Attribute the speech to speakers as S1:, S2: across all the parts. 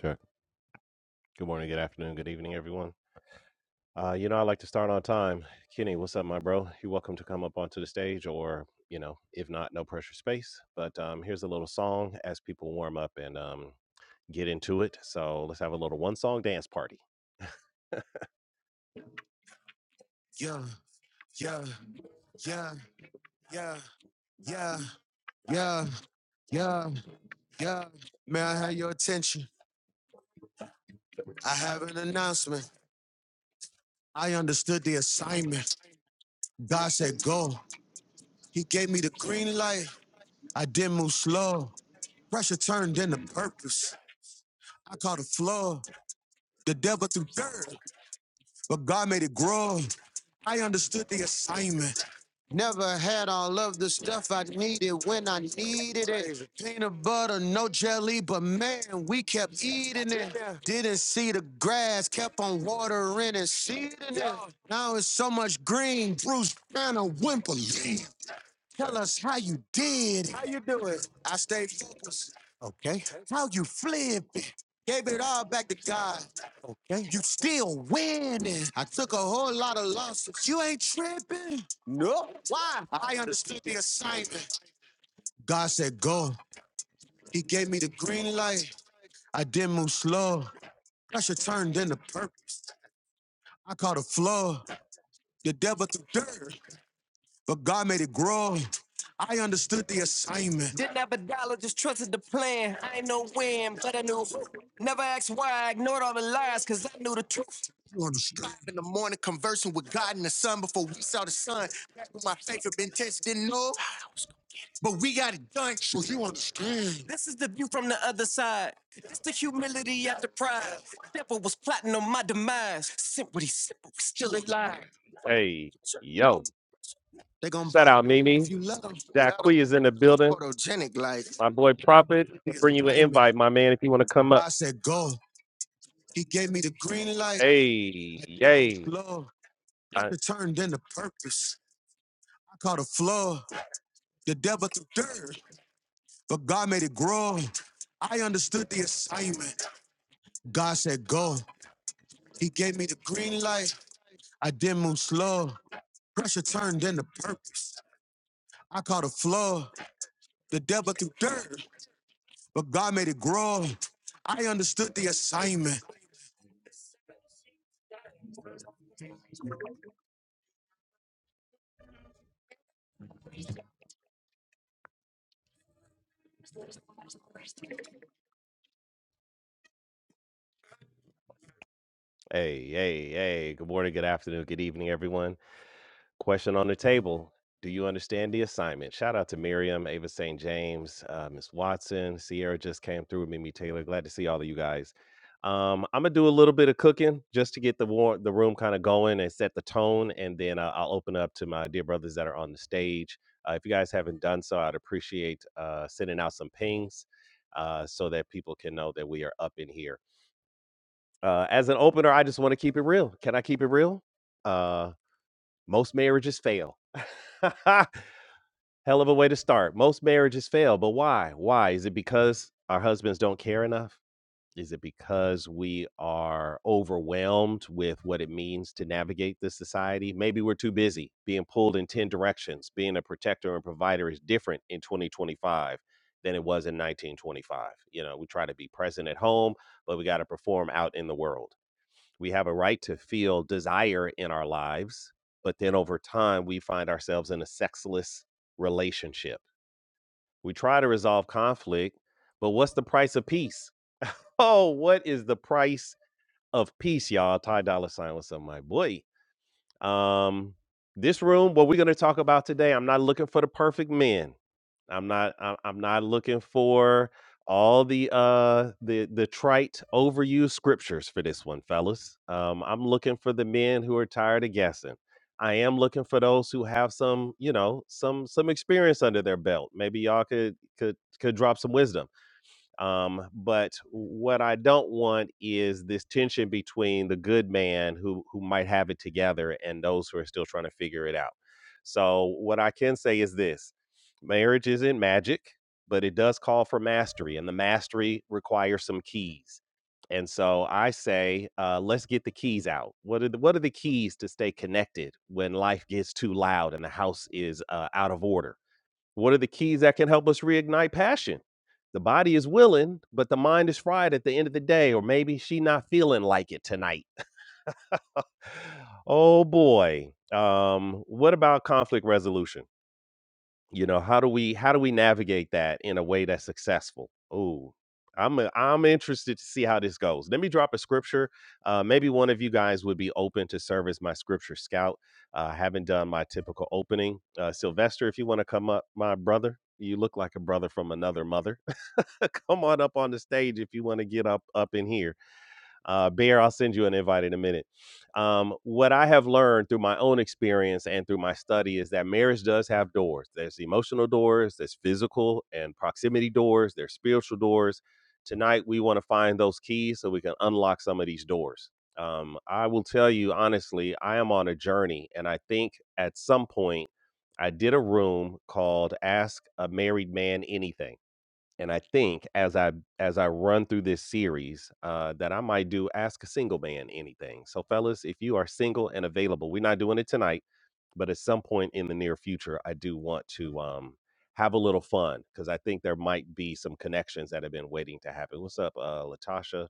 S1: Sure. Good morning, good afternoon, good evening, everyone. Uh, you know, I like to start on time. Kenny, what's up, my bro? You're welcome to come up onto the stage, or you know, if not, no pressure space. But um, here's a little song as people warm up and um, get into it. So let's have a little one song dance party. Yeah, yeah, yeah, yeah, yeah, yeah, yeah, yeah. May I have your attention? I have an announcement. I understood the assignment. God said, go. He gave me the green light. I didn't move slow. Pressure turned into purpose. I caught a flaw. The devil threw dirt, but God made it grow. I understood the assignment. Never had all of the stuff I needed when I needed it. Peanut butter, no jelly, but man, we kept eating it. Didn't see the grass, kept on watering and seeding it. Now it's so much green, Bruce Banner whimpering. Tell us how you did it. How you do it? I stayed focused. Okay. How you flipped it. Gave it all back to God. Okay. You still winning. I took a whole lot of losses. You ain't tripping. No. Why? I understood the assignment. God said, go. He gave me the green light. I did not move slow. Pressure turned into purpose. I caught a flow. The devil threw dirt. but God made it grow. I understood the assignment. Didn't have a dollar, just trusted the plan. I ain't know when, but I knew. Never asked why, I ignored all the lies, cause I knew the truth. You understand? Five In the morning, conversing with God and the sun before we saw the sun. Back when my faith had been tested, didn't know, but we got it done. So you understand? This is the view from the other side. It's the humility after pride. Devil was plotting on my demise. Simply, simple, still alive. Hey, yo. They're gonna Shout out Mimi. if you is in the building. like My boy Prophet, bring you an invite, my man, if you want to come up. I said, go. He gave me the green light. Hey, yay. Love I- it turned into purpose. I caught a flood. The devil threw dirt, but God made it grow. I understood the assignment. God said, go. He gave me the green light. I didn't move slow. Pressure turned into purpose. I caught a flood. The devil threw dirt, but God made it grow. I understood the assignment. Hey, hey, hey. Good morning, good afternoon, good evening, everyone. Question on the table. Do you understand the assignment? Shout out to Miriam, Ava St. James, uh, Miss Watson, Sierra just came through, Mimi Taylor. Glad to see all of you guys. Um, I'm gonna do a little bit of cooking just to get the war- the room kind of going and set the tone, and then uh, I'll open up to my dear brothers that are on the stage. Uh, if you guys haven't done so, I'd appreciate uh, sending out some pings uh, so that people can know that we are up in here. Uh, as an opener, I just want to keep it real. Can I keep it real? Uh, most marriages fail. Hell of a way to start. Most marriages fail, but why? Why? Is it because our husbands don't care enough? Is it because we are overwhelmed with what it means to navigate this society? Maybe we're too busy being pulled in 10 directions. Being a protector and provider is different in 2025 than it was in 1925. You know, we try to be present at home, but we got to perform out in the world. We have a right to feel desire in our lives, but then over time, we find ourselves in a sexless relationship. We try to resolve conflict, but what's the price of peace? Oh, what is the price of peace, y'all? Ty Dolla Sign, what's up, my boy? Um, this room, what we're going to talk about today, I'm not looking for the perfect men. I'm not. I- I'm not looking for all the uh the the trite overused scriptures for this one, fellas. Um, I'm looking for the men who are tired of guessing. I am looking for those who have some, you know, some some experience under their belt. Maybe y'all could could could drop some wisdom um, but what I don't want is this tension between the good man who who might have it together and those who are still trying to figure it out. So what I can say is this: marriage isn't magic, but it does call for mastery, and the mastery requires some keys. And so I say, uh, let's get the keys out. What are the, what are the keys to stay connected when life gets too loud and the house is uh, out of order? What are the keys that can help us reignite passion? The body is willing, but the mind is fried at the end of the day, or maybe she not feeling like it tonight. Oh boy. Um, what about conflict resolution? You know, how do we how do we navigate that in a way that's successful? Ooh, I'm i am i am interested to see how this goes. Let me drop a scripture. Uh, maybe one of you guys would be open to serve as my scripture scout. Uh, I haven't done my typical opening. Uh, Sylvester, if you want to come up, my brother, you look like a brother from another mother. come on up on the stage if you want to get up up in here uh, Bear, I'll send you an invite in a minute. Um, what I have learned through my own experience and through my study is that marriage does have doors. There's emotional doors, there's physical and proximity doors, there's spiritual doors. Tonight, we want to find those keys so we can unlock some of these doors. Um, I will tell you honestly, I am on a journey, and I think at some point, I did a room called Ask a Married Man Anything and I think as I as I run through this series, uh, that I might do ask a single man anything. So, fellas, if you are single and available, we're not doing it tonight, but at some point in the near future, I do want to um, have a little fun because I think there might be some connections that have been waiting to happen. What's up, uh, Latasha?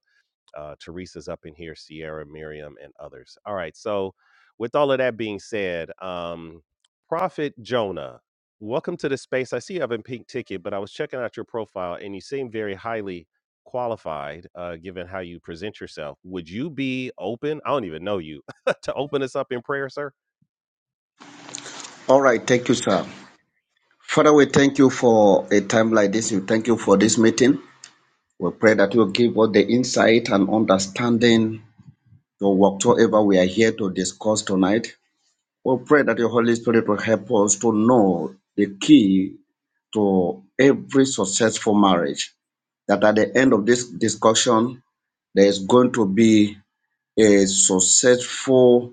S1: Uh, Teresa's up in here, Sierra, Miriam, and others. All right. So, with all of that being said, um, Prophet Jonah, welcome to the space. I see you have a pink ticket, but I was checking out your profile and you seem very highly qualified uh, given how you present yourself. Would you be open? I don't even know you to open us up in prayer, sir?
S2: All right, thank you, sir. Father, we thank you for a time like this. We thank you for this meeting. We pray that you will give us the insight and understanding to whatsoever we are here to discuss tonight. We pray that your Holy Spirit will help us to know the key to every successful marriage. That at the end of this discussion, there is going to be a successful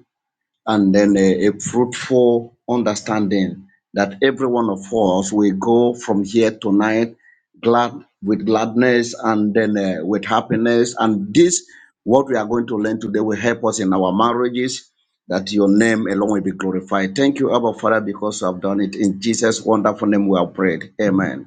S2: and then a, a fruitful understanding that every one of us will go from here tonight glad with gladness and then uh, with happiness and this what we are going to learn today will help us in our marriages that your name alone will be glorified thank you abba father because you have done it in jesus wonderful name we have prayed amen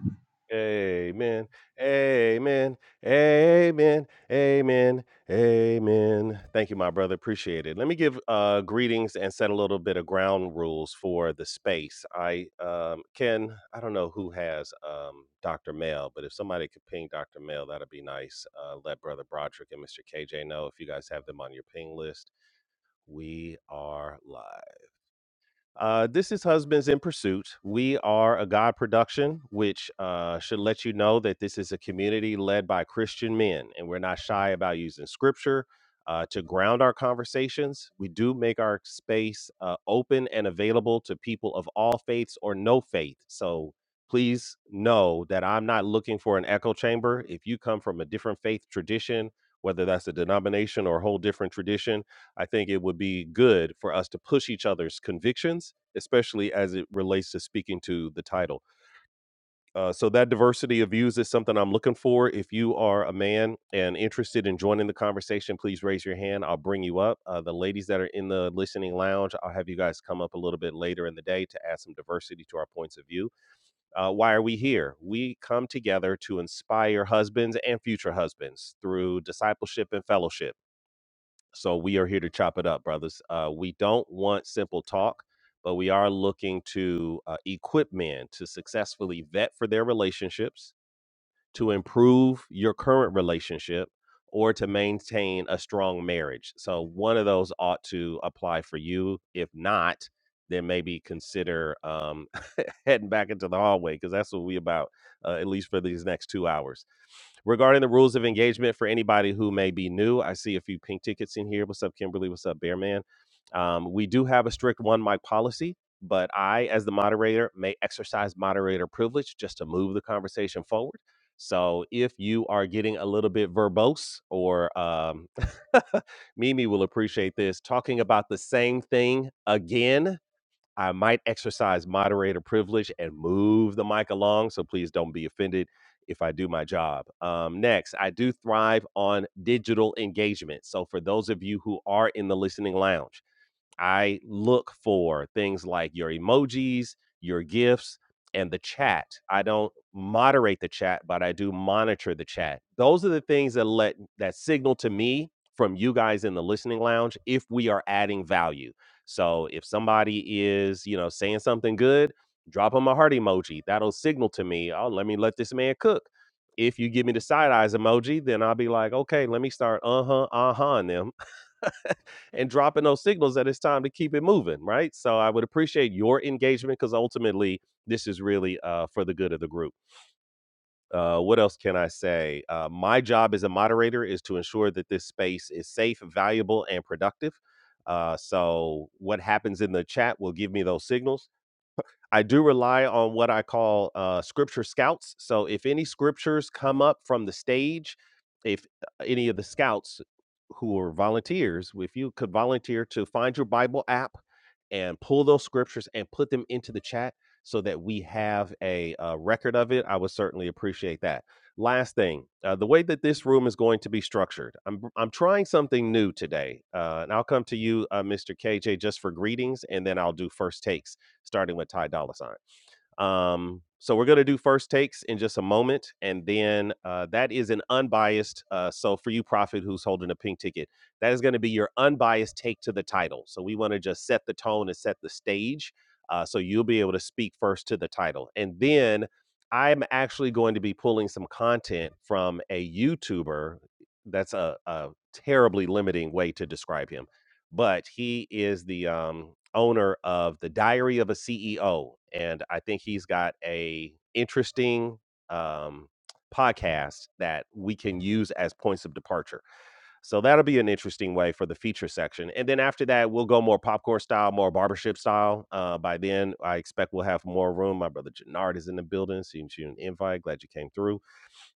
S1: Amen. Amen. Amen. Amen. Amen. Thank you, my brother. Appreciate it. Let me give uh, greetings and set a little bit of ground rules for the space. I um, Ken, I don't know who has um, Dr. Mel, but if somebody could ping Dr. Mel, that'd be nice. Uh, let Brother Broderick and Mr. KJ know if you guys have them on your ping list. We are live. Uh, this is Husbands in Pursuit. We are a God production, which uh, should let you know that this is a community led by Christian men, and we're not shy about using scripture uh, to ground our conversations. We do make our space uh, open and available to people of all faiths or no faith. So please know that I'm not looking for an echo chamber. If you come from a different faith tradition, whether that's a denomination or a whole different tradition, I think it would be good for us to push each other's convictions, especially as it relates to speaking to the title. Uh, so that diversity of views is something I'm looking for. If you are a man and interested in joining the conversation, please raise your hand. I'll bring you up. Uh, the ladies that are in the listening lounge, I'll have you guys come up a little bit later in the day to add some diversity to our points of view. Uh, why are we here? We come together to inspire husbands and future husbands through discipleship and fellowship so we are here to chop it up, brothers. Uh, we don't want simple talk, but we are looking to uh, equip men to successfully vet for their relationships to improve your current relationship or to maintain a strong marriage. So one of those ought to apply for you. If not, then maybe consider um, heading back into the hallway because that's what we about, uh, at least for these next two hours. Regarding the rules of engagement for anybody who may be new, I see a few pink tickets in here. What's up, Kimberly? What's up, Bearman? Um, we do have a strict one mic policy, but I, as the moderator, may exercise moderator privilege just to move the conversation forward. So if you are getting a little bit verbose, or um, Mimi will appreciate this, talking about the same thing again, I might exercise moderator privilege and move the mic along. So please don't be offended if I do my job. Um, next, I do thrive on digital engagement. So for those of you who are in the listening lounge, I look for things like your emojis, your gifts, and the chat. I don't moderate the chat, but I do monitor the chat. Those are the things that let that signal to me from you guys in the listening lounge if we are adding value. So if somebody is, you know, saying something good, drop them a heart emoji. That'll signal to me, oh, let me let this man cook. If you give me the side eyes emoji, then I'll be like, okay, let me start uh huh, uh huh, them and dropping those signals that it's time to keep it moving, right? So I would appreciate your engagement because ultimately this is really uh, for the good of the group. Uh, what else can I say? Uh, my job as a moderator is to ensure that this space is safe, valuable, and productive. Uh, so what happens in the chat will give me those signals. I do rely on what I call uh, scripture scouts. So if any scriptures come up from the stage, if uh, any of the scouts who are volunteers, if you could volunteer to find your Bible app and pull those scriptures and put them into the chat so that we have a, uh record of it, I would certainly appreciate that. Last thing, uh, the way that this room is going to be structured, I'm I'm trying something new today, uh, and I'll come to you, uh, Mr. KJ, just for greetings, and then I'll do first takes starting with Ty Dolla Sign. Um, so we're gonna do first takes in just a moment, and then uh, that is an unbiased. Uh, so for you, Prophet, who's holding a pink ticket, that is gonna be your unbiased take to the title. So we want to just set the tone and set the stage. Uh, so you'll be able to speak first to the title, and then I'm actually going to be pulling some content from a YouTuber. That's a, a terribly limiting way to describe him but he is the um, owner of the Diary of a CEO, and I think he's got a interesting um, podcast that we can use as points of departure. So that'll be an interesting way for the feature section, and then after that, we'll go more popcorn style, more barbership style. Uh, by then, I expect we'll have more room. My brother Jannard is in the building, seeing you an invite. Glad you came through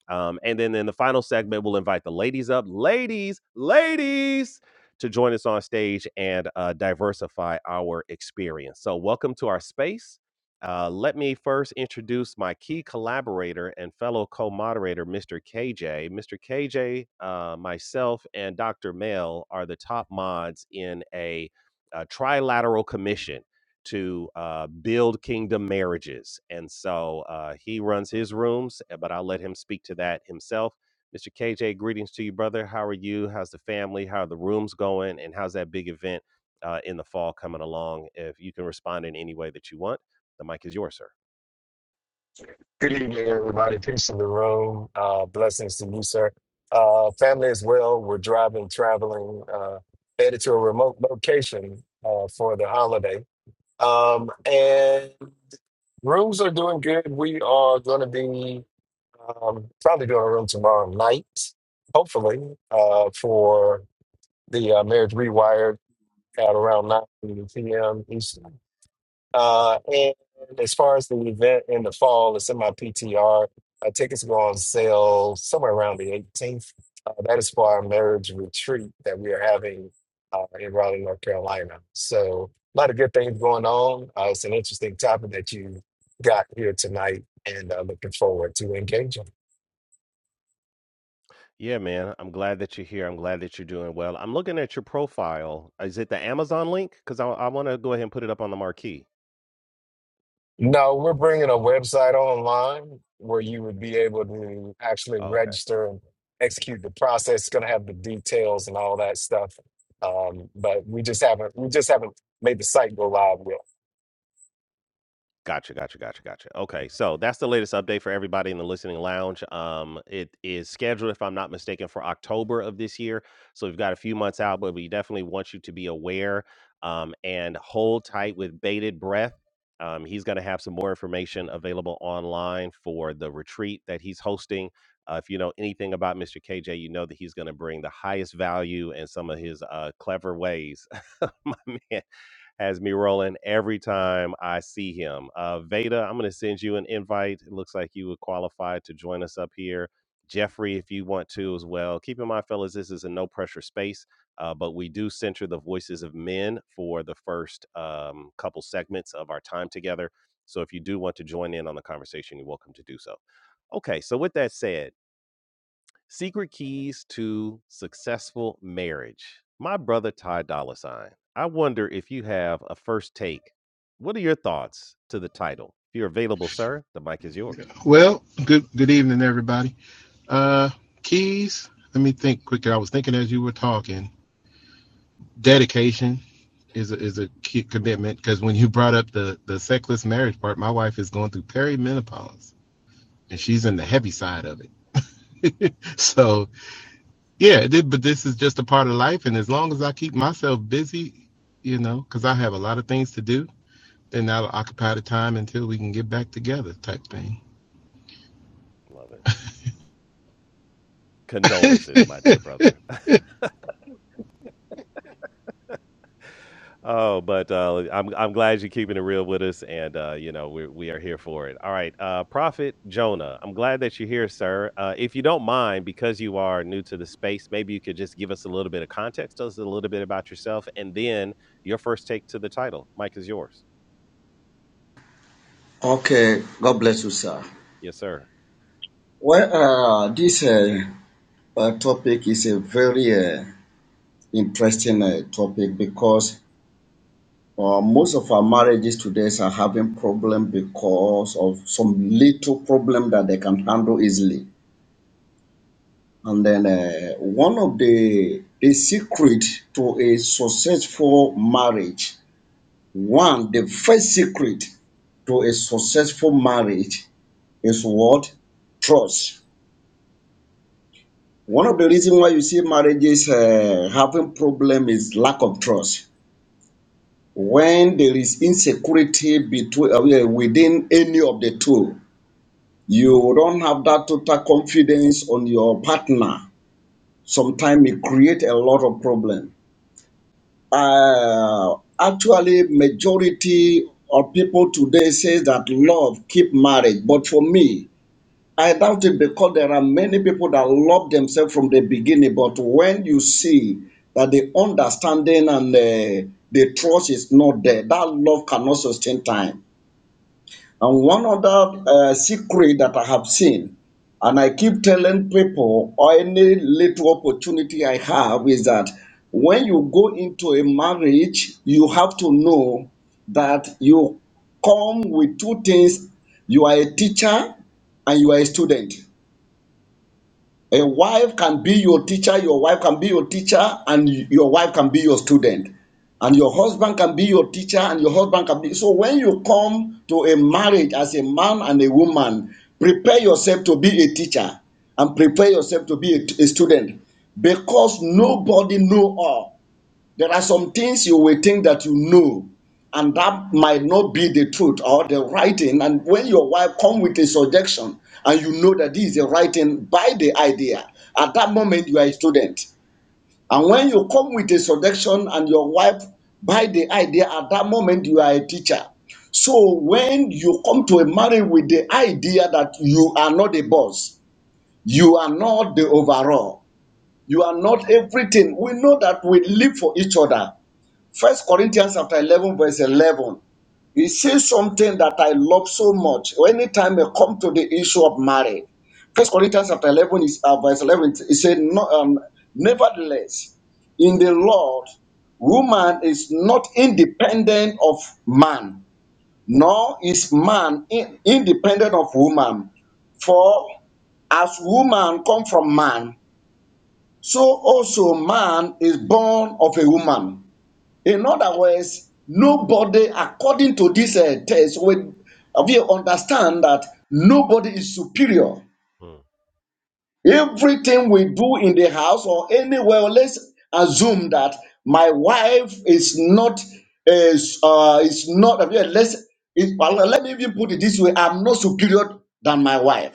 S1: um, and then in the final segment, we'll invite the ladies up. Ladies, ladies, to join us on stage and uh, diversify our experience. So, welcome to our space. Uh, let me first introduce my key collaborator and fellow co moderator, Mr. KJ. Mr. KJ, uh, myself, and Dr. Mel are the top mods in a, a trilateral commission to uh, build kingdom marriages. And so uh, he runs his rooms, uh, but I'll let him speak to that himself. Mr. KJ, greetings to you, brother. How are you? How's the family? How are the rooms going? And how's that big event uh, in the fall coming along? If you can respond in any way that you want, the mic is yours, sir.
S3: Good evening, everybody. Peace in the room. Uh, blessings to you, sir. Uh, family as well. We're driving, traveling, uh, headed to a remote location uh, for the holiday. Um, and rooms are doing good. We are going to be um, probably doing a room tomorrow night, hopefully, uh, for the uh, Marriage Rewired at around 9 p.m. Eastern. Uh, and as far as the event in the fall, it's in my PTR. Uh, tickets go on sale somewhere around the 18th. Uh, that is for our marriage retreat that we are having uh, in Raleigh, North Carolina. So, a lot of good things going on. Uh, it's an interesting topic that you got here tonight and uh, looking forward to engaging.
S1: Yeah, man. I'm glad that you're here. I'm glad that you're doing well. I'm looking at your profile. Is it the Amazon link? Because I, I want to go ahead and put it up on the marquee.
S3: No, we're bringing a website online where you would be able to actually register and execute the process. It's going to have the details and all that stuff. Um, but we just haven't we just haven't made the site go live yet.
S1: Gotcha, gotcha, gotcha, gotcha. Okay, so that's the latest update for everybody in the listening lounge. Um, it is scheduled, if I'm not mistaken, for October of this year. So we've got a few months out, but we definitely want you to be aware um, and hold tight with bated breath. Um, he's going to have some more information available online for the retreat that he's hosting. Uh, if you know anything about Mr. KJ, you know that he's going to bring the highest value and some of his uh, clever ways, my man has me rolling every time I see him. Uh, Veda, I'm going to send you an invite. It looks like you would qualify to join us up here. Jeffrey, if you want to as well. Keep in mind, fellas, this is a no pressure space, uh, but we do center the voices of men for the first um, couple segments of our time together. So if you do want to join in on the conversation, you're welcome to do so. Okay, so with that said, Secret Keys to Successful Marriage. My brother Ty Dolla Sign. I wonder if you have a first take. What are your thoughts to the title? If you're available, sir, the mic is yours.
S4: Well, good good evening,
S1: Well,
S4: everybody. Uh, keys. Let me think quickly. I was thinking as you were talking. Dedication is a, is a key
S1: Mm,
S4: commitment because when you brought up the the sexless marriage part, my wife is going through perimenopause and she's in the
S1: mm.
S4: heavy side of it. so yeah, it did- but this is just a part of life, and as long as I keep myself busy, you know, because I have a lot of things to do, then that'll occupy the time until we can get back together, type thing.
S1: Love it. Condolences, my dear brother. oh, but uh, I'm I'm glad you're keeping it real with us, and uh, you know we we are here for it. All right, uh, Prophet Jonah, I'm glad that you're here, sir. Uh, if you don't mind, because you are new to the space, maybe you could just give us a little bit of context, tell us a little bit about yourself, and then your first take to the title. Mike is yours.
S2: okay god bless you sir
S1: Yes, sir.
S2: well uh, this uh, uh, topic is a very uh, interesting uh, topic because Uh, most of our marriages today are having problem because of some little problem that they can handle easily. And then uh, one of the the secret to a successful marriage, one the first secret to a successful marriage is what trust. One of the reasons why you see marriages uh, having problem is lack of trust. When there is insecurity between uh, within any of the two, You don't have that total confidence on your partner. Sometimes it creates a lot of problem. Uh, actually, majority of people today say that love keep marriage, but for me, I doubt it because there are many people that love themselves from the beginning. But when you see that the understanding and uh, the trust is not there, that love cannot sustain time and one other uh, secret that I have seen, and I keep telling people or any little opportunity I have, is that when you go into a marriage, you have to know that you come with two things you are a teacher and you are a student. A wife can be your teacher, your wife can be your teacher, and your wife can be your student. And your husband can be your teacher, and your husband can be. So when you come to a marriage as a man and a woman, prepare yourself to be a teacher and prepare yourself to be a, a student because nobody know all. There are some things you will think that you know, and that might not be the truth or the right thing. And when your wife come with a suggestion, and you know that this is the right thing by the idea, at that moment you are a student. And when you come with a suggestion and your wife buy the idea, at that moment you are a teacher. So when you come to a marriage with the idea that you are not the boss, you are not the overall, you are not everything. We know that we live for each other First Corinthians chapter 11, verse 11. He says something that I love so much. Anytime I come to the issue of marriage, First Corinthians chapter 11 is uh, verse 11. He said, no, um, "Nevertheless, in the Lord, woman is not independent of man, nor is man in- independent of woman. For as woman come from man, so also man is born of a woman." In other words, nobody, according to this uh, test, we, we understand that nobody is superior
S1: Hmm.
S2: Everything we do in the house or anywhere, let's assume that my wife is not is uh is not yeah, let's it, well, let me even put it this way: I'm not superior than my wife.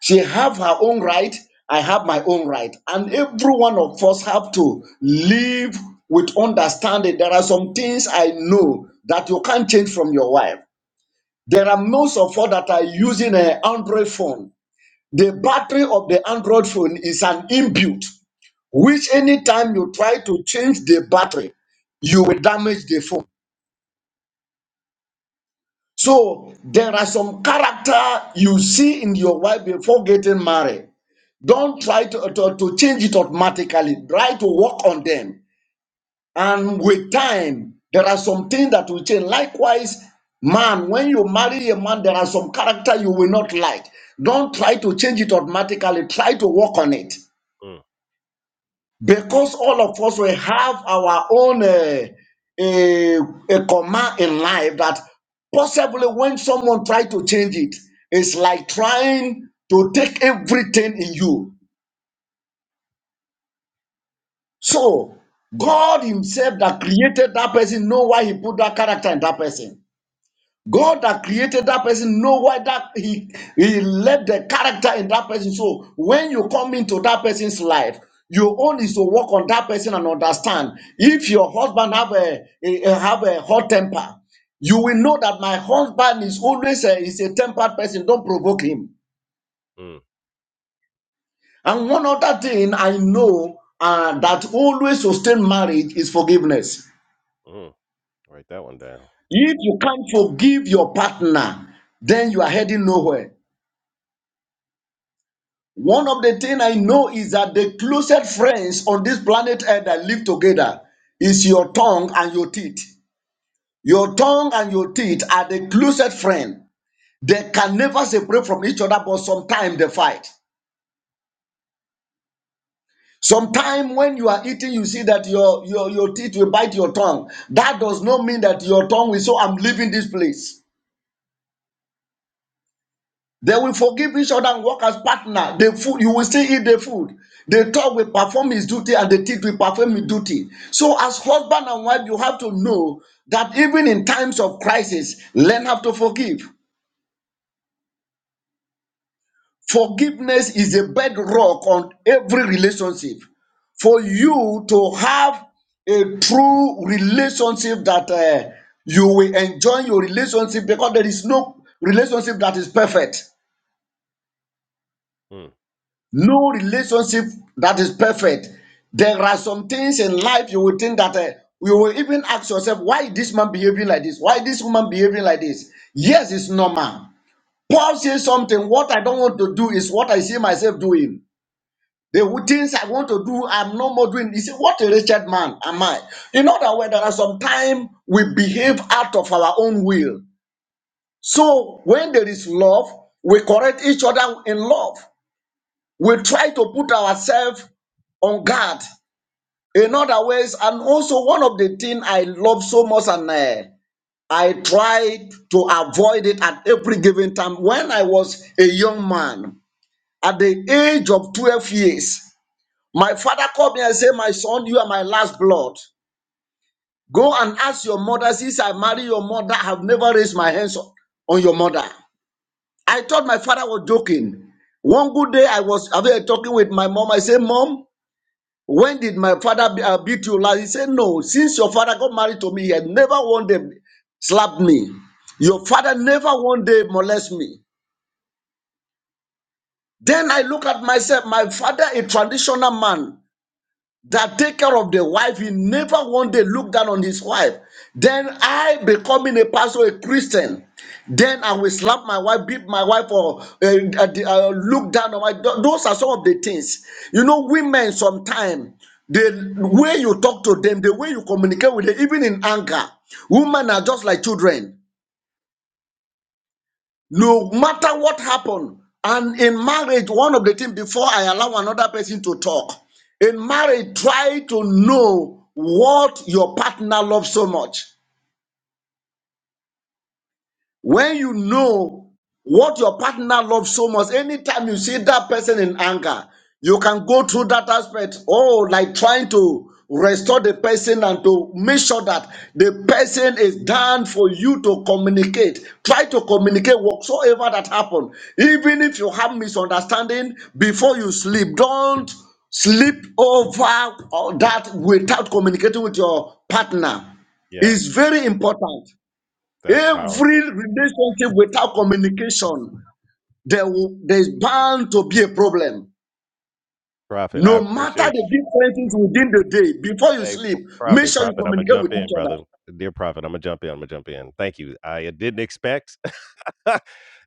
S2: She have her own right. I have my own right, and every one of us have to live with understanding. There are some things I know that you can't change from your wife. There are most of us that are using an Android phone the battery of the Android phone is an inbuilt, which anytime you try to change the battery, you will damage the phone. So there are some character you see in your wife before getting married. Don't try to, to, to change it automatically. Try to work on them. And with time, there are some things that will change. Likewise, man, when you marry a man, there are some character you will not like. Don't try to change it automatically. Try to work on it.
S1: Mm,
S2: because all of us will have our own uh, a, a command in life that possibly when someone try to change it it's like trying to take everything in you so god
S1: Yeah.
S2: himself that created that person know why he put that character in that person God that created that person know why that he he left the character in that person. So when you come into that person's life, your own is to work on that person and understand. If your husband have a, a- a- have a hot temper, you will know that my husband is always a, is a tempered person. Don't provoke him.
S1: mm,
S2: And one other thing I know uh, that always sustain marriage is forgiveness.
S1: mm. Write that one down.
S2: If you can't forgive your partner, then you are heading nowhere. One of the things I know is that the closest friends on this planet Earth that live together is your tongue and your teeth. Your tongue and your teeth are the closest friend. They can never separate from each other, but sometimes they fight. Sometimes when you are eating, you see that your, your, your teeth will bite your tongue. That does not mean that your tongue will say, I'm leaving this place. They will forgive each other and work as partner. The food you will still eat the food. The talk will perform his duty and the teeth will perform his duty. So, as husband and wife, you have to know that even in times of crisis, learn how to forgive. Forgiveness is a bedrock on every relationship. For you to have a true relationship that uh, you will enjoy your relationship because there is no relationship that is perfect
S1: Mh.
S2: no relationship that is perfect. There are some things in life you will think that uh, you will even ask yourself, why is this man behaving like this? Why is this woman behaving like this? Yes, it's normal. Paul says something, what I don't want to do is what I see myself doing. The things I want to do, I'm no more doing. You see, what a wretched man am I? In other words, there are some time we behave out of our own will. So when there is love, we correct each other in love we try to put ourselves on guard in other ways. And also, one of the things I love so much, and uh, I try to avoid it at every given time. When I was a young man, at the age of 12 years, my father called me and said, My son, you are my last blood. Go and ask your mother, since I marry your mother, I have never raised my hands on on your mother. I thought my father was joking. One good day, I was I was talking with my mom. I said, Mom, When did my father be- uh, beat you last? He said, No, since your father got married to me, he had never one day slapped me.
S1: Mm,
S2: Your father never one day molested me. Then I look at myself, my father, a traditional man that take care of the wife. He never one day looked down on his wife. Then I becoming a pastor, a Christian. Then I will slap my wife, beat my wife, or uh, uh, uh, look down on my. th- Those are some of the things. You know, women sometimes the way you talk to them, the way you communicate with them, even in anger, women are just like children. No matter what happened, and in marriage, one of the things before I allow another person to talk, in marriage, try to know what your partner loves so much. When you know what your partner loves so much, anytime you see that person in anger, you can go through that aspect. Oh, like trying to restore the person and to make sure that the person is down for you to communicate. Try to communicate whatsoever that happened. Even if you have misunderstanding before you sleep, don't sleep over that without communicating with your partner.
S1: yeah,
S2: It's very important.
S1: that's
S2: Every
S1: powerful.
S2: relationship without communication, there will, there's bound to be a problem.
S1: Prophet, I
S2: No matter
S1: appreciate
S2: the
S1: you.
S2: differences within the day, before you
S1: Hey, P
S2: sleep, make
S1: Prophet
S2: sure you
S1: Prophet, Imma
S2: communicate
S1: jump
S2: with
S1: in,
S2: each other.
S1: brother. Dear Prophet, Imma jump in, Imma jump in. Thank you. I uh, didn't expect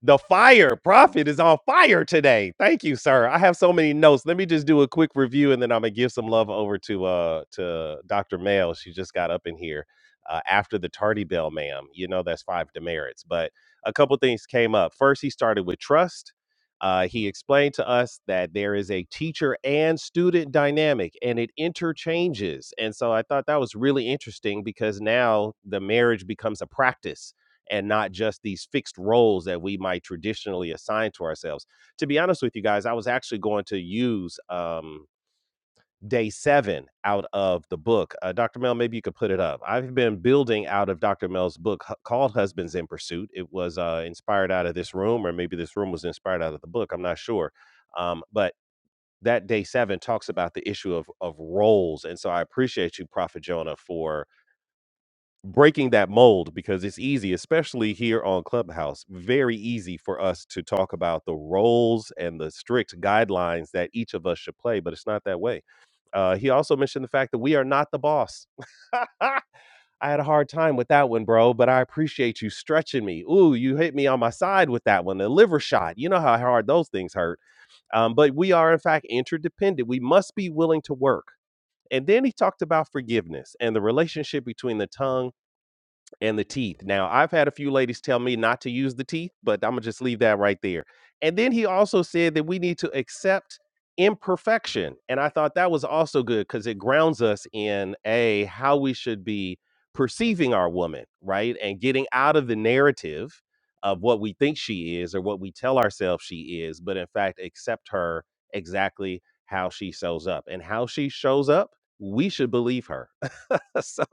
S1: the fire prophet is on fire today. Thank you, sir. I have so many notes. Let me just do a quick review, and then I'm gonna give some love over to uh to Dr. Mail. She just got up in here uh, after the tardy bell, ma'am. You know that's five demerits, but a couple things came up. First, he started with trust. Uh, he explained to us that there is a teacher and student dynamic and it interchanges. And so I thought that was really interesting because now the marriage becomes a practice and not just these fixed roles that we might traditionally assign to ourselves. To be honest with you guys, I was actually going to use um, day seven out of the book. Uh, Dr. Mel, maybe you could put it up. I've been building out of Dr. Mel's book hu- called Husbands in Pursuit. It was uh, inspired out of this room, or maybe this room was inspired out of the book. I'm not sure. Um, but that day seven talks about the issue of, of roles. And so I appreciate you, Prophet Jonah, for breaking that mold because it's easy, especially here on Clubhouse, very easy for us to talk about the roles and the strict guidelines that each of us should play, but it's not that way. Uh, he also mentioned the fact that we are not the boss. I had a hard time with that one, bro, but I appreciate you stretching me. Ooh, you hit me on my side with that one, the liver shot. You know how hard those things hurt. Um, but we are, in fact, interdependent. We must be willing to work. And then he talked about forgiveness and the relationship between the tongue and the teeth. Now, I've had a few ladies tell me not to use the teeth, but I'm going to just leave that right there. And then he also said that we need to accept imperfection. And I thought that was also good because it grounds us in a how we should be perceiving our woman, right? And getting out of the narrative of what we think she is or what we tell ourselves she is, but in fact, accept her exactly how she shows up. And how she shows up, we should believe her so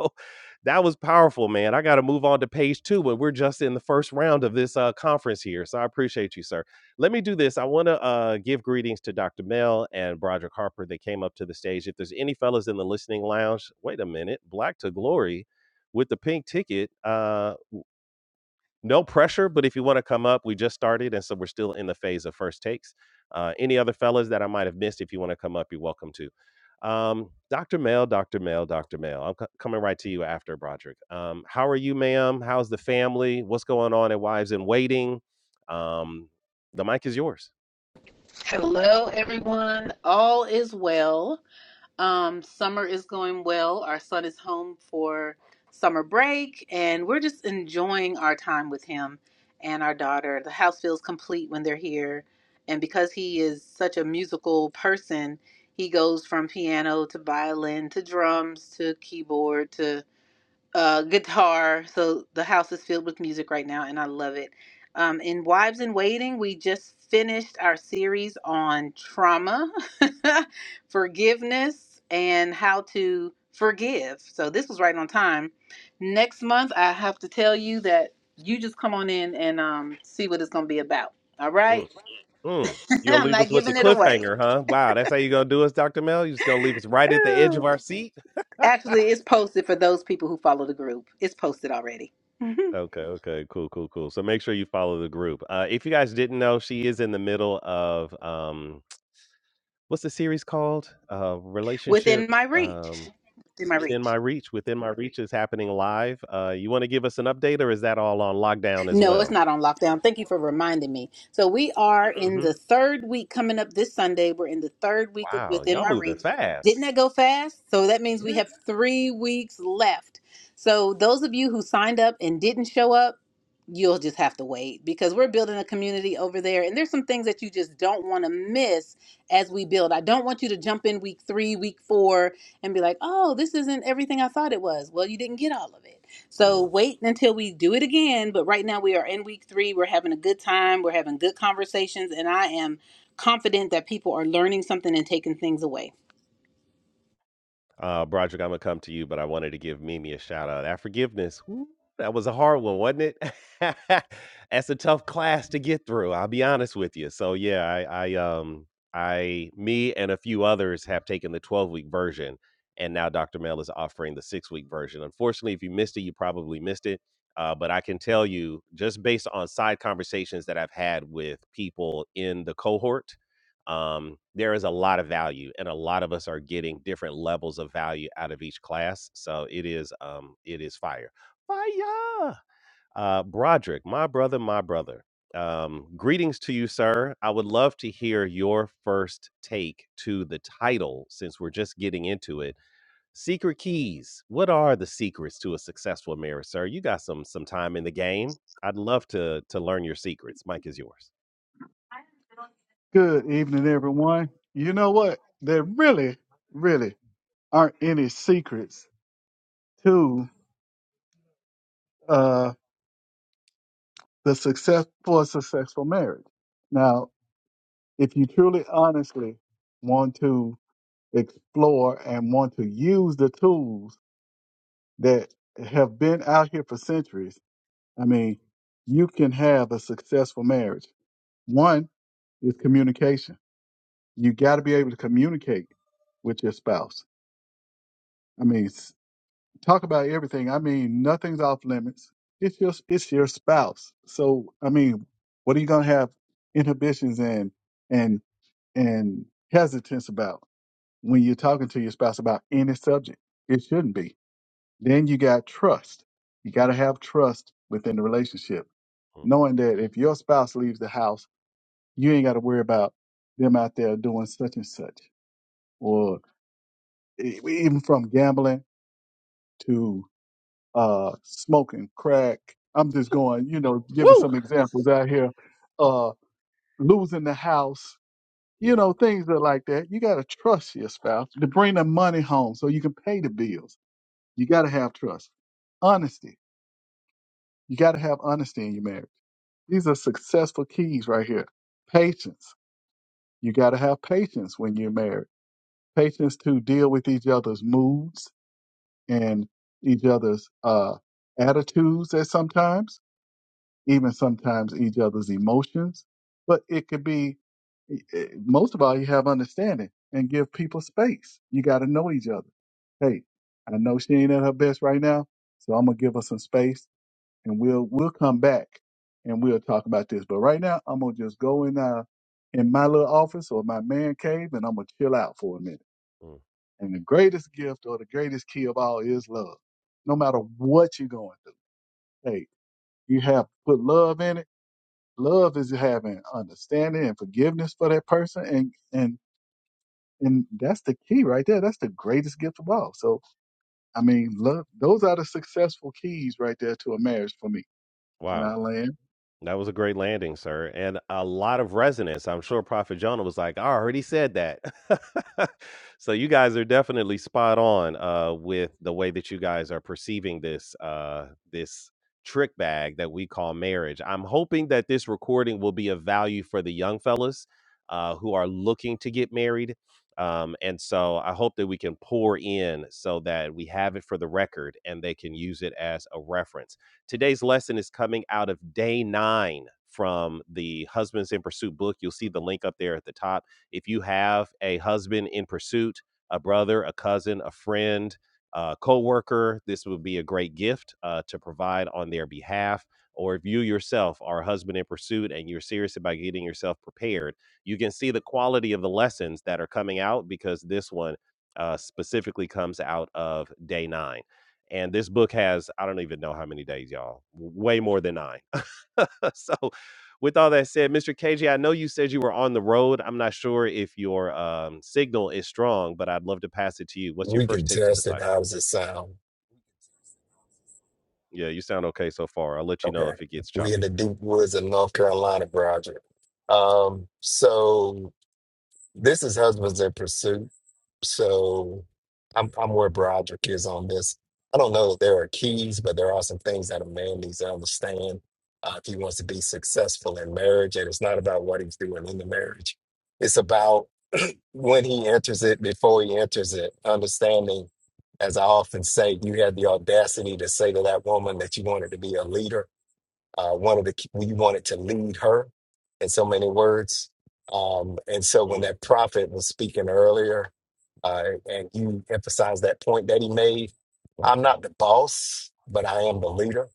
S1: that was powerful, man. I got to move on to page two, but we're just in the first round of this uh, conference here. So I appreciate you, sir. Let me do this. I want to uh, give greetings to Dr. Mel and Broderick Harper. They came up to the stage. If there's any fellas in the listening lounge, wait a minute. Black to Glory with the pink ticket. Uh, no pressure, but if you want to come up, we just started, and so we're still in the phase of first takes. Uh, any other fellas that I might have missed, if you want to come up, you're welcome to. Um, Dr. Mel, Dr. Mel, Dr. Mel, I'm co- coming right to you after Broderick. Um, how are you, ma'am? How's the family? What's going on at Wives in Waiting? Um, the mic is yours.
S5: Hello, everyone. All is well. Um, summer is going well. Our son is home for summer break, and we're just enjoying our time with him and our daughter. The house feels complete when they're here. And because he is such a musical person, he goes from piano to violin to drums to keyboard to uh, guitar. So the house is filled with music right now, and I love it. Um, in Wives in Waiting, we just finished our series on trauma, forgiveness, and how to forgive. So this was right on time. Next month, I have to tell you that you just come on in and um, see what it's going to be about. All
S1: Mm,
S5: right?
S1: mm. You'll
S5: I'm
S1: leave us
S5: not
S1: with the
S5: giving it away.
S1: cliffhanger, huh? Wow, that's how you're gonna do us, Dr. Mel? You're just gonna leave us right at the edge of
S5: Ooh.
S1: our seat?
S5: Actually, it's posted for those people who follow the group. It's posted already.
S1: Okay, okay, cool, cool, cool. So make sure you follow the group. Uh, if you guys didn't know, she is in the middle of um, what's the series called? Uh, relationship
S5: within my reach.
S1: um,
S5: Within my
S1: within
S5: reach.
S1: my reach. Within my reach is happening live. Uh, you want to give us an update, or is that all on lockdown as
S5: No, it's
S1: well?
S5: not on lockdown. Thank you for reminding me. So we are in
S1: hmm
S5: the third week coming up this Sunday. We're in the third week of
S1: Wow,
S5: within
S1: y'all
S5: my
S1: moving
S5: reach.
S1: fast.
S5: Didn't that go fast? So that means we
S1: Yeah.
S5: have three weeks left. So those of you who signed up and didn't show up, you'll just have to wait because we're building a community over there and there's some things that you just don't want to miss as we build. I don't want you to jump in week 3, week 4 and be like, "Oh, this isn't everything I thought it was." Well, you didn't get all of it. So
S1: Mm.
S5: wait until we do it again. But right now we are in week three. We're having a good time. We're having good conversations. And I am confident that people are learning something and taking things away.
S1: Uh, Broderick, I'm gonna come to you, but I wanted to give Mimi a shout out. That forgiveness, woo, that was a hard one, wasn't it? That's a tough class to get through. I'll be honest with you. So yeah, I, I, um, I, me, and a few others have taken the 12 week version, and now Dr. Mel is offering the six week version. Unfortunately, if you missed it, you probably missed it. Uh, but I can tell you, just based on side conversations that I've had with people in the cohort um, there is a lot of value and a lot of us are getting different levels of value out of each class so it is um it is fire fire uh broderick my brother my brother um greetings to you sir i would love to hear your first take to the title since we're just getting into it secret keys what are the secrets to a successful marriage sir you got some some time in the game i'd love to to learn your secrets mike is yours
S6: Good evening, everyone. You know what? There really, really aren't any secrets to uh, the success for a successful marriage. Now, if you truly, honestly want to explore and want to use the tools that have been out here for centuries, I mean, you can have a successful marriage. One is communication. You got to be able to communicate with your spouse. I mean, talk about everything. I mean, nothing's off limits. It's your it's your spouse. So I mean, what are you gonna have inhibitions and and and hesitance about when you're talking to your spouse about any subject? It shouldn't be. Then you got trust. You got to have trust within the relationship,
S1: Mh.
S6: knowing that if your spouse leaves the house, you ain't got to worry about them out there doing such and such, or e- even from gambling to uh, smoking crack. I'm just
S1: Ooh,
S6: going, you know, giving
S1: woo!
S6: some examples out here, uh, losing the house, you
S1: Yeah.
S6: know, things that like that. You got to trust your spouse to bring the money home so you can pay the bills. You got to have trust, honesty. You got to have honesty in your marriage. These are successful keys right here. Patience. You got to have patience when you're married. Patience to deal with each other's moods and each other's uh, attitudes at sometimes even sometimes each other's emotions, but it could be eh, most of all you have understanding and give people space. You got to know each other. Hey, I know she ain't at her best right now, so I'm gonna give her some space, and we'll we'll come back and we'll talk about this. But right now, I'm gonna just go in uh in my little office or my man cave, and I'm gonna chill out for a minute.
S1: Mm.
S6: And the greatest gift or the greatest key of all is love. No matter what you're going through, hey, you have put love in it Love is having understanding and forgiveness for that person, and and and that's the key right there. That's the greatest gift of all. So I mean, love. Those are the successful keys right there to a marriage for me in
S1: Wow.
S6: our land.
S1: That was a great landing, sir, and a lot of resonance. I'm sure Prophet Jonah was like, I already said that. so you guys are definitely spot on uh, with the way that you guys are perceiving this uh, this trick bag that we call marriage. I'm hoping that this recording will be of value for the young fellas uh, who are looking to get married. Um, and so I hope that we can pour in so that we have it for the record and they can use it as a reference Today's lesson is coming out of day nine from the Husbands in Pursuit book. You'll see the link up there at the top. If you have a husband in pursuit, a brother, a cousin, a friend, a coworker, this would be a great gift uh, to provide on their behalf. Or if you yourself are a husband in pursuit and you're serious about getting yourself prepared, you can see the quality of the lessons that are coming out because this one uh, specifically comes out of day nine. And this book has, I don't even know how many days, y'all, way more than nine. so, with all that said, Mr. KJ, I know you said you were on the road. I'm not sure if your um, signal is strong, but I'd love to pass it to you. What's your
S3: We
S1: first
S3: can
S1: take to the
S3: test it.
S1: title?
S3: How does it sound?
S1: Yeah, you sound okay so far. I'll let you know
S3: Okay.
S1: if it gets
S3: We in
S1: choppy.
S3: the deep woods of North Carolina, Roger. Um, so this is Husbands in Pursuit. So I'm I'm where Broderick is on this. I don't know if there are keys, but there are some things that a man needs to understand uh, if he wants to be successful in marriage. And it's not about what he's doing in the marriage. It's about when he enters it, before he enters it, understanding, as I often say, you had the audacity to say to that woman that you wanted to be a leader uh, wanted to we wanted to lead her in so many words um, and so when
S1: Mm,
S3: that prophet was speaking earlier uh, and you emphasized that point that he made i'm not the boss but i am the leader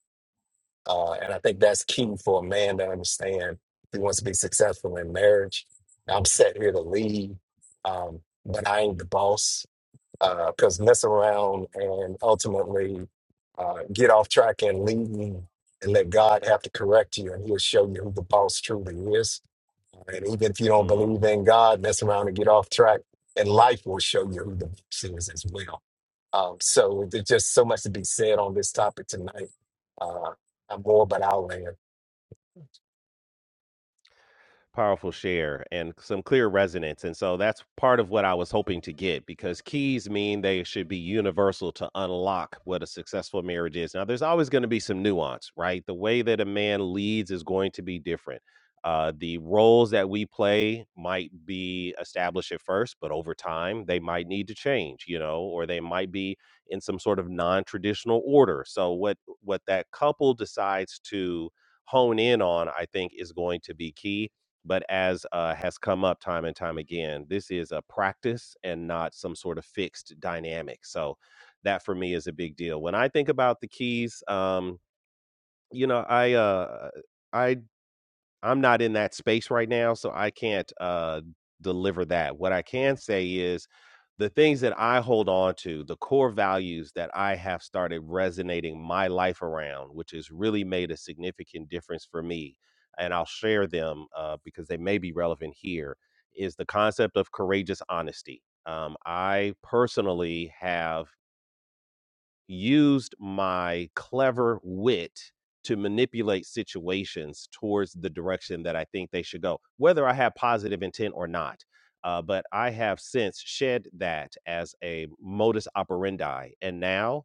S3: uh, and i think that's key for a man to understand if he wants to be successful in marriage i'm set here to lead um, but i ain't the boss because mess around and ultimately uh, get off track and leave you and let God have to correct you and he'll show you who the boss truly is. And even if you don't
S1: mm.
S3: believe in God, mess around and get off track and life will show you who the boss is as well. Um, so there's just so much to be said on this topic tonight. Uh, I'm more, but I'll land.
S1: powerful share and some clear resonance. And so that's part of what I was hoping to get because keys mean they should be universal to unlock what a successful marriage is. Now, there's always going to be some nuance, right? The way that a man leads is going to be different. Uh, the roles that we play might be established at first, but over time they might need to change, you know, or they might be in some sort of non-traditional order. So what what that couple decides to hone in on, I think, is going to be key but as uh, has come up time and time again, this is a practice and not some sort of fixed dynamic. So that for me is a big deal. When I think about the keys, um, you know, I uh, I I'm not in that space right now, so I can't uh, deliver that. What I can say is the things that I hold on to, the core values that I have started resonating my life around, which has really made a significant difference for me, and I'll share them uh, because they may be relevant here, is the concept of courageous honesty. Um, I personally have used my clever wit to manipulate situations towards the direction that I think they should go, whether I have positive intent or not. Uh, but I have since shed that as a modus operandi. And now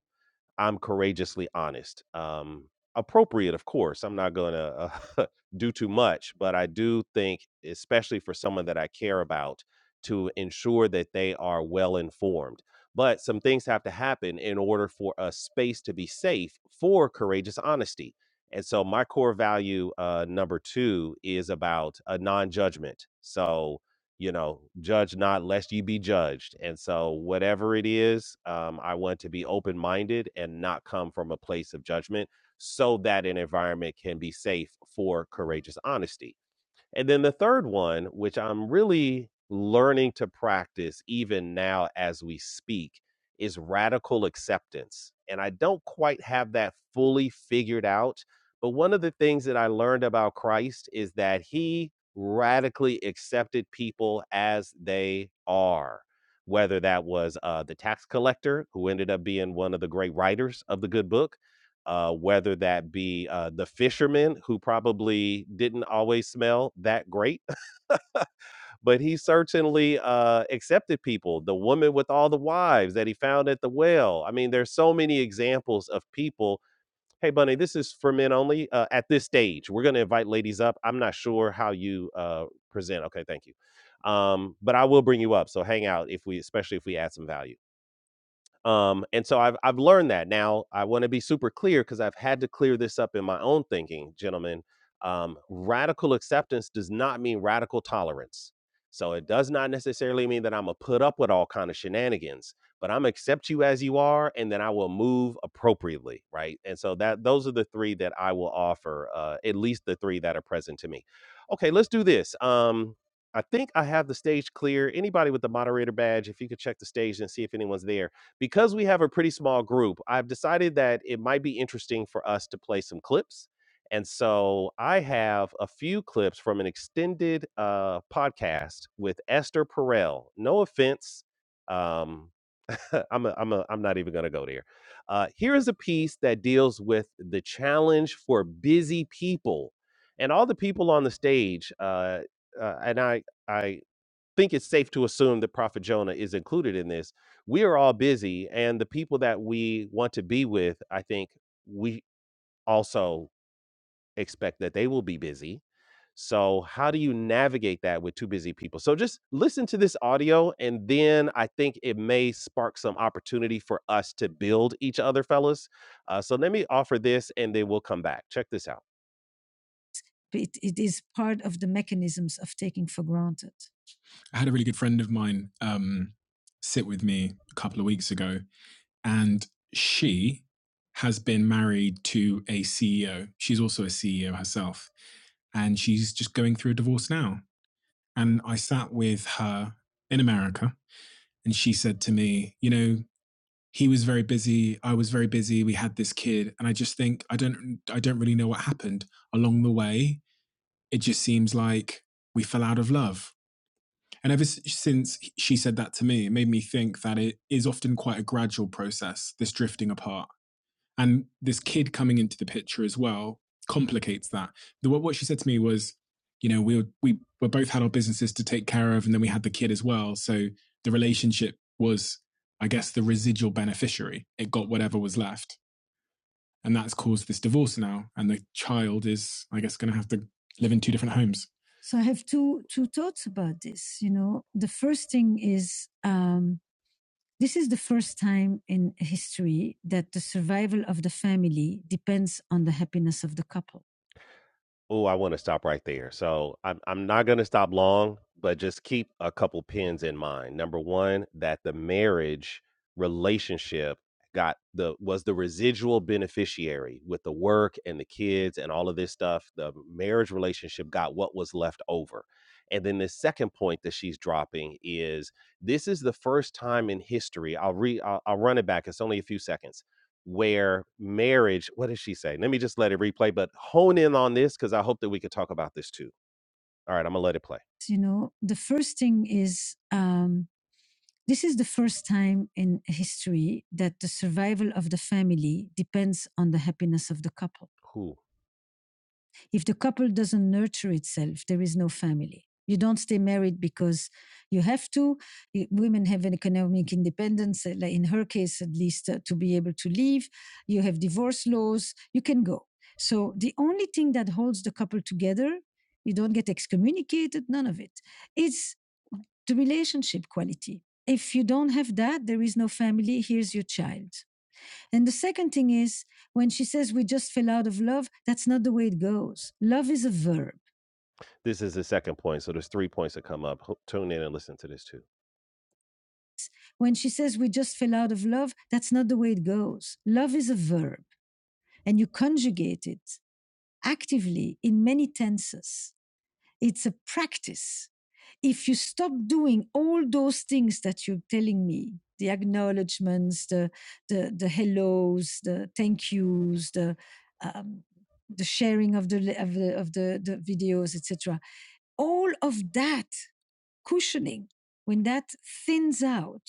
S1: I'm courageously honest. Um, appropriate, of course. I'm not going to uh, do too much, but I do think, especially for someone that I care about, to ensure that they are well informed. But some things have to happen in order for a space to be safe for courageous honesty. And so, my core value uh, number two is about a non judgment. So, you know, judge not lest ye be judged. And so, whatever it is, um, I want to be open minded and not come from a place of judgment so that an environment can be safe for courageous honesty. And then the third one, which I'm really learning to practice even now as we speak, is radical acceptance. And I don't quite have that fully figured out. But one of the things that I learned about Christ is that he radically accepted people as they are. Whether that was uh, the tax collector, who ended up being one of the great writers of the good book, uh, whether that be uh, the fisherman who probably didn't always smell that great, but he certainly uh, accepted people, the woman with all the wives that he found at the well. I mean, there's so many examples of people. Hey, Bunny, this is for men only uh, at this stage. We're going to invite ladies up. I'm not sure how you uh, present. Okay, thank you. Um, but I will bring you up. So hang out if we, especially if we add some value um, and so I've I've learned that. Now I want to be super clear because I've had to clear this up in my own thinking, gentlemen. Um, radical acceptance does not mean radical tolerance. So it does not necessarily mean that I'm gonna put up with all kind of shenanigans, but I'm accept you as you are, and then I will move appropriately, right? And so that those are the three that I will offer, uh, at least the three that are present to me. Okay, let's do this. Um, I think I have the stage clear. Anybody with the moderator badge, if you could check the stage and see if anyone's there because we have a pretty small group, I've decided that it might be interesting for us to play some clips. And so I have a few clips from an extended uh, podcast with Esther Perel. No offense. Um, I'm a, I'm a, I'm not even going to go there. Uh, here is a piece that deals with the challenge for busy people, and all the people on the stage. Uh, uh, and I, I think it's safe to assume that Prophet Jonah is included in this. We are all busy, and the people that we want to be with, I think we also expect that they will be busy. So, how do you navigate that with two busy people? So, just listen to this audio, and then I think it may spark some opportunity for us to build each other, fellas. Uh, so, let me offer this, and then we'll come back. Check this out. It, it is part of the mechanisms of taking for granted. I had a really good friend of mine um, sit with me a couple of weeks ago, and she has been married to a CEO. She's also a CEO herself, and she's just going through a divorce now. And I sat with her in America, and she said to me, "You know, he was very busy. I was very busy. We had this kid, and I just think I don't, I don't really know what happened along the way. It just seems like we fell out of love." And ever since she said that to me, it made me think that it is often quite a gradual process, this drifting apart. And this kid coming into the picture as well complicates that. The, what what she said to me was, you know, we were, we were both had our businesses to take care of, and then we had the kid as well. So the relationship was, I guess, the residual beneficiary. It got whatever was left and that's caused this divorce now. And the child is, I guess, going to have to live in two different homes. So I have two two thoughts about this. You know, the first thing is um, this is the first time in history that the survival of the family depends on the happiness of the couple. Oh, I want to stop right there. So I'm I'm not gonna stop long, but just keep a couple pins in mind. Number one, that the marriage relationship got the was the residual beneficiary with the work and the kids and all of this stuff. The marriage relationship got what was left over. And then the second point that she's dropping is this is the first time in history. I'll re I'll, I'll run it back. It's only a few seconds where marriage what did she say? Let me just let it replay, but hone in on this because I hope that we could talk about this too. All right, I'm gonna let it play. You know, the first thing is um, this is the first time in history that the survival of the family depends on the happiness of the couple. Who? If the couple doesn't nurture itself, there is no family. You don't stay married because you have to. Women have an economic independence, uh, like in her case at least, uh, to be able to leave. You have divorce laws. You can go. So the only thing that holds the couple together, you don't get excommunicated, none of it. It's the relationship quality. If you don't have that, there is no family. Here's your child. And the second thing is when she says we just fell out of love, that's not the way it goes. Love is a verb. This is the second point. So there's three points that come up. Tune in and listen to this too. When she says we just fell out of love, that's not the way it goes. Love is a verb and you conjugate it actively in many tenses. It's a practice. If you stop doing all those things that you're telling me, the acknowledgements, the, the, the hellos, the thank yous, the, um, the sharing of the, of the, of the, the videos, etc., all of that cushioning, when that thins out,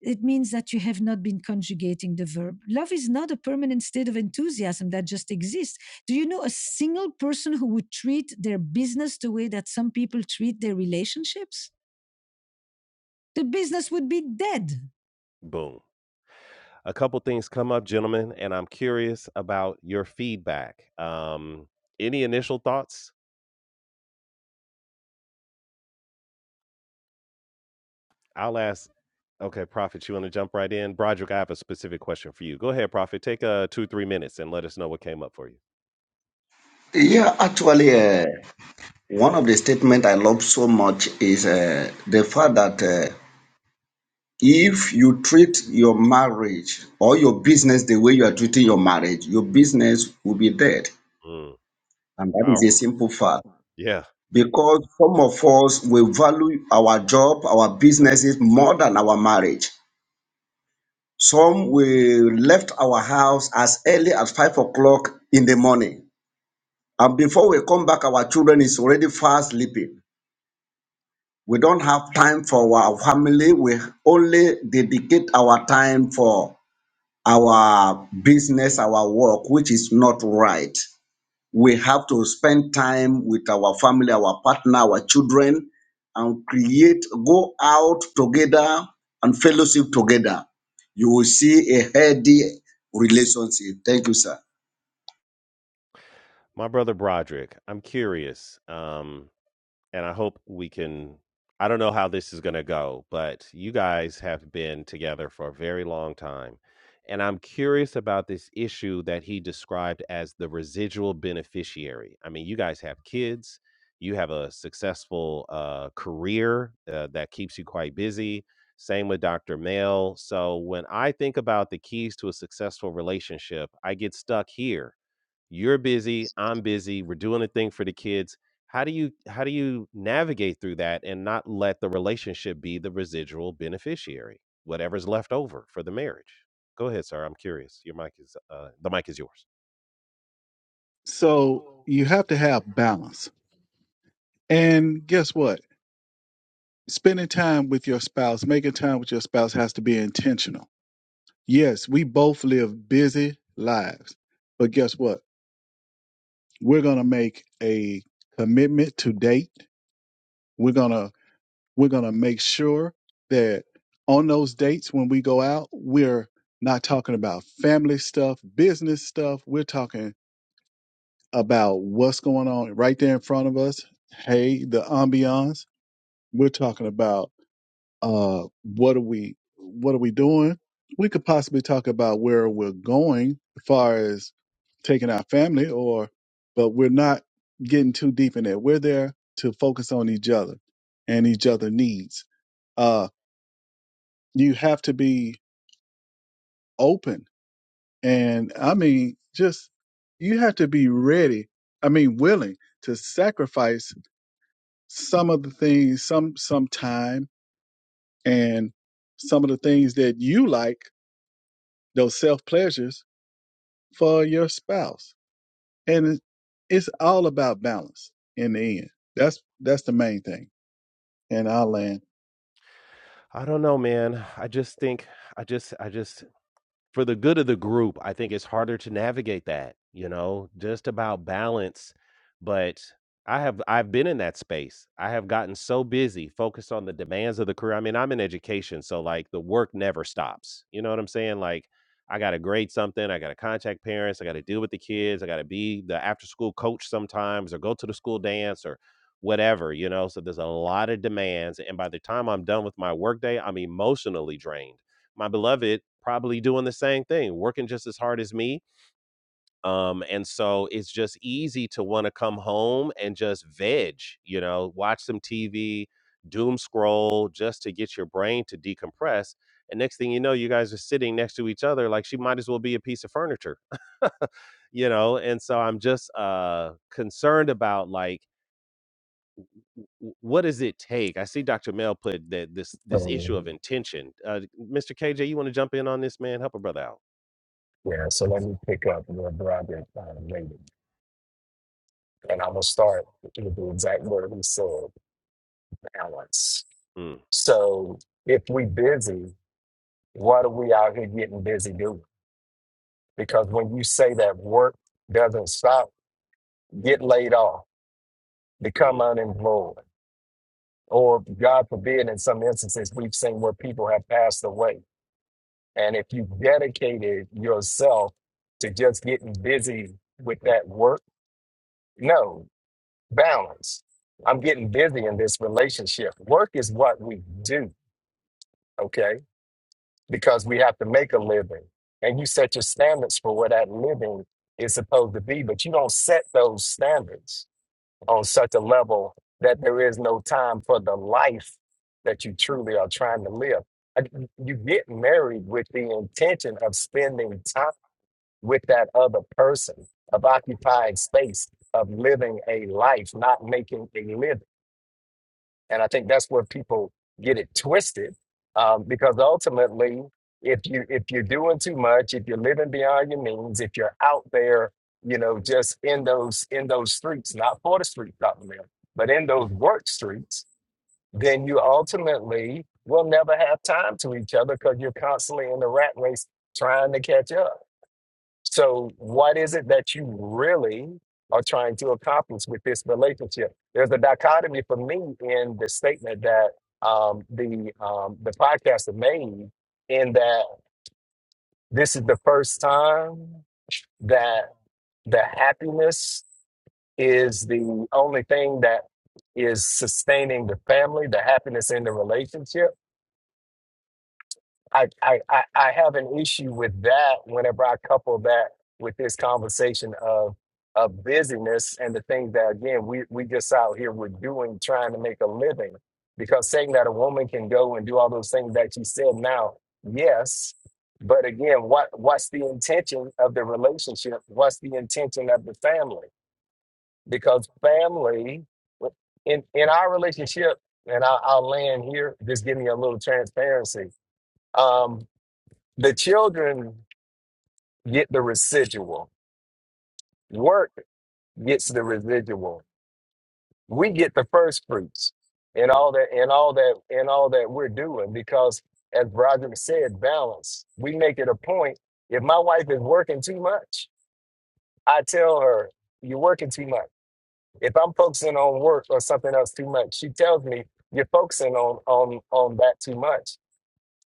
S1: it means that you have not been conjugating the verb. Love is not a permanent state of enthusiasm that just exists. Do you know a single person who would treat their business the way that some people treat their relationships? The business would be dead. Boom. A couple things come up, gentlemen, and I'm curious about your feedback. Um, any initial thoughts? I'll ask. Okay, Prophet, you want to jump right in? Broderick, I have a specific question for you. Go ahead, Prophet. Take uh two three minutes and let us know what came up for you.
S2: Yeah, actually, uh, one of the statements I love so much is uh, the fact that uh, if you treat your marriage or your business the way you are treating your marriage, your business will be dead.
S1: Mm,
S2: And that is a
S1: powerful. right?
S2: simple fact.
S1: Yeah,
S2: because some of us will value our job, our businesses more than our marriage. Some will left our house as early as five o'clock in the morning. And before we come back, our children is already fast sleeping. We don't have time for our family. We only dedicate our time for our business, our work, which is not right. we have to spend time with our family, our partner, our children, and create, go out together and fellowship together. You will see a healthy relationship. Thank you, sir.
S1: my brother Broderick. I'm curious. Um, and I hope we can. I don't know how this is going to go, but you guys have been together for a very long time. And I'm curious about this issue that he described as the residual beneficiary. I mean, you guys have kids, you have a successful uh, career uh, that keeps you quite busy. Same with Dr. Mel. So when I think about the keys to a successful relationship, I get stuck here you're busy, I'm busy, we're doing a thing for the kids. How do you how do you navigate through that and not let the relationship be the residual beneficiary, whatever's left over for the marriage? Go ahead, sir. I'm curious. Your mic is uh the mic is yours.
S6: So you have to have balance, and guess what? Spending time with your spouse, making time with your spouse has to be intentional. Yes, we both live busy lives, but guess what? We're gonna make a commitment to date. We're gonna We're going to make sure that on those dates when we go out, we're not talking about family stuff, business stuff. We're talking about what's going on right there in front of us. Hey, the ambiance. We're talking about uh, what are we what are we doing? We could possibly talk about where we're going as far as taking our family or but we're not getting too deep in it. We're there to focus on each other and each other needs Uh, you have to be open and i mean just you have to be ready i mean willing to sacrifice some of the things some some time and some of the things that you like those self pleasures for your spouse and it, it's all about balance in the end that's that's the main thing and i'll land
S1: I don't know, man. I just think I just I just for the good of the group, I think it's harder to navigate that, you know, just about balance. But I have I've been in that space. I have gotten so busy, focused on the demands of the career. I mean, I'm in education, so like the work never stops. You know what I'm saying? Like I got to grade something, I got to contact parents, I got to deal with the kids, I got to be the after school coach sometimes or go to the school dance or whatever, you know. So there's a lot of demands and by the time I'm done with my workday, I'm emotionally drained my beloved probably doing the same thing, working just as hard as me. Um, and so it's just easy to want to come home and just veg, you know, watch some TV, doom scroll just to get your brain to decompress. And next thing you know, you guys are sitting next to each other like she might as well be a piece of furniture, you know. And so I'm just uh, concerned about like w- what does it take? I see Dr. Mel put that this this issue
S3: Um,
S1: of intention. Uh, Mr. KJ, you want to jump in on this, man? Help a brother out.
S3: yeah, so let me pick up where Broderick uh, later. And I'm going to start with the exact word he said, balance
S1: Mm,
S3: So if we busy, what are we out here getting busy doing? Because when you say that work doesn't stop, get laid off, become
S1: mm, mm,
S3: unemployed, or God forbid, in some instances, we've seen where people have passed away. And if you dedicated yourself to just getting busy with that work, no, balance. I'm getting busy in this relationship. Work is what we do, okay? because we have to make a living. And you set your standards for what that living is supposed to be, but you don't set those standards on such a level that there is no time for the life that you truly are trying to live. I- You get married with the intention of spending time with that other person, of occupying space, of living a life, not making a living. And I think that's where people get it twisted, um, because ultimately, if you if you're doing too much, if you're living beyond your means, if you're out there, you know, just in those in those streets, not for the streets, Dr. Mel, but in
S1: mm.
S3: those work streets, then you ultimately will never have time to each other because you're constantly in the rat race trying to catch up. So, what is it that you really are trying to accomplish with this relationship? There's a dichotomy for me in the statement that um, the um, the podcaster made, in that this is the first time that the happiness is the only thing that is sustaining the family, the happiness in the relationship I, I, I I have an issue with that whenever I couple that with this conversation of of busyness and the things that again we we just out here we're doing trying to make a living. Because saying that a woman can go and do all those things that you said now, yes. But again, what what's the intention of the relationship? What's the intention of the family? Because family in in our relationship, and I, I'll land here. Just give me a little transparency Um, the children get the residual. Work gets the residual. We get the first fruits and all that and all that and all that we're doing because as Broderick said, balance. We make it a point. If my wife is working too much, I tell her, You're working too much. If I'm focusing on work or something else too much, she tells me, You're focusing on on on that too much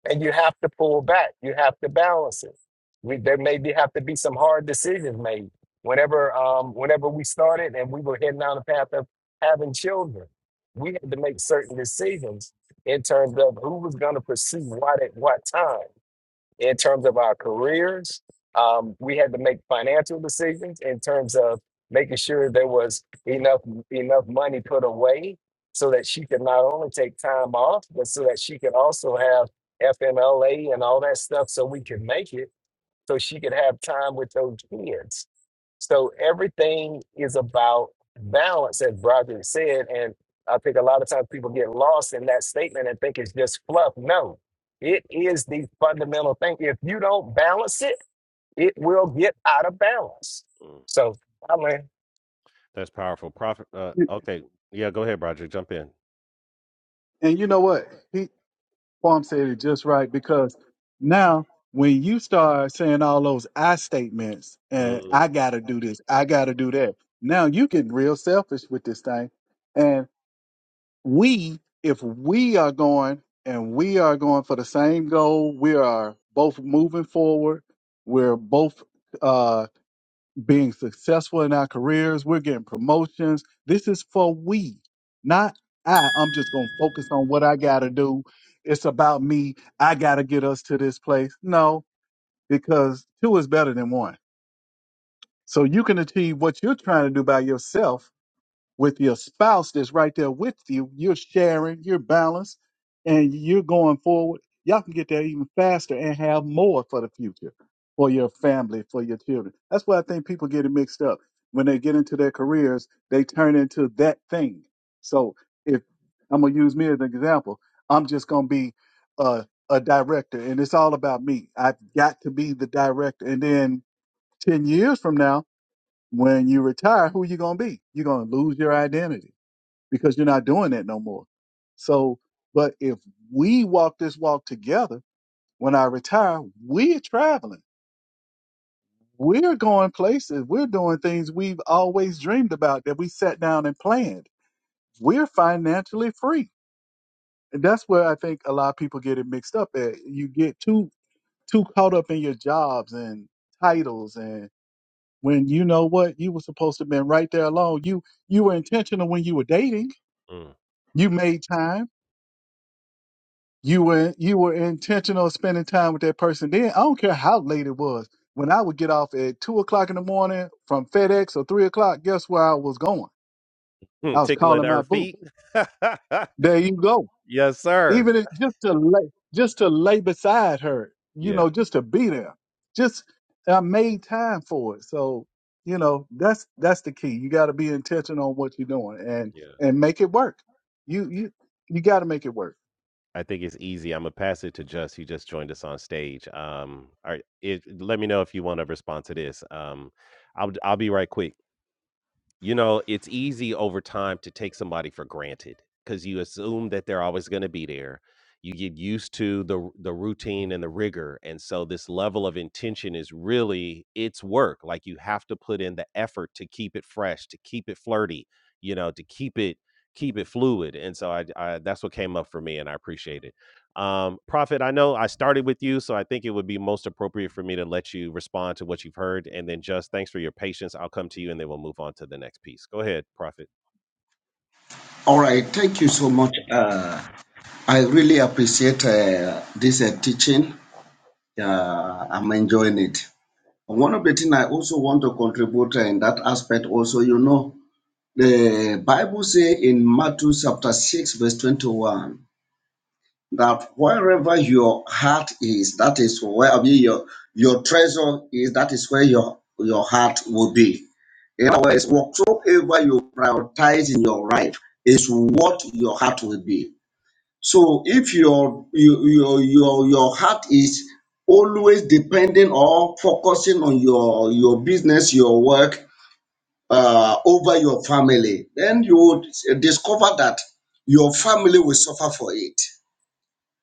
S3: and you have to pull back. You have to balance it. We, there may be, have to be some hard decisions made. Whenever, um, whenever we started and we were heading down the path of having children, we had to make certain decisions in terms of who was going to pursue what at what time in terms of our careers. Um, we had to make financial decisions in terms of making sure there was enough enough money put away so that she could not only take time off, but so that she could also have FMLA and all that stuff so we could make it so she could have time with those kids. So everything is about balance, as Broderick said. And I think a lot of times people get lost in that statement and think it's just fluff. No, it is the fundamental thing. If you don't balance it, it will get out of balance.
S1: mm.
S3: So, I mean,
S1: That's powerful. Prophet. Uh, okay. Yeah, go ahead, Roger. Jump in.
S6: and you know what Farm said it just right because now when you start saying all those I statements and
S1: Mm,
S6: I gotta do this, I gotta do that, now you get real selfish with this thing. And we, if we are going and we are going for the same goal, we are both moving forward, we're both uh being successful in our careers. We're getting promotions. This is for we, not I. I'm just going to focus on what I got to do. It's about me. I got to get us to this place. No, because two is better than one. So you can achieve what you're trying to do by yourself with your spouse that's right there with you, you're sharing, you're balanced, and you're going forward. Y'all can get there even faster and have more for the future, for your family, for your children. That's why I think people get it mixed up. When they get into their careers, they turn into that thing. So if I'm gonna use me as an example, I'm just gonna be a, a director, and it's all about me. I've got to be the director, and then ten years from now, when you retire, who you gonna be? You're gonna lose your identity because you're not doing that no more. So, but if we walk this walk together, when I retire, we're traveling. We're going places. We're doing things we've always dreamed about that we sat down and planned. We're financially free. And that's where I think a lot of people get it mixed up at. You get too too caught up in your jobs and titles and when you know what you were supposed to have been right there alone. You you were intentional when you were dating.
S1: mm.
S6: You made time you were you were intentional spending time with that person. Then I don't care how late it was. When I would get off at two o'clock in the morning from FedEx or three o'clock, guess where I was going?
S1: Hmm,
S6: I was
S1: Tickling
S6: calling my
S1: our
S6: boo.
S1: feet.
S6: There you go.
S1: yes, sir.
S6: Even if, just to lay just to lay beside her, you
S1: Yeah.
S6: know, just to be there. Just I made time for it. So you know that's that's the key. You got to be intentional on what you're doing and
S1: Yeah.
S6: and make it work. You you you got to make it work.
S1: I think it's easy. I'm gonna pass it to Just. He just joined us on stage. Um, all right, it, let me know if you want to respond to this. Um, I'll I'll be right quick. You know, it's easy over time to take somebody for granted because you assume that they're always going to be there. You get used to the r- the routine and the rigor, and so this level of intention is really it's work. Like you have to put in the effort to keep it fresh, to keep it flirty, you know, to keep it keep it fluid. And so I, I that's what came up for me, and I appreciate it. Um, Prophet, I know I started with you, so I think it would be most appropriate for me to let you respond to what you've heard. And then just thanks for your patience. I'll come to you and then we'll move on to the next piece. Go ahead, Prophet.
S2: All right. Thank you so much. Uh, I really appreciate uh, this uh, teaching. Uh, I'm enjoying it. One of the things I also want to contribute uh, in that aspect, also, you know, the Bible say in Matthew chapter 6, verse 21 that wherever your heart is, that is where I mean, your your treasure is. That is where your your heart will be. In other words, whatsoever you prioritize in your life is what your heart will be. So if your your your your, your heart is always depending or focusing on your your business, your work uh, over your family, then you would discover that your family will suffer for it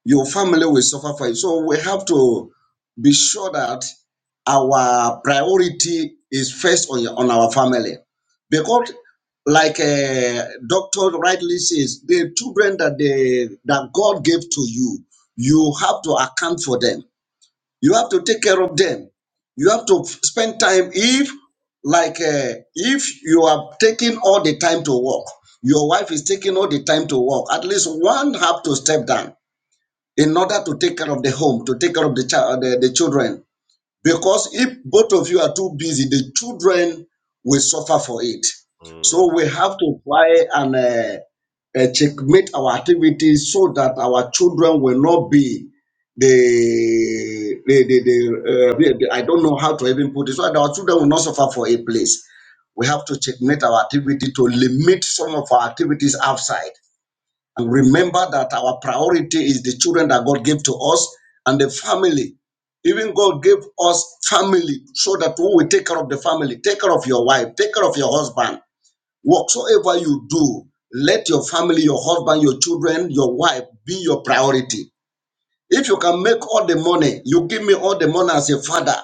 S2: your family will suffer for it. So we have to be sure that our priority is first on, on our family. Because, like a doctor rightly says, the children that they, that God gave to you, you have to account for them. You have to take care of them. You have to f- spend time. If, like, uh, if you are taking all the time to work, your wife is taking all the time to work. At least one have to step down in order to take care of the home, to take care of the child, the, the children. Because if both of you are too busy, the children will suffer for it. So
S1: Mm,
S2: we have to try and uh, uh, checkmate our activities so that our children will not be the the the, the, uh, the- the- I don't know how to even put it. So that our children will not suffer for a place. We have to checkmate our activity to limit some of our activities outside Remember that our priority is the children that God gave to us and the family. Even God gave us family so that we will take care of the family, take care of your wife, take care of your husband. Whatsoever you do, let your family, your husband, your children, your wife be your priority. If you can make all the money, you give me all the money as a father,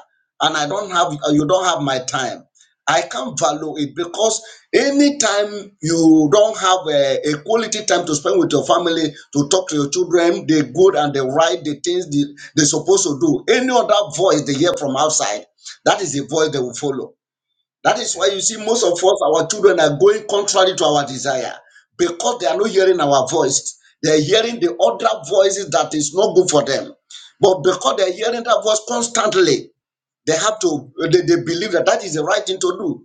S2: and I don't have, uh, you don't have my time. I can't value it because anytime you don't have a, a quality time to spend with your family, to talk to your children, the good and the right, the things they, they're supposed to do, any other voice they hear from outside, that is the voice they will follow. That is
S1: yeah.
S2: why you see most of us, our children are going contrary to our desire because they are not hearing our voice. They are hearing the other voices that is not good for them. But because they are hearing that voice constantly, they have to, they, they believe that that is the right thing to do.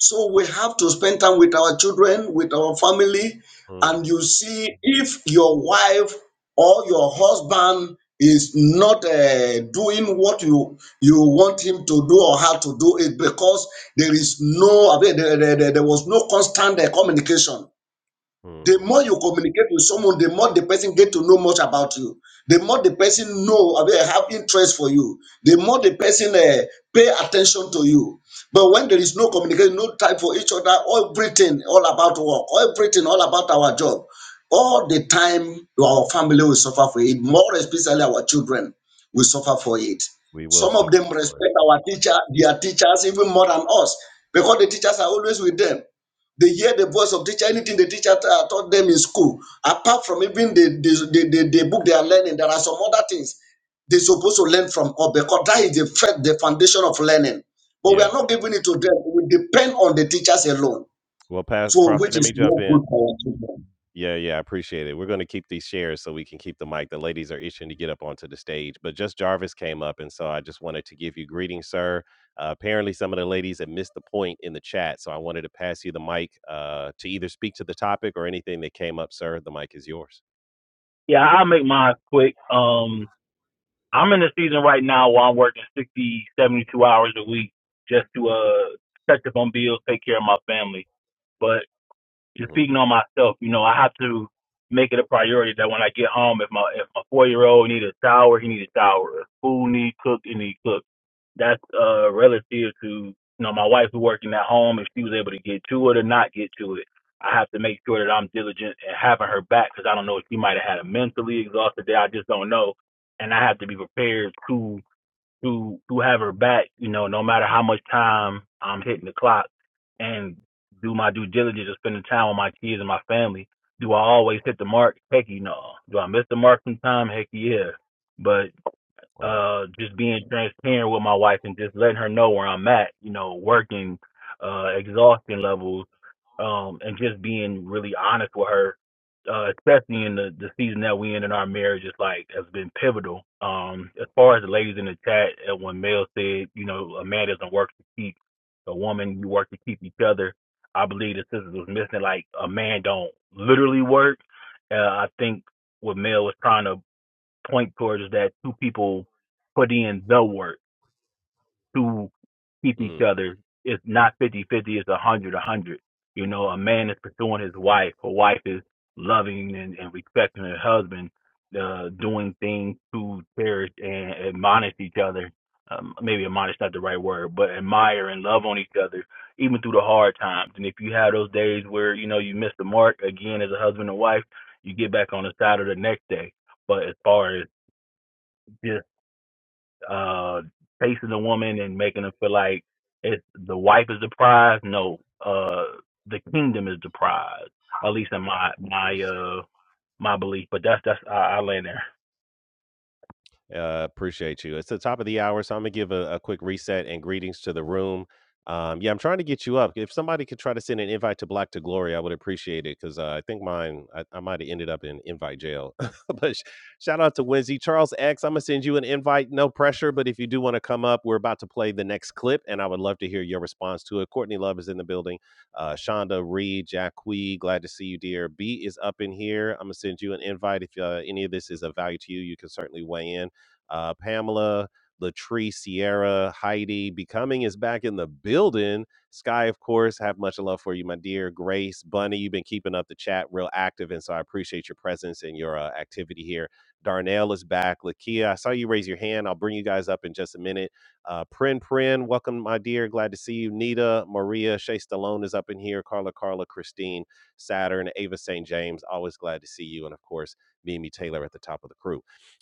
S2: So we have to spend time with our children, with our family,
S1: Mm,
S2: and you see if your wife or your husband is not uh, doing what you you want him to do or how to do it because there is no I mean, there, there, there there was no constant uh, communication the
S1: mm.
S2: more you communicate with someone, the more the person get to know much about you. The more the person know, I mean, have interest for you. The more the person uh, pay attention to you. But when there is no communication, no time for each other, everything all about work, everything all about our job, all the time our family will suffer for it. More especially our children will suffer for it.
S1: We will
S2: Some of
S1: suffer,
S2: them
S1: Lord.
S2: respect our teacher, their teachers even more than us, because the teachers are always with them they hear the voice of teacher, anything the teacher ta- taught them in school. Apart from even the, the, the, the the book they are learning, there are some other things they're supposed to learn from us because that is the, fa- the foundation of learning. But we
S1: Yeah.
S2: are not giving it to them. We depend on the teachers alone,
S1: Well, past
S2: so
S1: Prophet,
S2: which
S1: let me
S2: is
S1: jump
S2: not
S1: in.
S2: good for our children.
S1: Yeah, yeah, I appreciate it. We're going to keep these shares so we can keep the mic. The ladies are itching to get up onto the stage, but just Jarvis came up, and so I just wanted to give you greetings, sir. Uh, apparently, some of the ladies had missed the point in the chat, so I wanted to pass you the mic uh, to either speak to the topic or anything that came up, sir. The mic is yours.
S7: Yeah, I'll make mine quick. Um, I'm in a season right now where I'm working 60, 72 hours a week just to uh catch up on bills, take care of my family. But just
S1: hmm
S7: speaking on myself, you know, I have to make it a priority that when I get home, if my if my four year old needs a shower, he needs a shower. If food needs cooked, it needs cooked that's uh relative to you know my wife who working at home if she was able to get to it or not get to it i have to make sure that i'm diligent and having her back because i don't know if she might have had a mentally exhausted day i just don't know and i have to be prepared to to to have her back you know no matter how much time i'm hitting the clock and do my due diligence of spending time with my kids and my family do i always hit the mark heck no do i miss the mark sometime heck yeah but
S1: Right.
S7: uh just being transparent with my wife and just letting her know where I'm at, you know, working uh exhaustion levels, um, and just being really honest with her, uh, especially in the, the season that we in in our marriage is like has been pivotal. Um, as far as the ladies in the chat uh, when Mel said, you know, a man doesn't work to keep a woman, you work to keep each other. I believe the sisters was missing like a man don't literally work. Uh, I think what Mel was trying to point towards that two people put in the work to keep each
S1: Mm.
S7: other. It's not fifty fifty, 50, it's 100 100. You know, a man is pursuing his wife, a wife is loving and, and respecting her husband, uh, doing things to cherish and admonish each other. Um, maybe admonish not the right word, but admire and love on each other, even through the hard times. And if you have those days where you know you miss the mark again as a husband and wife, you get back on the saddle the next day. But as far as just uh facing a woman and making her feel like it's the wife is the prize. No, uh the kingdom is the prize. At least in my my
S1: Yes, sir.
S7: uh my belief. But that's that's I, I land there.
S1: Uh, appreciate you. It's the top of the hour, so I'm gonna give a, a quick reset and greetings to the room. Um, yeah, I'm trying to get you up. If somebody could try to send an invite to Black to Glory, I would appreciate it because uh, I think mine, I, I might have ended up in invite jail. but sh- shout out to Wednesday. Charles X, I'm going to send you an invite, no pressure. But if you do want to come up, we're about to play the next clip and I would love to hear your response to it. Courtney Love is in the building. Uh, Shonda Reed, Jack glad to see you, dear. B is up in here. I'm going to send you an invite. If uh, any of this is of value to you, you can certainly weigh in uh, Pamela, Latree, Sierra, Heidi. Becoming is back in the building. Sky, of course, have much love for you, my dear. Grace, Bunny, you've been keeping up the chat real active, and so I appreciate your presence and your uh, activity here. Darnell is back. Lakia, I saw you raise your hand. I'll bring you guys up in just a minute. Uh, Prin Prin, welcome, my dear. Glad to see you. Nita, Maria, Shay Stallone is up in here. Carla, Carla, Christine, Saturn, Ava St. James. Always glad to see you. And of course, Mimi Taylor at the top of the crew.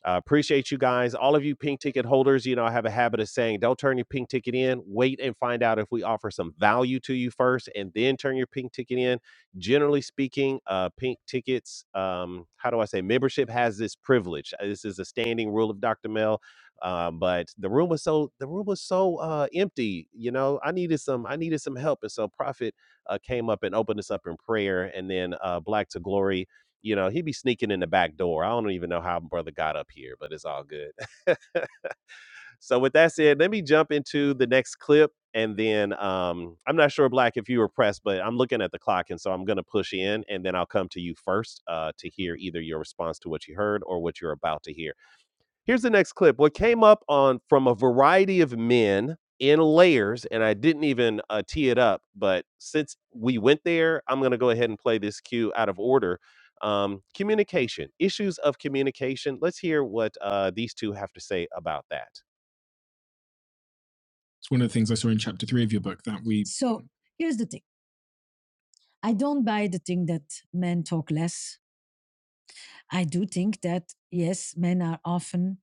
S1: Uh, appreciate you guys. All of you pink ticket holders, you know, I have a habit of saying, don't turn your pink ticket in. Wait and find out if we offer some value to you first and then turn your pink ticket in. Generally speaking, uh, pink tickets, um, how do I say, membership has this privilege. Uh, This is a standing rule of Dr. Mel. Uh, but the room was so the room was so uh, empty, you know. I needed some I needed some help, and so Prophet uh, came up and opened us up in prayer, and then uh, Black to Glory you know, he'd be sneaking in the back door. I don't even know how brother got up here, but it's all good. so with that said, let me jump into the next clip. And then um, I'm not sure, Black, if you were pressed, but I'm looking at the clock. And so I'm going to push in and then I'll come to you first uh, to hear either your response to what you heard or what you're about to hear. Here's the next clip. What came up on from a variety of men in layers, and I didn't even uh, tee it up, but since we went there, I'm going to go ahead and play this cue out of order. Um, communication, issues of communication. Let's hear what uh, these two have to say about that. It's one of the things I saw in chapter three of your book that we. So Here's the thing I don't buy the thing that men talk less. I do think that, yes, men are often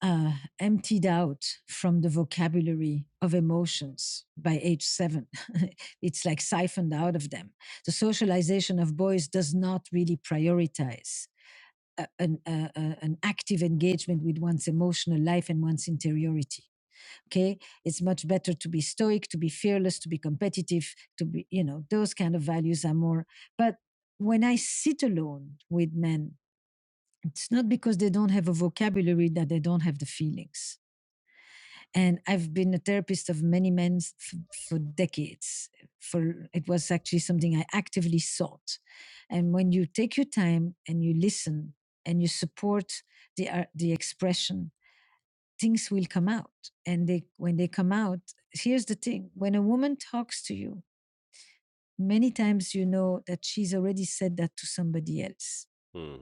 S1: uh, emptied out from the vocabulary of emotions by age seven. it's like siphoned out of them. The socialization of boys does not really prioritize a- an, a- a- an active engagement with one's emotional life and one's interiority. Okay, it's much better to be stoic, to be fearless, to be competitive, to be, you know, those kind of values are more. But when I sit alone with men, it's not because they don't have a vocabulary that they don't have the feelings and I've been a therapist of many men f- for decades. For it was actually something I actively sought. And when you take your time and you listen and you support the uh, the expression, things will come out. And they when they come out, here's the thing: when a woman talks to you, many times you know that she's already said that to somebody else. Mm.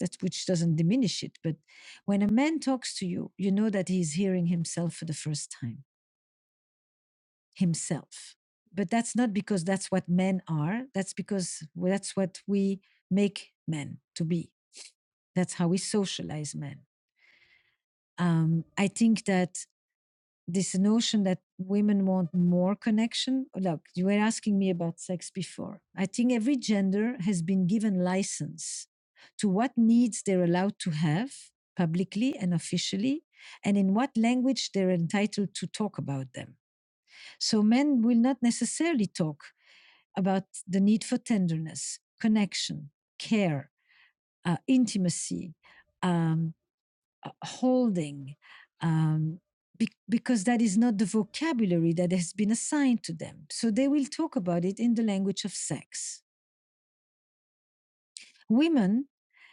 S1: That which doesn't diminish it, but when a man talks to you, you know that he's hearing himself for the first time himself. But that's not because that's what men are. That's because that's what we make men to be. That's how we socialize men. Um, I think that this notion that women want more connection. Look, you were asking me about sex before. I think every gender has been given license to what needs they're allowed to have publicly and officially, and in what language they're entitled to talk about them. So men will not necessarily talk about the need for tenderness, connection, care, uh, intimacy, um, uh, holding, um, be- because that is not the vocabulary that has been assigned to them. So they will talk about it in the language of sex. Women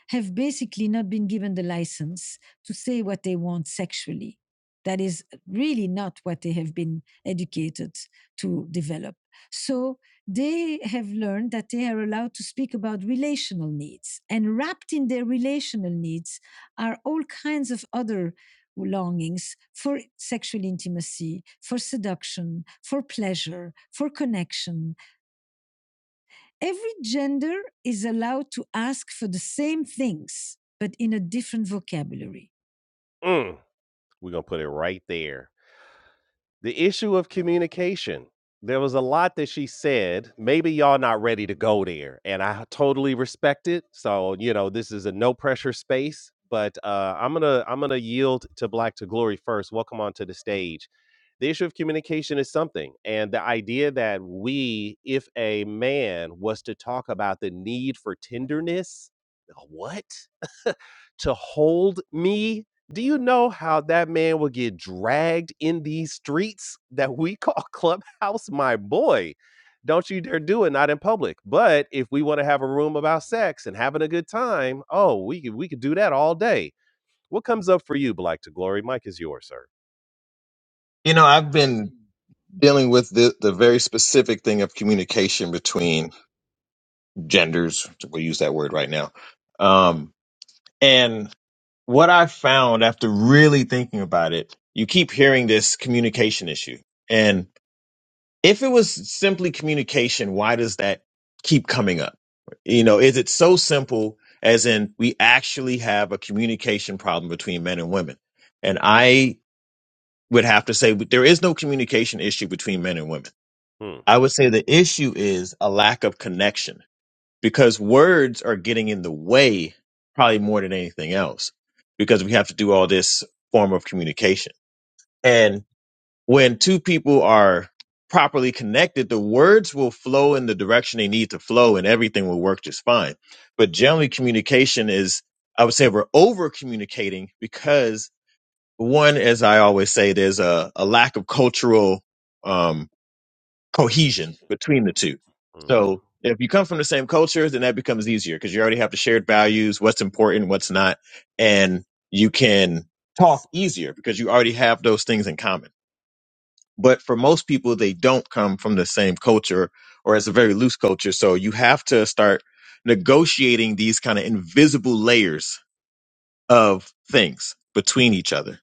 S1: have basically not been given the license to say what they want sexually. That is really not what they have been educated to develop. So they have learned that they are allowed to speak about relational needs. And wrapped in their relational needs are all kinds of other longings for sexual intimacy, for seduction, for pleasure, for connection, every gender is allowed to ask for the same things, but in a different vocabulary. Mm. We're gonna put it right there. The issue of communication. There was a lot that she said. Maybe y'all not ready to go there, and I totally respect it. So you know, this is a no pressure space. But uh, I'm gonna I'm gonna yield to Black to Glory first. Welcome onto the stage. The issue of communication is something, and the idea that we, if a man was to talk about the need for tenderness, what to hold me do you know how that man will get dragged in these streets that we call Clubhouse, my boy? Don't you dare do it, not in public. But if we want to have a room about sex and having a good time, oh, we could we could do that all day. What comes up for you, Black to Glory? Mike is yours, sir.
S8: You know, I've been dealing with the, the very specific thing of communication between genders. We'll use that word right now. Um, and what I found after really thinking about it, you keep hearing this communication issue. And if it was simply communication, why does that keep coming up? You know, is it so simple as in we actually have a communication problem between men and women? And I would have to say there is no communication issue between men and women
S1: Hmm.
S8: I would say the issue is a lack of connection because words are getting in the way probably more than anything else because we have to do all this form of communication. And when two people are properly connected, the words will flow in the direction they need to flow and everything will work just fine. But generally communication is, I would say we're over communicating because one, as I always say, there's a, a lack of cultural, um, cohesion between the two. So
S1: Mm-hmm.
S8: if you come from the same culture, then that becomes easier because you already have the shared values, what's important, what's not, and you can talk easier because you already have those things in common. But for most people, they don't come from the same culture or it's a very loose culture. So you have to start negotiating these kind of invisible layers of things between each other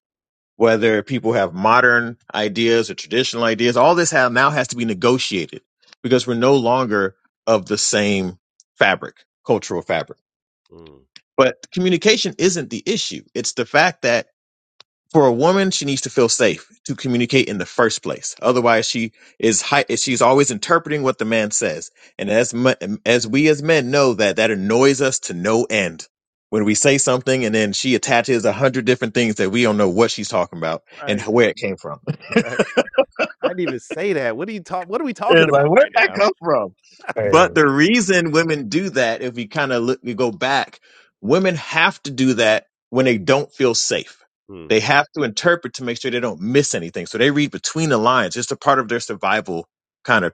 S8: whether people have modern ideas or traditional ideas, all this have, now has to be negotiated because we're no longer of the same fabric, cultural fabric.
S1: Mm.
S8: But communication isn't the issue. It's the fact that for a woman, she needs to feel safe to communicate in the first place. Otherwise, she is high, she's always interpreting what the man says. And as mu- as we as men know that that annoys us to no end when we say something and then she attaches a hundred different things that we don't know what she's talking about and
S1: Right,
S8: where it came from.
S1: right. I didn't even say that. What are you talk? What are we talking
S8: It's like,
S1: about
S8: where'd
S1: right
S8: that
S1: now?
S8: come from? But
S3: Hey,
S8: the reason women do that, if we kind of look, we go back, women have to do that when they don't feel safe.
S1: Mm,
S8: They have to interpret to make sure they don't miss anything. So they read between the lines. It's a part of their survival kind of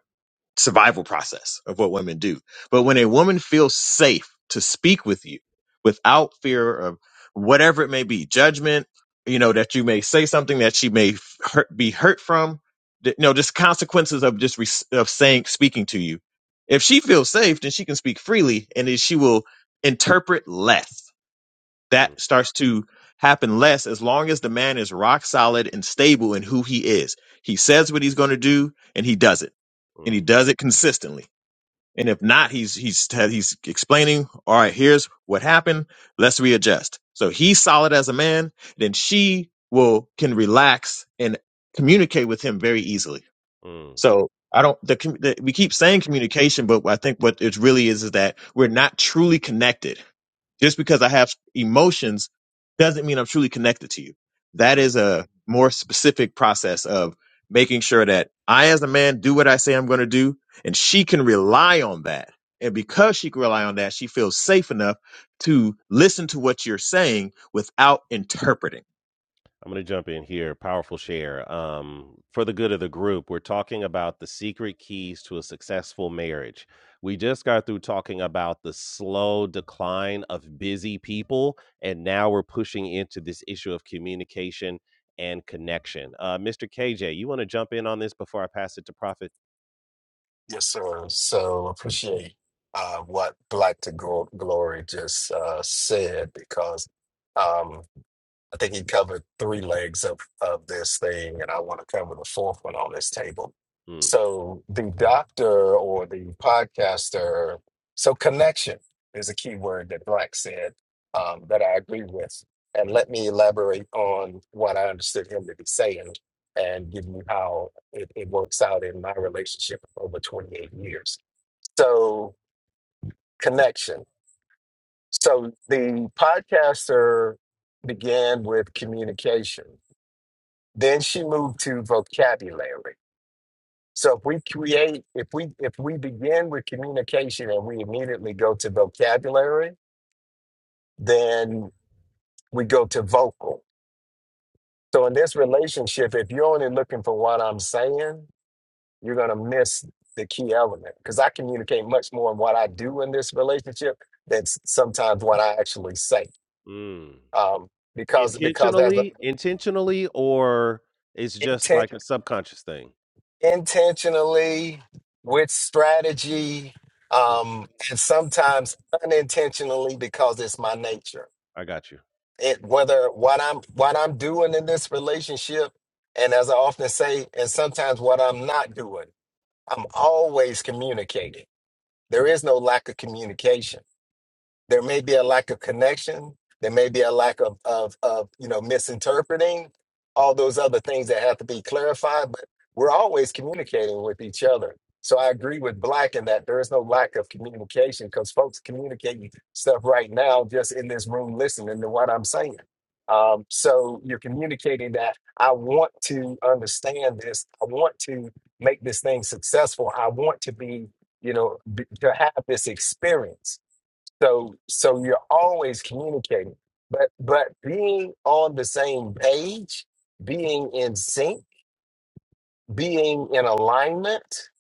S8: survival process of what women do. But when a woman feels safe to speak with you without fear of whatever it may be, judgment, you know, that you may say something that she may f- hurt, be hurt from, th- you know, just consequences of just res of saying, speaking to you. If she feels safe, then she can speak freely and then she will interpret less
S1: mm,
S8: that starts to happen less as long as the man is rock solid and stable in who he is. He says what he's going to do and he does it. And he
S1: mm,
S8: does it consistently. And if not, he's he's he's explaining, "All right, here's what happened. Let's readjust." So he's solid as a man, then she will can relax and communicate with him very easily.
S1: mm,
S8: So I don't. The, commu- the, we keep saying communication, but I think what it really is is that we're not truly connected just because I have emotions doesn't mean I'm truly connected to you. That
S1: mm.
S8: is a more specific process of making sure that I, as a man, do what I say I'm going to do, and she can rely on that. And because she can rely on that, she feels safe enough to listen to what you're saying without interpreting.
S1: I'm going to jump in here. Powerful share. Um, for the good of the group, we're talking about the secret keys to a successful marriage. We just got through talking about the slow decline of busy people, and now we're pushing into this issue of communication and connection. Uh, Mr. KJ, you want to jump in on this before I pass it to Prophet?
S3: yes, sir. So appreciate uh, what Black to Glo- Glory just uh, said because I think he covered three legs of, of this thing, and I want to cover the fourth one on this table.
S1: Mm,
S3: So the doctor or the podcaster, so connection is a key word that Black said um, that I agree with. And
S1: right.
S3: let me elaborate on what I understood him to be saying and give you how it, it works out in my relationship of over 28 years. So connection. So the podcaster began with communication then she moved to vocabulary. So if we create, if we if we begin with communication and we immediately go to vocabulary, then we go to vocal. So in this relationship, if you're only looking for what I'm saying, you're gonna miss the key element because I communicate much more in what I do in this relationship than s- sometimes what I actually say.
S1: Mm.
S3: Um, because because as a
S1: Intentionally, intentionally, or it's just
S3: intent.
S1: like a subconscious thing?
S3: intentionally with strategy
S1: Mm,
S3: um and sometimes unintentionally because it's my nature
S1: I got you.
S3: it whether what i'm what i'm doing in this relationship and as i often say and sometimes what i'm not doing i'm always communicating there is no lack of communication there may be a lack of connection there may be a lack of of of you know misinterpreting all those other things that have to be clarified but we're always communicating with each other so i agree with black in that there is no lack of communication because folks communicating stuff right now just in this room listening to what i'm saying um, so you're communicating that i want to understand this i want to make this thing successful i want to be you know b- to have this experience so so you're always communicating. But but being on the same page, being in sync, being in alignment,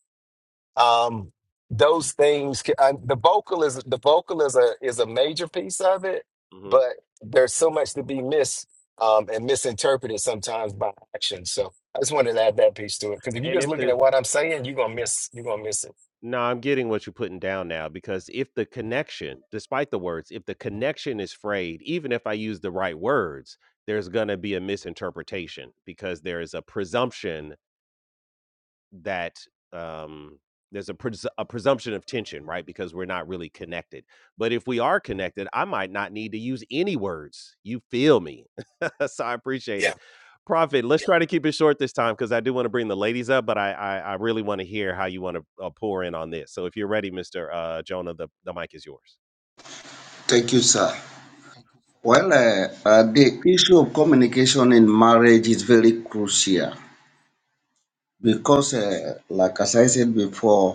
S3: um, those things. ca- Uh, the vocal is the vocal is a is a major piece of it,
S1: hmm
S3: but there's so much to be missed um, and misinterpreted sometimes by action. So I just wanted to add that piece to it because if you're
S1: And
S3: just
S1: if
S3: looking
S1: the
S3: at what I'm saying, you're gonna miss you're gonna miss it.
S1: No, I'm getting what you're putting down now because if the connection, despite the words, if the connection is frayed, even if I use the right words, there's going to be a misinterpretation because there is a presumption that um there's a, pres- a presumption of tension right because we're not really connected but if we are connected i might not need to use any words you feel me so i appreciate it
S3: Yeah,
S1: prophet let's try to keep it short this time because i do want to bring the ladies up but i i, I really want to hear how you want to uh, pour in on this so if you're ready mr uh jonah the, the mic is yours
S2: Thank you, sir. Well, uh, uh, the issue of communication in marriage is very crucial because, uh, like as I said before,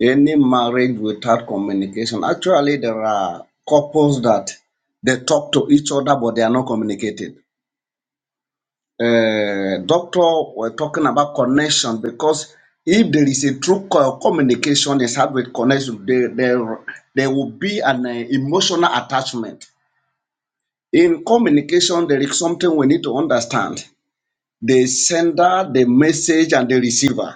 S2: Any marriage without communication, actually, there are couples that they talk to each other, but they are not communicating. Uh, doctor, we're talking about connection because if there is a true co- communication is had with connection, there, there, there will be an uh, emotional attachment. In communication, there is something we need to understand the sender, the message, and the receiver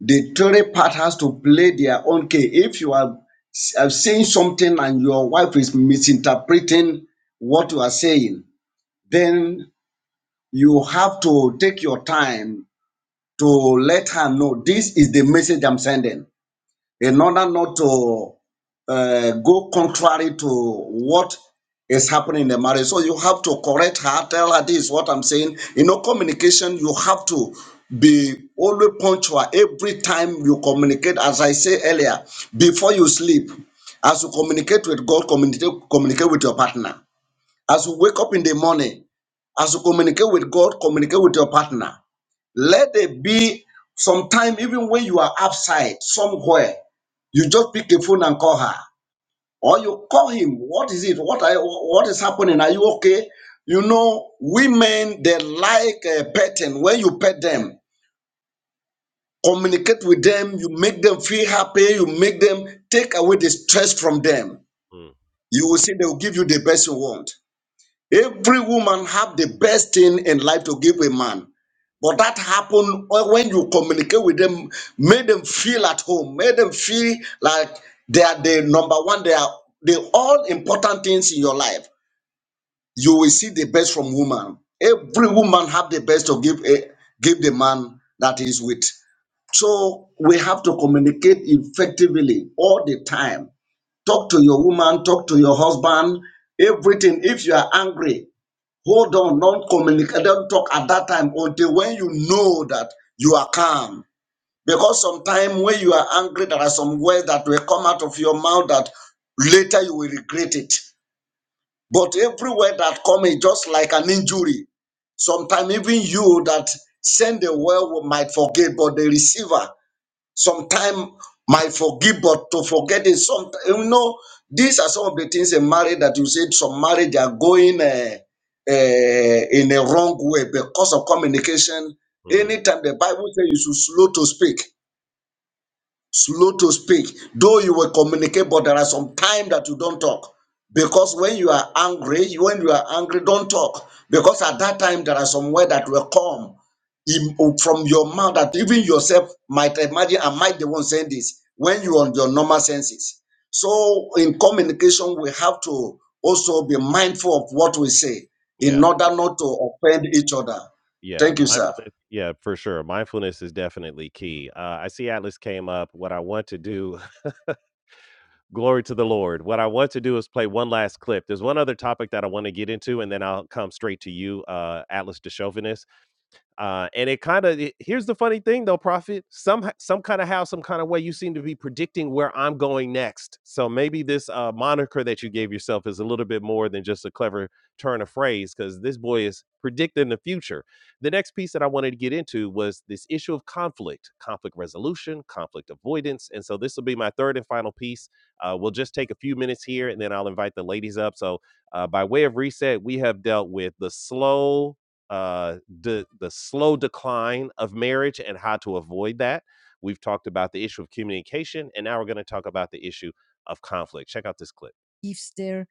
S2: The third part has to play their own key. If you are, s- are saying something and your wife is misinterpreting what you are saying, then you have to take your time to let her know this is the message I'm sending in order not to uh, go contrary to what is happening in the marriage. So you have to correct her, tell her this, what I'm saying. You know, communication, you have to be always punctual every time you communicate. As I say earlier, before you sleep, as you communicate with God, communicate, communicate with your partner. As you wake up in the morning, as you communicate with God, communicate with your partner. Let there be sometime, even when you are outside somewhere, you just pick a phone and call her. Or you call him. What is it? What are, what is happening? Are you okay? You know, women they like uh, petting. When you pet them, communicate with them. You make them feel happy. You make them take away the stress from them.
S1: Hmm.
S2: You will see they will give you the best you want. Every woman have the best thing in life to give a man. But that happened when you communicate with them, made them feel at home, made them feel like they are the number one, they are the all important things in your life. You will see the best from woman. Every woman have the best to give a, give the man that is with. So we have to communicate effectively all the time. Talk to your woman, talk to your husband, everything. If you are angry, Hold on, Don't communicate. Don't talk at that time until when you know that you are calm. Because sometimes when you are angry, there are some words that will come out of your mouth that later you will regret it. But every word that comes is just like an injury. Sometimes even you that send the word might forget, but the receiver Sometimes my forgive, but to forget is sometimes you know. These are some of the things in marriage that you said some marriage are going uh, uh, in a wrong way because of communication.
S1: Mm,
S2: Anytime the Bible says you should slow to speak, slow to speak though you will communicate but there are some time that you don't talk because when you are angry you- when you are angry don't talk because at that time there are some words that will come in- from your mouth that even yourself might imagine am i the one saying this when you are on your normal senses so in communication we have to also be mindful of what we say
S1: yeah,
S2: in order not to offend each other
S1: yeah,
S2: thank you sir
S1: mindfulness yeah, for sure, mindfulness is definitely key. Uh, I see Atlas came up, what I want to do glory to the Lord, what I want to do is play one last clip. There's one other topic that I wanna get into, and then I'll come straight to you, uh, Atlas DeChauvinist. Uh, and it kind of here's the funny thing though, Prophet. Some some kind of how, some kind of way, you seem to be predicting where I'm going next. So maybe this uh, moniker that you gave yourself is a little bit more than just a clever turn of phrase, because this boy is predicting the future. The next piece that I wanted to get into was this issue of conflict, conflict resolution, conflict avoidance, and so this will be my third and final piece. Uh, we'll just take a few minutes here, and then I'll invite the ladies up. So uh, by way of reset, we have dealt with the slow uh, de- the slow decline of marriage and how to avoid that. We've talked about the issue of communication, and now we're going to talk about the issue of conflict. Check out this clip. If their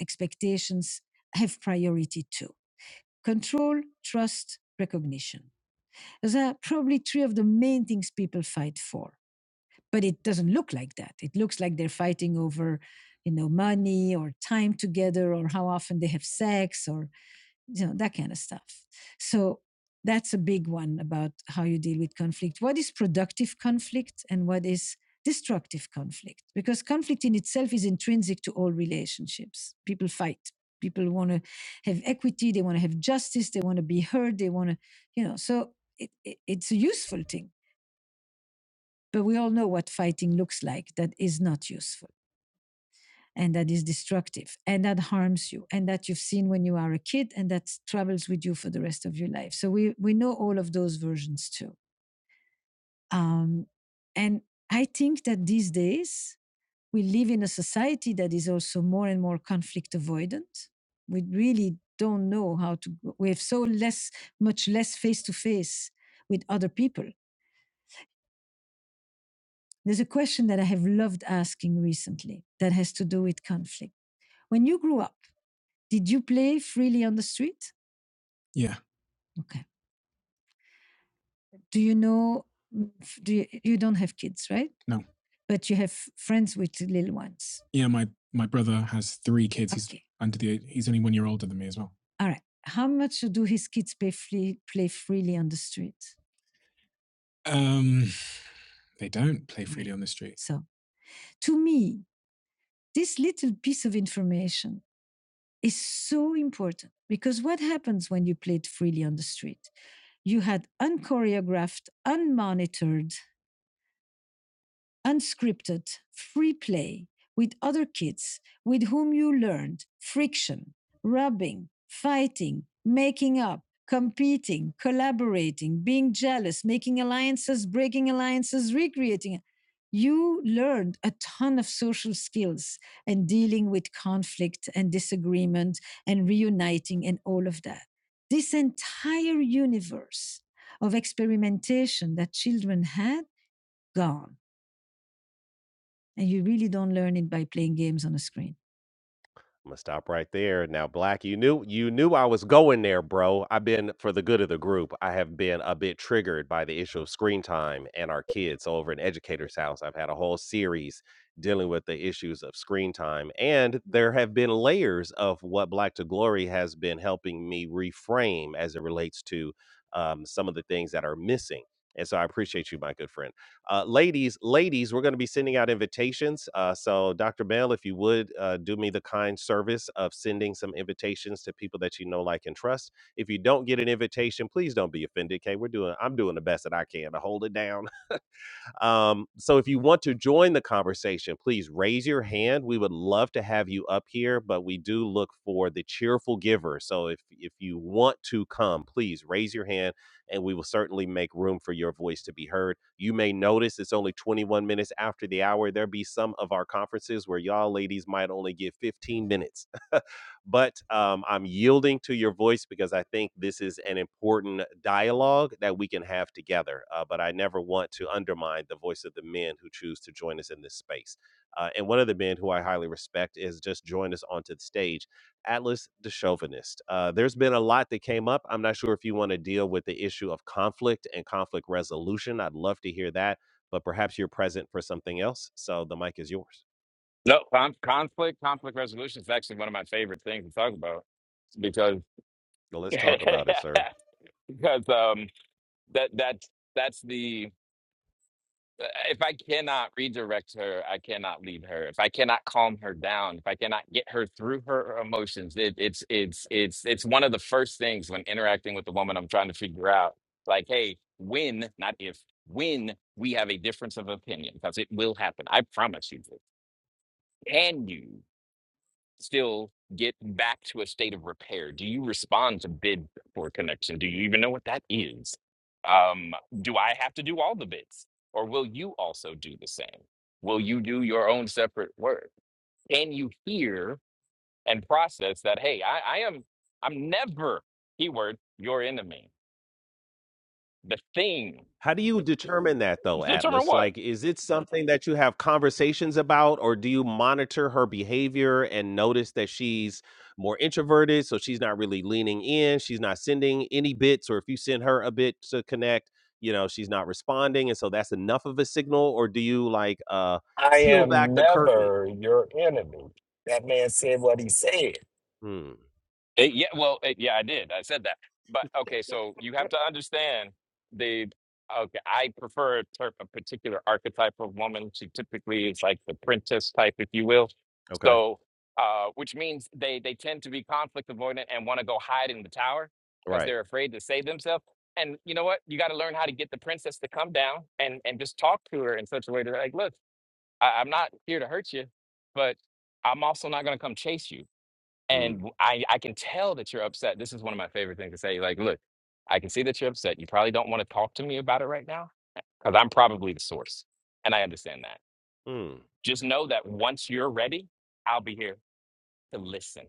S1: expectations have priority too. Control, trust, recognition. Those are probably three of the main things people fight for. But it doesn't look like that. It looks like they're fighting over, you know, money or time together or how often they have sex or you know that kind of stuff so that's a big one about how you deal with conflict what is productive conflict and what is destructive conflict because conflict in itself is intrinsic to all relationships people fight people want to have equity they want to have justice they want to be heard they want to you know so it, it, it's a useful thing but we all know what fighting looks like that is not useful and that is destructive and that harms you and that you've seen when you are a kid and that travels with you for the rest of your life. So we, we know all of those versions too. Um, and I think that these days we live in a society that is also more and more conflict avoidant. We really don't know how to, we have so less, much less face to face with other people. There's a question that I have loved asking recently that has to do with conflict. When you grew up, did you play freely on the street? Yeah. Okay. Do you know? Do you, you don't have kids, right? No. But you have friends with little ones. Yeah. My my brother has three kids. He's Okay. under the age, he's only one year older than me as well. All right. How much do his kids play free, play freely on the street? Um, they don't play freely on the street. So, to me, this little piece of information is so important because what happens when you play it freely on the street? You had unchoreographed, unmonitored unscripted, free play with other kids with whom you learned friction, rubbing, fighting, making up, competing, collaborating, being jealous, making alliances, breaking alliances, recreating. You learned a ton of social skills and dealing with conflict and disagreement and reuniting and all of that. This entire universe of experimentation that children had, gone and you really don't learn it by playing games on a screen. I'm gonna stop right there. Now, Black, you knew you knew I was going there, bro. I've been for the good of the group. I have been a bit triggered by the issue of screen time and our kids So over in Educator's House. I've had a whole series dealing with the issues of screen time, and there have been layers of what Black to Glory has been helping me reframe as it relates to um, some of the things that are missing. And so, I appreciate you, my good friend. Uh, ladies, ladies, we're going to be sending out invitations. Uh, so, Dr. Bell, if you would uh, do me the kind service of sending some invitations to people that you know, like, and trust. If you don't get an invitation, please don't be offended. Okay, we're doing. I'm doing the best that I can to hold it down um, so if you want to join the conversation, please raise your hand. We would love to have you up here, but we do look for the cheerful giver. So if if you want to come, please raise your hand and we will certainly make room for your voice to be heard. You may notice it's only 21 minutes after the hour. There be some of our conferences where y'all ladies might only give 15 minutes. but um, I'm yielding to your voice because I think this is an important dialogue that we can have together. Uh, but I never want to undermine the voice of the men who choose to join us in this space. Uh, and one of the men who I highly respect is just joined us onto the stage, Atlas the Chauvinist. Uh, there's been a lot that came up. I'm not sure if you want to deal with the issue of conflict and conflict resolution. I'd love to hear that, but perhaps you're present for something else. So the mic is yours.
S9: No, con- conflict, conflict resolution is actually one of my favorite things to talk about because
S1: Well, let's talk
S9: because
S1: about it, sir.
S9: um that that's that's the uh, if I cannot redirect her, I cannot lead her. If I cannot calm her down, if I cannot get her through her emotions, it, it's it's it's it's one of the first things when interacting with the woman I'm trying to figure out. Like, hey, when, not if, when we have a difference of opinion, because it will happen. I promise you. this. Can you? still get back to a state of repair? Do you respond to bid for connection? Do you even know what that is? Um, do I have to do all the bids? Or will you also do the same? Will you do your own separate work? Can you hear and process that, hey, I, I am, I'm never, keyword, your enemy. The thing,
S1: How do you determine that though,
S9: determine
S1: Atlas?
S9: what?
S1: Like, is it something that you have conversations about, or do you monitor her behavior and notice that she's more introverted? So she's not really leaning in, she's not sending any bits, or if you send her a bit to connect, you know, she's not responding. And so that's enough of a signal, or do you like uh
S3: I
S1: peel
S3: am
S1: back the curtain?
S3: never your enemy. That man said what he said.
S1: Hmm.
S9: It, yeah, well, it, yeah, I did. I said that. But okay, so you have to understand the. Okay, I prefer a, ter- a particular archetype of woman. She typically is like the princess type, if you will.
S1: Okay.
S9: So, uh, which means they they tend to be conflict avoidant and want to go hide in the tower because
S1: Right.
S9: they're afraid to save themselves. And you know what? You got to learn how to get the princess to come down and and just talk to her in such a way that like, look, I, I'm not here to hurt you, but I'm also not going to come chase you and I I can tell that you're upset. This is one of my favorite things to say. Like, look, I can see that you're upset. You probably don't want to talk to me about it right now because I'm probably the source. And I understand that.
S1: Mm.
S9: Just know that once you're ready, I'll be here to listen.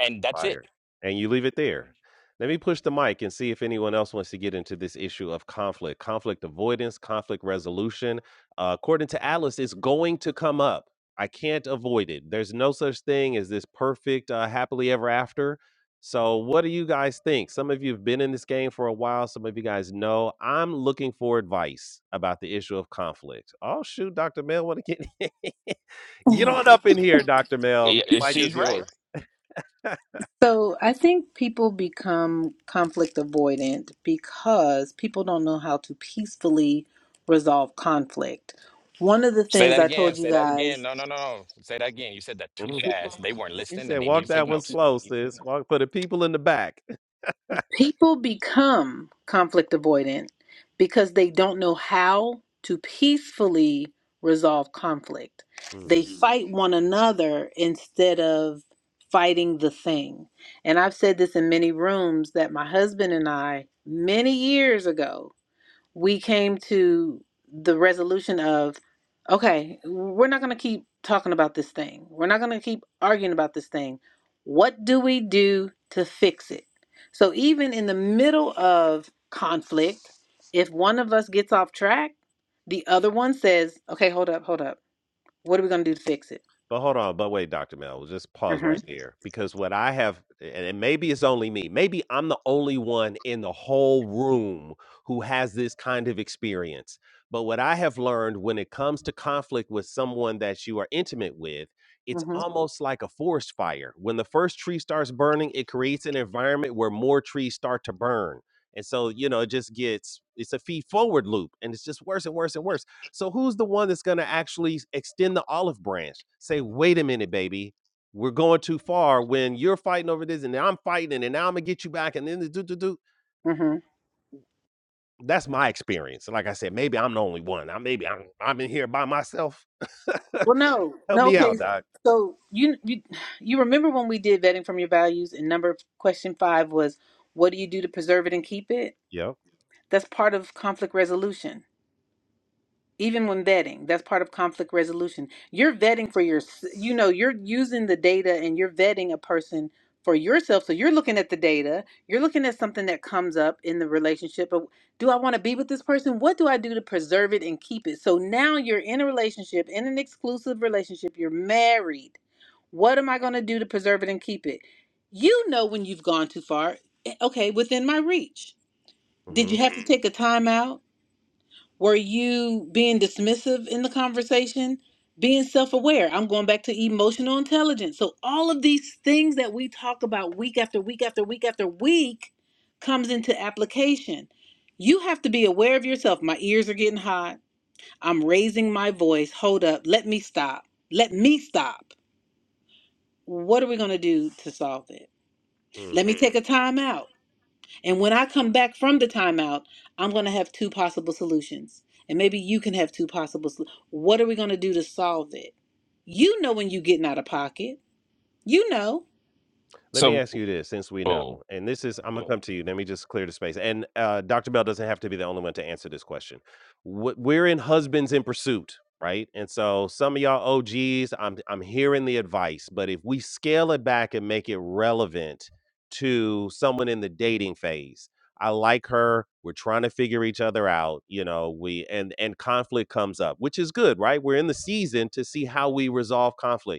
S9: And that's it.
S1: Fire. And you leave it there. Let me push the mic and see if anyone else wants to get into this issue of conflict, conflict avoidance, conflict resolution. Uh, according to Alice, it's going to come up. I can't avoid it. There's no such thing as this perfect, uh, happily ever after. So, what do you guys think? Some of you have been in this game for a while. Some of you guys know. I'm looking for advice about the issue of conflict. Oh, shoot, Dr. Mel, want to get get on up in here, Dr.
S9: Y-
S1: Mel.
S9: y-
S1: Mic
S9: She's
S1: is yours.
S9: right.
S5: So I think people become conflict avoidant because people don't know how to peacefully resolve conflict. One of the
S9: Say
S5: things
S9: that
S5: I
S9: again.
S5: told you
S9: Say that
S5: guys
S9: again. No, no, no, no. Say that again. You said that too
S1: Mhm.
S9: fast. They weren't
S1: you
S9: listening
S1: said
S9: and they need
S1: walk
S9: to take
S1: that one
S9: notes.
S1: slow, sis. Walk for the people in the back.
S5: People become conflict avoidant because they don't know how to peacefully resolve conflict. They
S1: Hmm.
S5: Mhm. fight one another instead of fighting the thing. And I've said this in many rooms that my husband and I, many years ago, we came to the resolution of okay we're not going to keep talking about this thing we're not going to keep arguing about this thing what do we do to fix it so even in the middle of conflict if one of us gets off track the other one says okay hold up hold up what are we going to do to fix it
S1: But hold on, but wait, Dr. Mel, we'll just pause
S5: mhm
S1: right there. Because what I have, and and maybe it's only me, maybe I'm the only one in the whole room who has this kind of experience. But what I have learned when it comes to conflict with someone that you are intimate with, it's almost like a forest fire. When the first tree starts burning, it creates an environment where more trees start to burn. And so, you know, it just gets, it's a feed forward loop and it's just worse and worse and worse. So who's the one that's going to actually extend the olive branch? Say, wait a minute, baby, we're going too far. When you're fighting over this, and now I'm fighting, and now I'm gonna get you back, and then the do do do.
S5: mhm
S1: That's my experience. Like I said, maybe I'm the only one. I maybe I'm I'm in here by myself.
S5: Well, no,
S1: Help
S5: no.
S1: me out,
S5: Okay,
S1: Okay. Doc.
S5: so you you you remember when we did vetting from your values and number question five was what do you do to preserve it and keep it?
S1: Yep.
S5: That's part of conflict resolution even when vetting that's part of conflict resolution you're vetting for your you know you're using the data and you're vetting a person for yourself so you're looking at the data you're looking at something that comes up in the relationship of do i want to be with this person what do i do to preserve it and keep it so now you're in a relationship in an exclusive relationship you're married what am i going to do to preserve it and keep it you know when you've gone too far Eh, okay within my reach did you have to take a timeout? Were you being dismissive in the conversation? Being self aware. I'm going back to emotional intelligence. So, all of these things that we talk about week after week after week after week comes into application. You have to be aware of yourself. My ears are getting hot. I'm raising my voice. Hold up. Let me stop. Let me stop. What are we going to do to solve it?
S1: Mm-hmm.
S5: Let me take a time out. And when I come back from the timeout, I'm going to have two possible solutions. And maybe you can have two possible. solutions. What are we going to do to solve it? You know when you getting out of pocket. You know.
S1: Let me
S9: So,
S1: ask you this since we know,
S9: oh,
S1: and this is, I'm going to Oh. come to you. Let me just clear the space. And uh, Dr. Bell doesn't have to be the only one to answer this question. Wh- We're in Husbands in Pursuit, right? And so some of y'all OGs, I'm, I'm hearing the advice, but if we scale it back and make it relevant to someone in the dating phase, I like her. We're trying to figure each other out, you know. We and and conflict comes up, which is good, right? We're in the season to see how we resolve conflict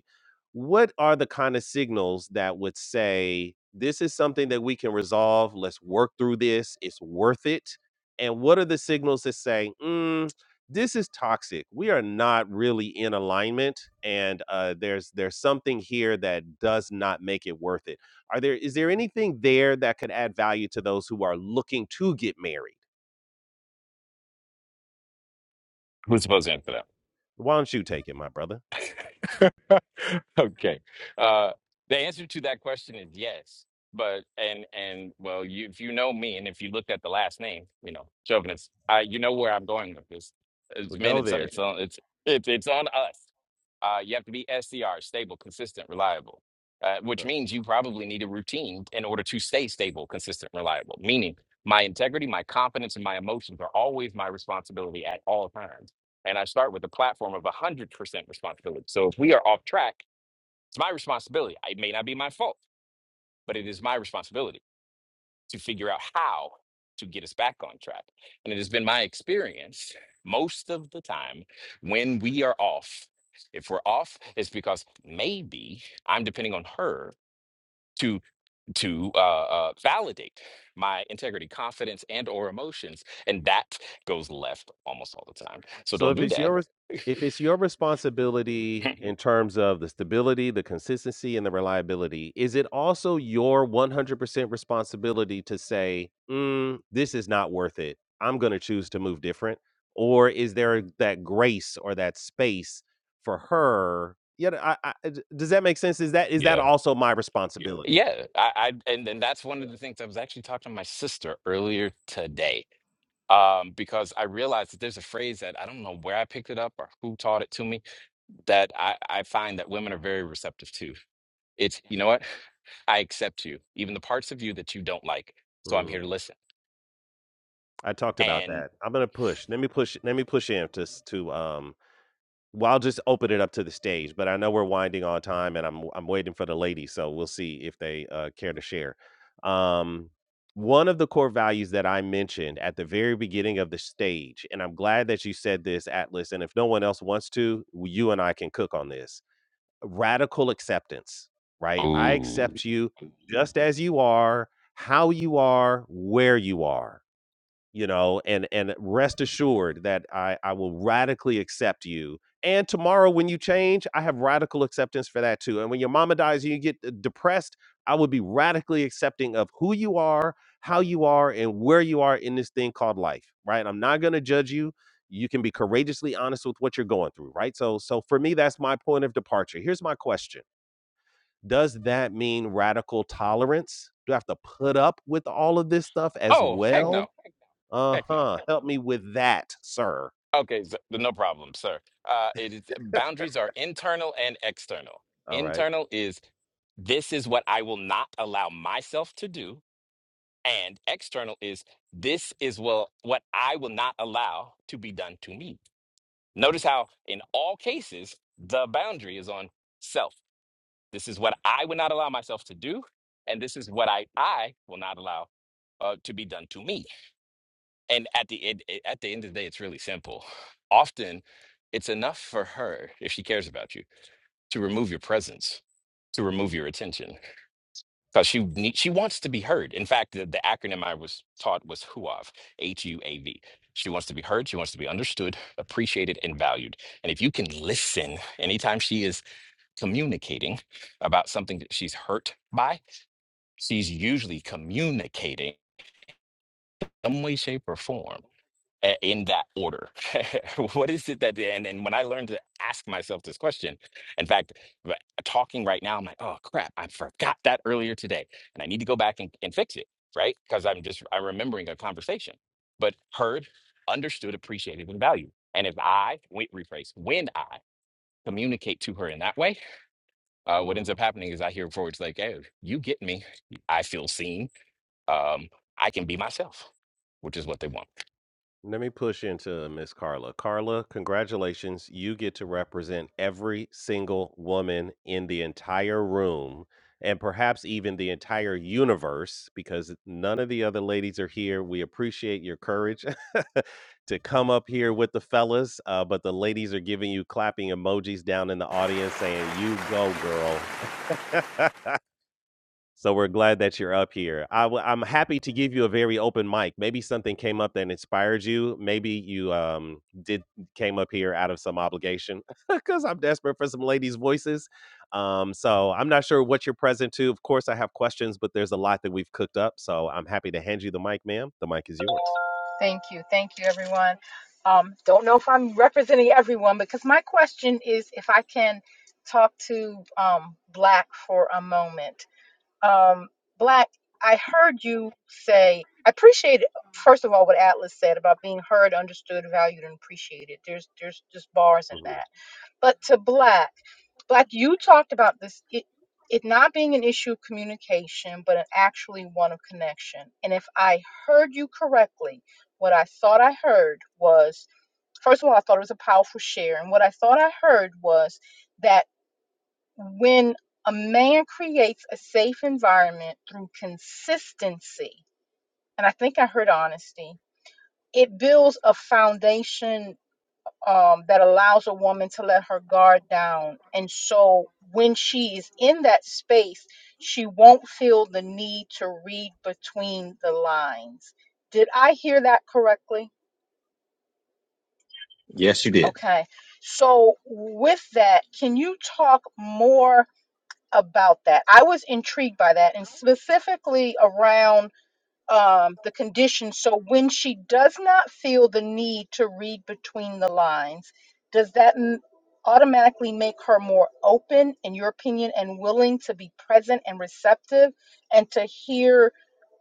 S1: what are the kind of signals that would say this is something that we can resolve let's work through this it's worth it and what are the signals that say mm, this is toxic we are not really in alignment and uh, there's there's something here that does not make it worth it are there is there anything there that could add value to those who are looking to get married
S9: who's supposed to answer that?
S1: why don't you take it my brother
S9: okay. Uh, the answer to that question is yes. But and and well, you if you know me, and if you looked at the last name, you know chauvinist. I you know where I'm going with this.
S1: We
S9: It's, man,
S1: go
S9: it's
S1: there
S9: it's on it's it's it's on us. Uh, you have to be SDR, stable, consistent, reliable, uh, which means you probably need a routine in order to stay stable, consistent, reliable. Meaning, my integrity, my confidence, and my emotions are always my responsibility at all times and I start with a platform of 100% responsibility. So if we are off track, it's my responsibility. It may not be my fault, but it is my responsibility to figure out how to get us back on track. And it has been my experience most of the time when we are off. If we're off, it's because maybe I'm depending on her to to uh, uh, validate my integrity, confidence, and or emotions, and that goes left almost all the time. So
S1: So
S9: don't
S1: if
S9: do
S1: it's your
S9: that.
S1: if it's your responsibility in terms of the stability, the consistency, and the reliability, is it also your 100% responsibility to say, mm, "This is not worth it. I'm going to choose to move different," or is there that grace or that space for her? Yeah, I, I, d- does that make sense? Is that is that
S9: yeah,
S1: also my Yeah. responsibility?
S9: Yeah, I, I and and that's one of the things I was actually talking to my sister earlier today. Um, because I realized that there's a phrase that I don't know where I picked it up or who taught it to me that I, I find that women are very receptive to. It's, you know what? I accept you, even the parts of you that you don't like. So I'm here
S1: Mm.
S9: to listen.
S1: I talked about
S9: And
S1: that. I'm gonna push. Let me push. Let me push him to s- to um well, I'll just open it up to the stage, but I know we're winding on time, and I'm I'm waiting for the ladies, so we'll see if they uh, care to share. Um, one of the core values that I mentioned at the very beginning of the stage, and I'm glad that you said this, Atlas. And if no one else wants to, you and I can cook on this. Radical acceptance, right? I
S9: Ooh.
S1: accept you just as you are, how you are, where you are you know and and rest assured that i i will radically accept you and tomorrow when you change i have radical acceptance for that too and when your mama dies and you get uh, depressed i would be radically accepting of who you are how you are and where you are in this thing called life right i'm not going to judge you you can be courageously honest with what you're going through right so so for me that's my point of departure here's my question does that mean radical tolerance do i have to put up with all of this stuff as
S9: oh, heck
S1: well
S9: no, heck no.
S1: uh-huh, "Help me with that, sir."
S9: Okay, so, no problem, sir. Uh, it is boundaries are internal and external.
S1: All right.
S9: Internal is this is what I will not allow myself to do. And external is this is well what I will not allow to be done to me.
S1: Mm,
S9: Notice how in all cases the boundary is on self. This is what I would not allow myself to do, and this is what I I will not allow uh, to be done to me. And at the end, eh, at the end of the day, it's really simple. Often, it's enough for her if she cares about you to remove your presence, to remove your attention because she need, she wants to be heard. In fact, the, the acronym I was taught was HUAV, H U A V. She wants to be heard. She wants to be understood, appreciated, and valued. And if you can listen anytime she is communicating about something that she's hurt by, she's usually communicating some way, shape, or form uh, in that order? what is it that, and, and when I learned to ask myself this question, in fact, r- talking right now, I'm like, oh crap, I forgot that earlier today. And I need to go back and, and fix it, right? Because I'm just, I'm remembering a conversation, but heard, understood, appreciated, and valued. And if I, wait, rephrase, when I communicate to her in that way, uh, what
S1: mm.
S9: ends up happening is I hear forwards like, hey, you get me. I feel seen. Um, I can be myself, which is what they want.
S1: Let me push into Miss Carla. Carla, congratulations. You get to represent every single woman in the entire room and perhaps even the entire universe because none of the other ladies are here. We appreciate your courage to come up here with the fellas, uh, but the ladies are giving you clapping emojis down in the audience saying, You go, girl. So we're glad that you're up here. I w- I'm happy to give you a very open mic. Maybe something came up that inspired you. Maybe you um, did came up here out of some obligation because I'm desperate for some ladies' voices. Um, so I'm not sure what you're present to. Of course, I have questions, but there's a lot that we've cooked up. So I'm happy to hand you the mic, ma'am. The mic is yours.
S10: Thank you. Thank you, everyone. Um, don't know if I'm representing everyone because my question is if I can talk to um, Black for a moment. Um, Black, I heard you say, I appreciate, first of all, what Atlas said about being heard, understood, valued, and appreciated. There's, there's just bars in
S1: Mhm.
S10: that. But to Black, Black, you talked about this it, it not being an issue of communication, but an actually one of connection. And if I heard you correctly, what I thought I heard was first of all, I thought it was a powerful share. And what I thought I heard was that when a man creates a safe environment through consistency, and I think I heard honesty, it builds a foundation um, that allows a woman to let her guard down. And so when she is in that space, she won't feel the need to read between the lines. Did I hear that correctly?
S8: Yes, you did.
S10: Okay. So, with that, can you talk more about that? I was intrigued by that and specifically around um, the condition. So when she does not feel the need to read between the lines, does that m- automatically make her more open, in your opinion, and willing to be present and receptive and to hear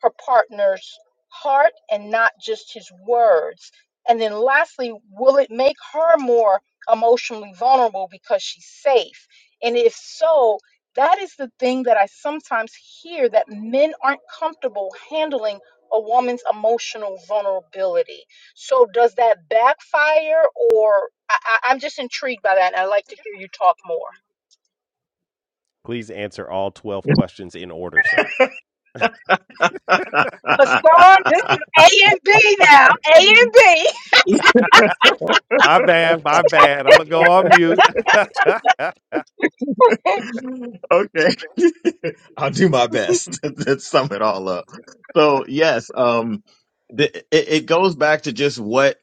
S10: her partner's heart and not just his words? And then lastly, will it make her more emotionally vulnerable because she's safe? And if so, that is the thing that I sometimes hear that men aren't comfortable handling a woman's emotional vulnerability. So does that backfire or I, I, I'm just intrigued by that and I'd like to hear you talk more.
S1: Please answer all 12 questions in order, sir.
S10: Hassan, this is A and B now. A and B.
S1: My bad, my bad. I'm gonna go on mute.
S8: okay. I'll do my best to sum it all up. So yes, um, the, it, it goes back to just what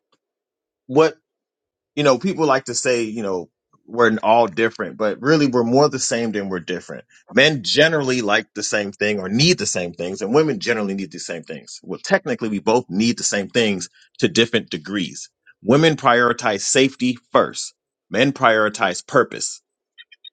S8: what you know. People like to say you know we're n- all different, but really we're more the same than we're different. Men generally like the same thing or need the same things, and women generally need the same things. Well, technically, we both need the same things to different degrees. Women prioritize safety first. Men prioritize purpose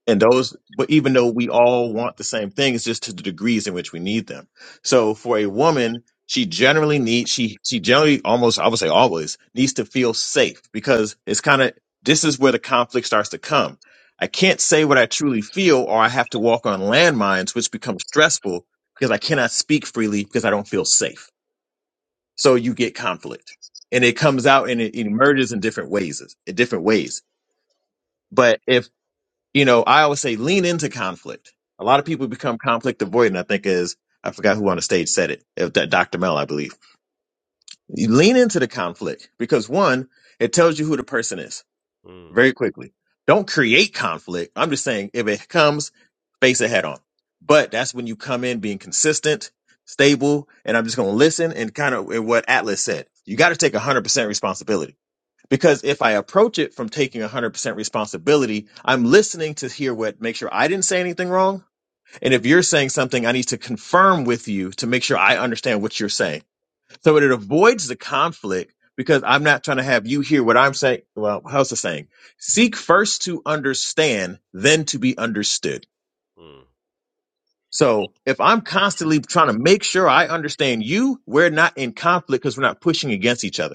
S8: and those but even though we all want the same thing it's just to the degrees in which we need them so for a woman she generally needs she she generally almost i would say always needs to feel safe because it's kind of this is where the conflict starts to come i can't say what i truly feel or i have to walk on landmines which becomes stressful because i cannot speak freely because i don't feel safe so you get conflict and it comes out and it, it emerges in different ways in different ways but if you know, I always say lean into conflict. A lot of people become conflict avoidant. I think is I forgot who on the stage said it. If that Dr. Mel, I believe. You lean into the conflict because one, it tells you who the person is
S1: Mm,
S8: very quickly. Don't create conflict. I'm just saying if it comes, face it head on. But that's when you come in being consistent, stable, and I'm just going to listen and kind of what Atlas said. You got to take 100% responsibility because if I approach it from taking 100% responsibility, I'm listening to hear what, make sure I didn't say anything wrong. And if you're saying something, I need to confirm with you to make sure I understand what you're saying. So it avoids the conflict because I'm not trying to have you hear what I'm saying. Well, how's the saying? Seek first to understand, then to be understood.
S1: mm,
S8: So if I'm constantly trying to make sure I understand you, we're not in conflict because we're not pushing against each other.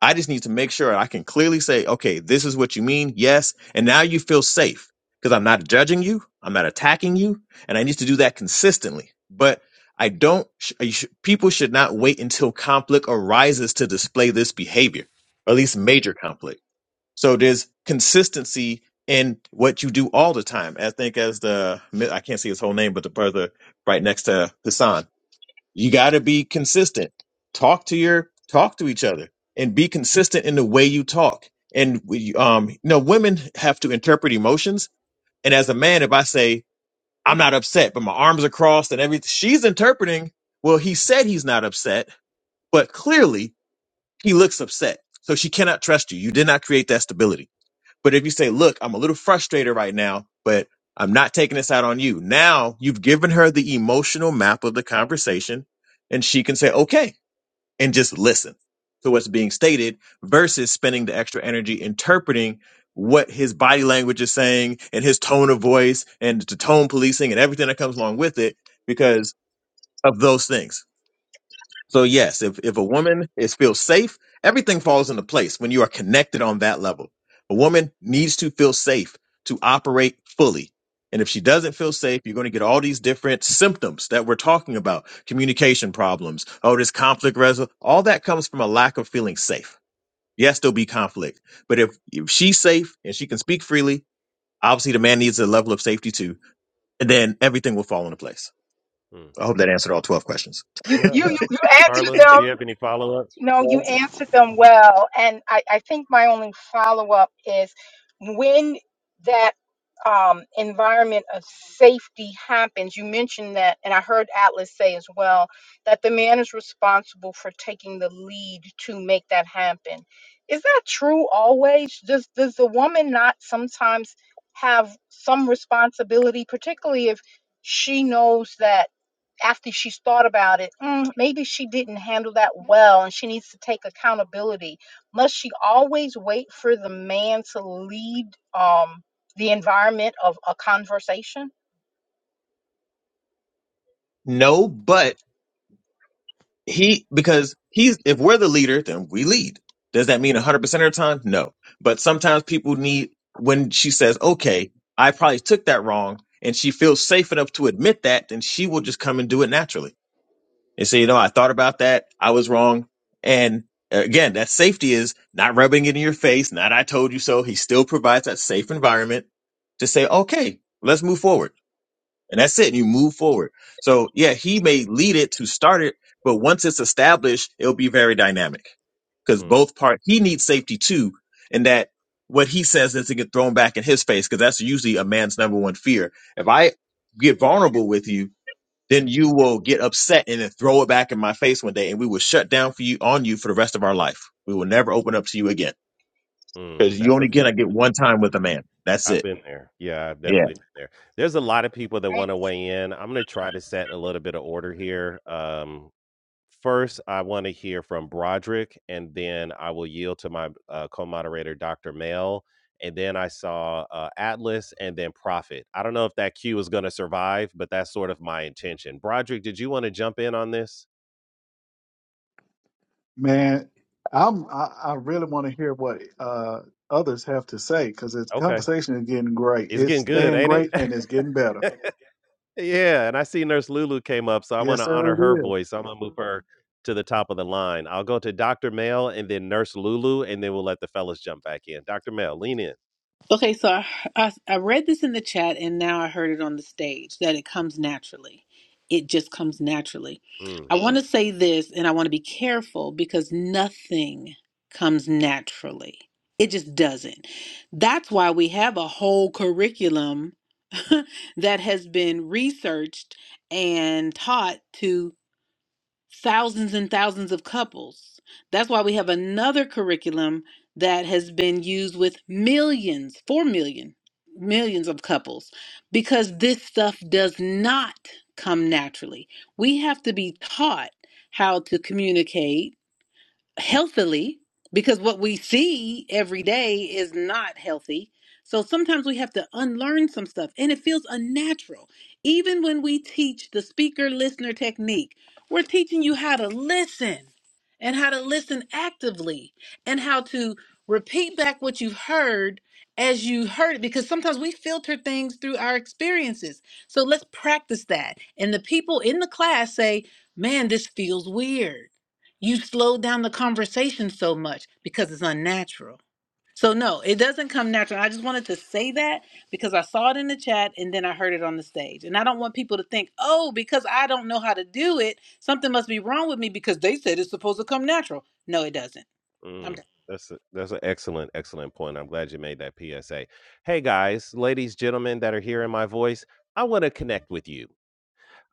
S8: I just need to make sure I can clearly say, okay, this is what you mean. Yes. And now you feel safe because I'm not judging you. I'm not attacking you. And I need to do that consistently. But I don't, sh- I sh- people should not wait until conflict arises to display this behavior, or at least major conflict. So there's consistency in what you do all the time. I think as the, I can't see his whole name, but the brother right next to Hassan you got to be consistent. Talk to your talk to each other and be consistent in the way you talk. And we, um, you know, women have to interpret emotions. And as a man, if I say I'm not upset, but my arms are crossed and everything, she's interpreting. Well, he said he's not upset, but clearly he looks upset. So she cannot trust you. You did not create that stability. But if you say, "Look, I'm a little frustrated right now, but I'm not taking this out on you," now you've given her the emotional map of the conversation, and she can say, "Okay, and just listen to what's being stated versus spending the extra energy interpreting what his body language is saying and his tone of voice and the tone policing and everything that comes along with it because of those things. So yes, if if a woman is feels safe, everything falls into place when you are connected on that level. A woman needs to feel safe to operate fully. And if she doesn't feel safe, you're going to get all these different symptoms that we're talking about. Communication problems. Oh, this conflict resolution. All that comes from a lack of feeling safe. Yes, there'll be conflict. But if, if she's safe and she can speak freely, obviously the man needs a level of safety too. And then everything will fall into place.
S1: mm.
S8: I hope that answered all 12 questions.
S10: You you you, you answered
S1: Carla,
S10: them.
S1: do you have any follow ups?
S10: No, you answered them well. And I, I think my only follow up is when that um, environment of safety happens, you mentioned that, and I heard Atlas say as well, that the man is responsible for taking the lead to make that happen. Is that true always? Does, does the woman not sometimes have some responsibility, particularly if she knows that? after she's thought about it, "Mm, maybe she didn't handle that well and she needs to take accountability. Must she always wait for the man to lead um, the environment of a conversation?
S8: No, but he because he's if we're the leader then we lead does that mean 100% of the time no but sometimes people need when she says okay i probably took that wrong and she feels safe enough to admit that then she will just come and do it naturally and say you know i thought about that i was wrong and uh, again that safety is not rubbing it in your face not i told you so he still provides that safe environment to say okay let's move forward and that's it. And you move forward. So yeah, he may lead it to start it, but once it's established, it'll be very dynamic because
S1: Mm,
S8: both part he needs safety too, and that what he says is to get thrown back in his face because that's usually a man's number one fear. If I get vulnerable with you, then you will get upset and then throw it back in my face one day, and we will shut down for you on you for the rest of our life. We will never open up to you again
S1: mm,
S8: because you
S1: that's a
S8: only gonna
S1: fact.
S8: get one time with a man. That's
S1: I've
S8: it.
S1: been there. Yeah, I've
S8: Yeah.
S1: definitely been there. There's a lot of people that want to weigh in. I'm going to try to set a little bit of order here. Um, First, I want to hear from Broderick, and then I will yield to my uh, co-moderator, Dr. Mel. And then I saw uh, Atlas, and then Prophet. I don't know if that queue is going to survive, but that's sort of my intention. Broderick, did you want to jump in on this?
S6: Man, I'm I, I really want to hear what uh others have to say because this
S1: Okay,
S6: conversation is getting great.
S1: it's
S6: It's
S1: getting good,
S6: staying
S1: ain't it?
S6: great and it's getting better.
S1: yeah, and I see Nurse Lulu came up, so I want
S6: Yes,
S1: to
S6: sir,
S1: honor
S6: it
S1: her
S6: is.
S1: voice. I'm gonna move her to the top of the line. I'll go to Dr. Mel, and then Nurse Lulu, and then we'll let the fellas jump back in. Dr. Mel, lean in.
S5: Okay, so I, I, I read this in the chat and now I heard it on the stage that it comes naturally. It just comes naturally.
S1: Mm.
S5: I want to say this and I want to be careful because nothing comes naturally. It just doesn't. That's why we have a whole curriculum that has been researched and taught to thousands and thousands of couples. That's why we have another curriculum that has been used with millions, 4 million, millions of couples, because this stuff does not come naturally. We have to be taught how to communicate healthily because what we see every day is not healthy. So sometimes we have to unlearn some stuff and it feels unnatural. Even when we teach the speaker listener technique, we're teaching you how to listen and how to listen actively and how to repeat back what you've heard as you heard it because sometimes we filter things through our experiences. So let's practice that. And the people in the class say, "Man, this feels weird." you slow down the conversation so much because it's unnatural. So no, it doesn't come natural. I just wanted to say that because I saw it in the chat and then I heard it on the stage. And I don't want people to think, "Oh, because I don't know how to do it, something must be wrong with me because they said it's supposed to come natural." No, it doesn't.
S1: Mm, that's a, that's an excellent excellent point. I'm glad you made that PSA. Hey guys, ladies, gentlemen that are hearing my voice, I want to connect with you.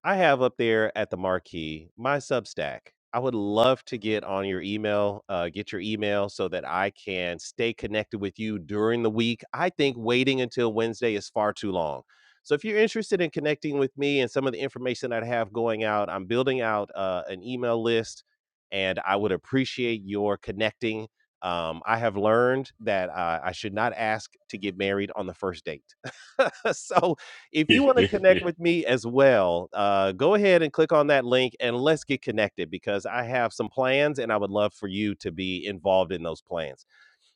S1: I have up there at the marquee my Substack. I would love to get on your email, uh, get your email so that I can stay connected with you during the week. I think waiting until Wednesday is far too long. So if you're interested in connecting with me and some of the information that I have going out, I'm building out uh, an email list and I would appreciate your connecting. Um, I have learned that uh, I should not ask to get married on the first date. so if you want to connect with me as well, uh, go ahead and click on that link and let's get connected because I have some plans and I would love for you to be involved in those plans.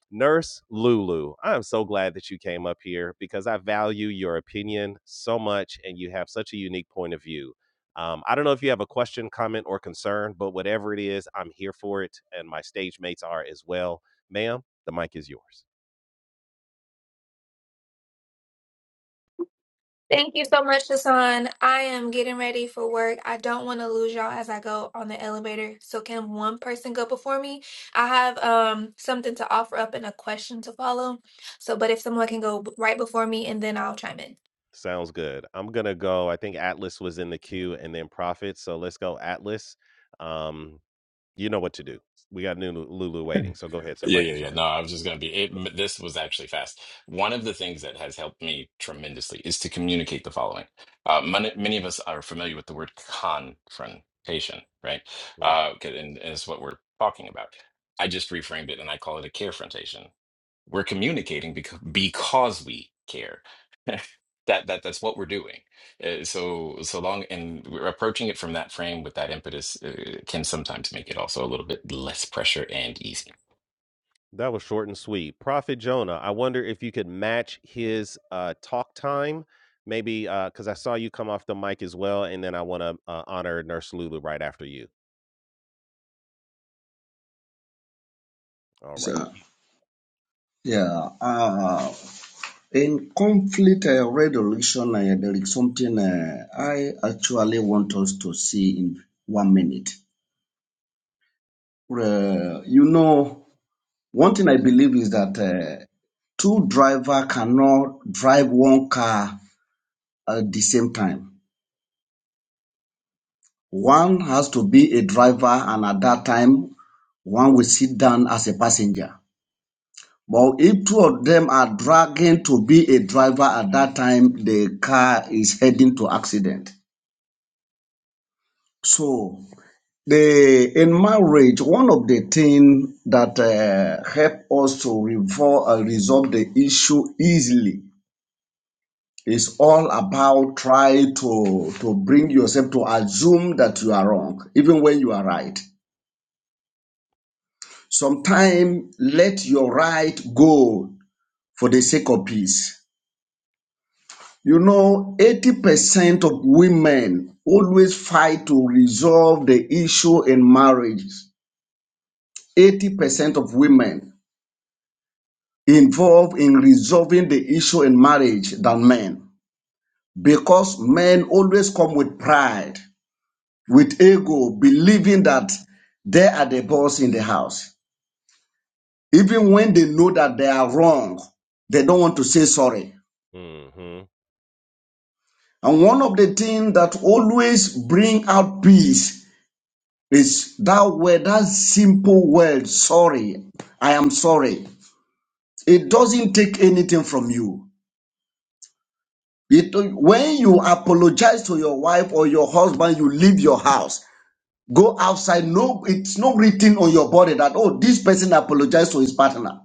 S1: Nurse Lulu, I am so glad that you came up here because I value your opinion so much and you have such a unique point of view. Um, I don't know if you have a question, comment, or concern, but whatever it is, I'm here for it, and my stage mates are as well. Ma'am, the mic is yours.
S11: Thank you so much, Hassan. I am getting ready for work. I don't want to lose y'all as I go on the elevator. So can one person go before me? I have um something to offer up and a question to follow. So, but if someone can go b- right before me and then I'll chime in.
S1: Sounds good. I'm gonna go. I think Atlas was in the queue, and then Profit. So let's go Atlas. Um, you know what to do. We got Nunu- Lulu waiting. So go ahead, sir.
S9: Yeah,
S1: Mike
S9: yeah,
S1: is
S9: yeah.
S1: yours.
S9: No, I was just gonna be it. This was actually fast. One of the things that has helped me tremendously is to communicate the following. Uh, many, many of us are familiar with the word confrontation, right? Uh, 'kay, and, and it's what we're talking about. I just reframed it and I call it a carefrontation. We're communicating because because we care. That that that's what we're doing. Uh, so so long, and we're approaching it from that frame with that impetus uh, can sometimes make it also a little bit less pressure and easy.
S1: That was short and sweet. Prophet Jonah. I wonder if you could match his uh, talk time, maybe because I saw you come off the mic as well, and then I want to uh, honor Nurse Lulu right after you. All right.
S2: sir. Yeah. Uh, In conflict uh, resolution, uh, there is something uh, I actually want us to see in one minute. Uh, you know, one thing I believe is that uh, two driver cannot drive one car at the same time. One has to be a driver, and at that time, one will sit down as a passenger. But if two of them are dragging to be a driver at that time, the car is heading to accident. So The in marriage, one of the things that uh, help us to revol- uh, resolve the issue easily is all about try to to bring yourself to assume that you are wrong, even when you are right. Sometimes let your right go for the sake of peace. You know, 80% of women always fight to resolve the issue in marriage. 80% of women involved in resolving the issue in marriage than men because men always come with pride, with ego, believing that they are the boss in the house. Even when they know that they are wrong, they don't want to say sorry.
S1: Mm-hmm.
S2: And one of the things that always bring out peace is that word, that simple word, sorry. I am sorry. It doesn't take anything from you. It, when you apologize to your wife or your husband, you leave your house. Go outside. No, it's not written on your body that, oh, this person apologized to his partner.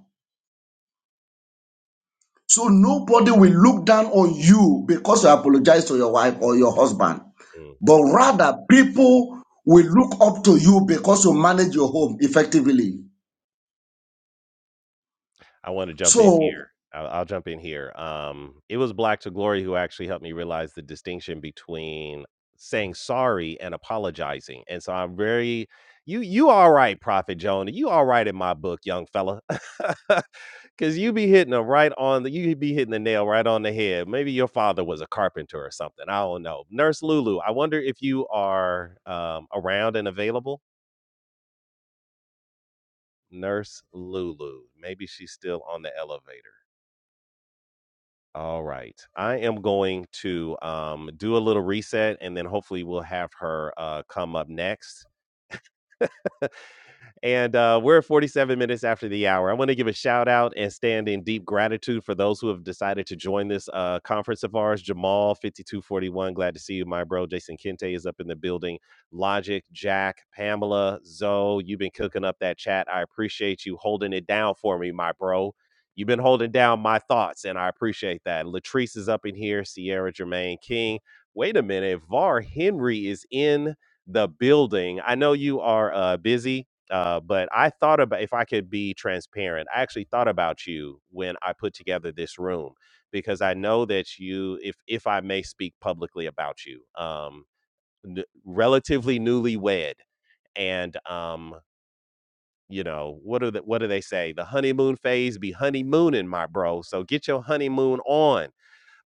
S2: So nobody will look down on you because you apologize to your wife or your husband.
S1: Mm.
S2: But rather, people will look up to you because you manage your home effectively.
S1: I wanna jump in
S2: So
S1: here. I'll I'll jump in here. Um, it was Black to Glory who actually helped me realize the distinction between saying sorry and apologizing, and so I'm very you you all right, Prophet Jonah, you all right in my book, young fella? Because you be hitting hitting 'em right on the you be hitting the nail right on the head. Maybe your father was a carpenter or something, I don't know. Nurse Lulu, I wonder if you are, um, around and available? Nurse Lulu, maybe she's still on the elevator. All right. I am going to um, do a little reset and then hopefully we'll have her uh, come up next. And uh, we're 47 minutes after the hour. I want to give a shout out and stand in deep gratitude for those who have decided to join this uh, conference of ours. Jamal, 5241, glad to see you, my bro. Jason Kente is up in the building. Logic, Jack, Pamela, Zoe, you've been cooking up that chat. I appreciate you holding it down for me, my bro. You've been holding down my thoughts, and I appreciate that. Latrice is up in here. Sierra Jermaine King. Wait a minute. Var Henry is in the building. I know you are uh, busy uh, but I thought about if I could be transparent, I actually thought about you when I put together this room because I know that you, if if I may speak publicly about you, um, n- relatively newlywed, and um, you know what are the, what do they say? The honeymoon phase be honeymooning, my bro. So get your honeymoon on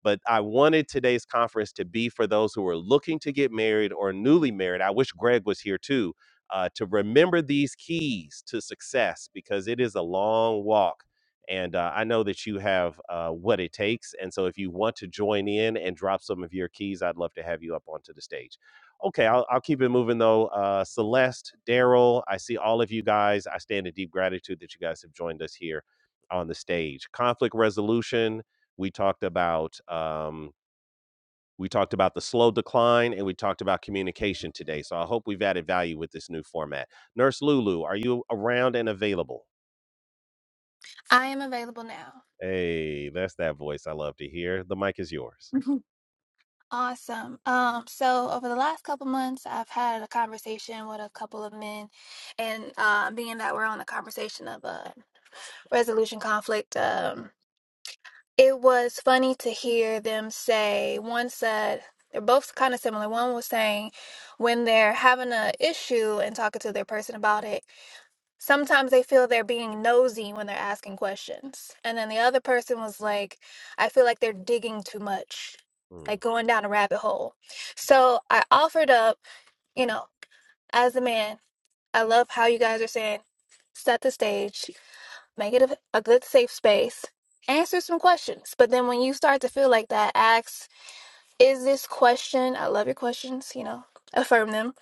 S1: but I wanted today's conference to be for those who are looking to get married or newly married. I wish Greg was here too uh, to remember these keys to success because it is a long walk. And uh, I know that you have uh, what it takes. And so if you want to join in and drop some of your keys, I'd love to have you up onto the stage. Okay, I'll, I'll keep it moving though. Uh, Celeste, Daryl, I see all of you guys. I stand in deep gratitude that you guys have joined us here on the stage. Conflict resolution, we talked about um, we talked about the slow decline and we talked about communication today so i hope we've added value with this new format nurse lulu are you around and available
S11: I am available now.
S1: hey that's that voice i love to hear the mic is yours
S11: Mhm. Awesome. Um, so over the last couple months, I've had a conversation with a couple of men, and uh, being that we're on a conversation of a resolution conflict, um. It was funny to hear them say, one said, they're both kind of similar. One was saying when they're having an issue and talking to their person about it, sometimes they feel they're being nosy when they're asking questions. And then the other person was like, I feel like they're digging too much,
S1: Mm,
S11: like going down a rabbit hole. So I offered up, you know, as a man, I love how you guys are saying, set the stage make it a, a good safe space answer some questions but then when you start to feel like that ask is this question i love your questions you know affirm them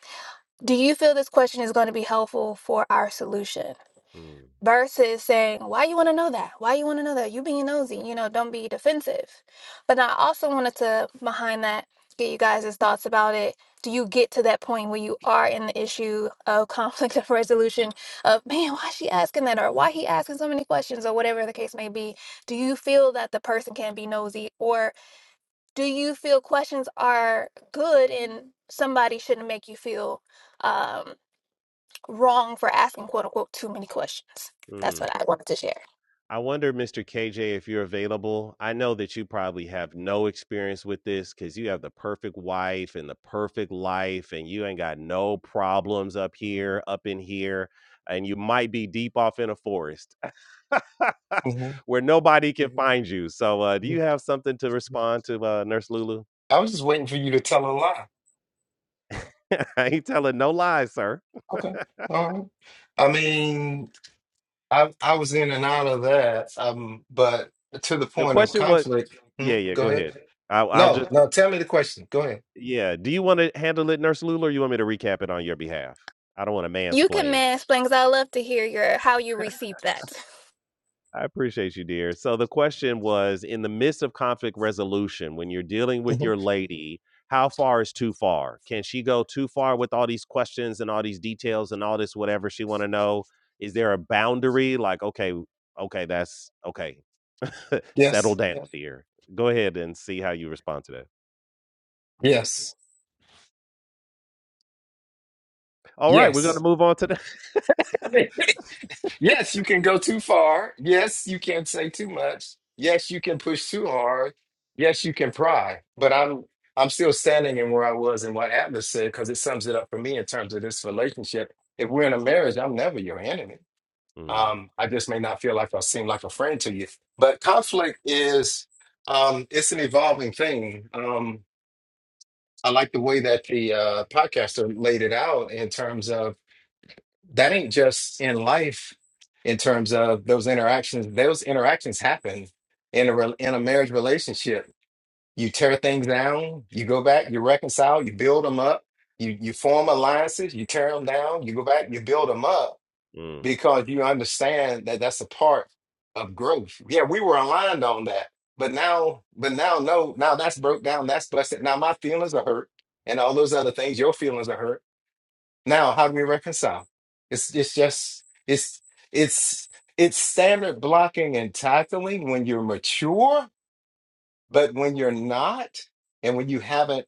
S11: do you feel this question is going to be helpful for our solution
S1: mm,
S11: versus saying, Why you want to know that? Why you want to know that? You being nosy, you know, don't be defensive. But I also wanted to, behind that, get you guys' thoughts about it. Do you get to that point where you are in the issue of conflict of resolution of, man, why she asking that? Or why he asking so many questions? Or whatever the case may be. Do you feel that the person can be nosy? Or do you feel questions are good and somebody shouldn't make you feel um, wrong for asking, quote unquote, too many questions? That's
S1: mm.
S11: what I wanted to share.
S1: i wonder mr kj if you're available i know that you probably have no experience with this because you have the perfect wife and the perfect life and you ain't got no problems up here up in here and you might be deep off in a forest
S3: hmm
S1: where nobody can Mhm. find you. So, uh, do you have something to respond to uh, Nurse Lulu?
S3: I was just waiting for you to tell a lie.
S1: I ain't telling no lies, sir.
S3: Okay. All right. I mean, I I was in and out of that, um, but to the
S1: The
S3: point of
S1: question was,
S3: conflict. Hmm,
S1: yeah, yeah,
S3: go
S1: go
S3: ahead.
S1: ahead. I'll, I'll
S3: No,
S1: just,
S3: no. Tell me the question. Go ahead.
S1: yeah. Do you want to handle it, Nurse Lulu, or you want me to recap it on your behalf? I don't want to
S11: You can
S1: mansplain.
S11: mansplain because I love to hear your how you received that.
S1: I appreciate you, dear. So the question was in the midst of conflict resolution, when you're dealing with
S3: hmm
S1: your lady, how far is too far? Can she go too far with all these questions and all these details and all this whatever she want to know? Is there a boundary like okay, okay, that's okay. Settle
S3: Yes.
S1: down, Yeah. dear. Go ahead and see how you respond to that.
S3: Yes.
S1: All right, we're going to
S3: Yes.
S1: move on to that.
S3: Yes, you can go too far. Yes, you can say too much. Yes, you can push too hard. Yes, you can pry. But I'm I'm still standing in where I was and what Atlas said because it sums it up for me in terms of this relationship. If we're in a marriage, I'm never your enemy.
S1: Mm,
S3: Um, I just may not feel like I seem like a friend to you. But conflict is um, it's an evolving thing. Um, I like the way that the uh, podcaster laid it out in terms of that ain't just in life in terms of those interactions those interactions happen in a re- in a marriage relationship you tear things down you go back you reconcile you build them up you you form alliances you tear them down you go back you build them up
S1: mm,
S3: because you understand that that's a part of growth yeah we were aligned on that but now but now no now that's broke down that's busted now my feelings are hurt and all those other things your feelings are hurt now, how do we reconcile? It's it's just it's it's it's standard blocking and tackling when you're mature, but when you're not, and when you haven't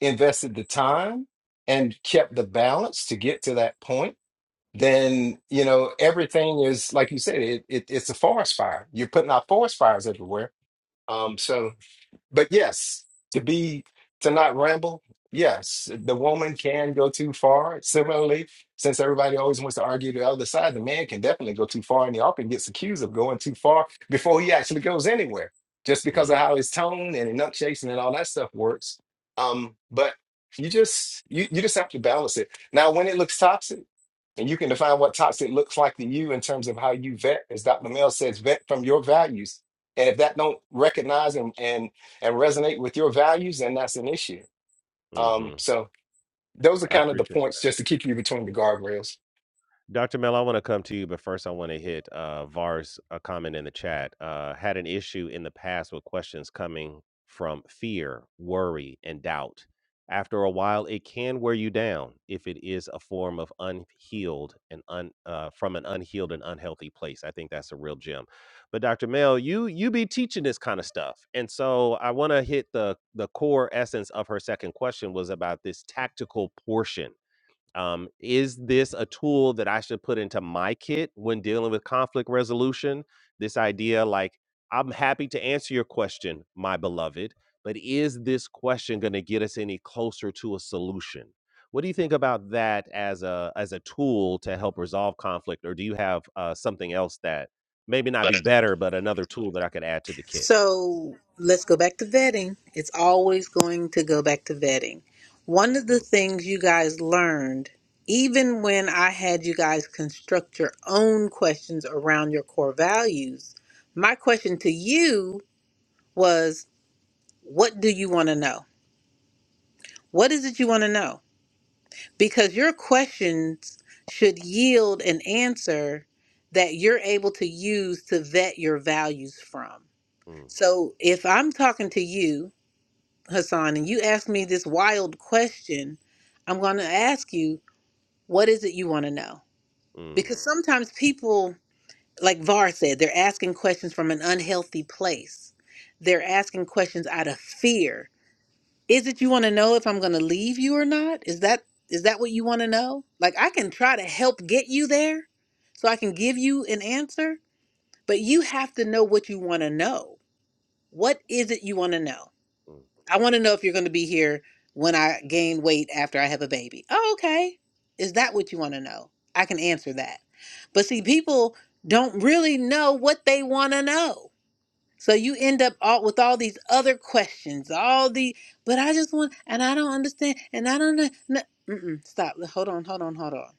S3: invested the time and kept the balance to get to that point, then you know everything is like you said, it, it it's a forest fire. You're putting out forest fires everywhere. Um, so but yes, to be to not ramble, yes, the woman can go too far. Similarly, since everybody always wants to argue the other side, the man can definitely go too far, and he often gets accused of going too far before he actually goes anywhere, just because of
S1: mm,
S3: how his tone and enunciation and all that stuff works. Um, but you just you you just have to balance it. Now, when it looks toxic, and you can define what toxic looks like to you in terms of how you vet, as Dr. Mel says, vet from your values. And if that don't recognize and and and resonate with your values, then that's an issue.
S1: hmm
S3: Um, so those are
S1: I
S3: kind of the
S1: appreciate it.
S3: points just to keep you between the guardrails.
S1: Dr. Mel, I want to come to you, but first I want to hit uh, Var's uh comment in the chat. Uh, had an issue in the past with questions coming from fear, worry, and doubt. After a while, it can wear you down if it is a form of unhealed and un, uh, from an unhealed and unhealthy place. I think that's a real gem. But Dr. Mel, you you be teaching this kind of stuff, and so I want to hit the the core essence of her second question was about this tactical portion um, is this a tool that I should put into my kit when dealing with conflict resolution? This idea, like, I'm happy to answer your question, my beloved, but is this question going to get us any closer to a solution? What do you think about that as a as a tool to help resolve conflict, or do you have uh, something else that maybe not be better, but another tool that I could add to the kit?
S5: So let's go back to vetting. It's always going to go back to vetting. One of the
S1: Mm,
S5: things you guys learned, even when I had you guys construct your own questions around your core values, my question to you was what do you want to know? What is it you want to know? Because your questions should yield an answer that you're able to use to vet your values from.
S1: mm,
S5: So if I'm talking to you Hassan, and you asked me this wild question, I'm going to ask you, what is it you want to know?
S1: mm,
S5: Because sometimes people, like Var said, they're asking questions from an unhealthy place. They're asking questions out of fear. Is it you want to know if I'm going to leave you or not? Is that is that what you want to know? Like I can try to help get you there so I can give you an answer, but you have to know what you want to know. What is it you want to know?
S1: mm,
S5: I want to know if you're going to be here when I gain weight after I have a baby. Oh, okay. Is that what you want to know? I can answer that. But see, people don't really know what they want to know. So you end up all, with all these other questions, all the, but I just want, and I don't understand, and I don't know. No, mm-mm, stop. Hold on, hold on, hold on.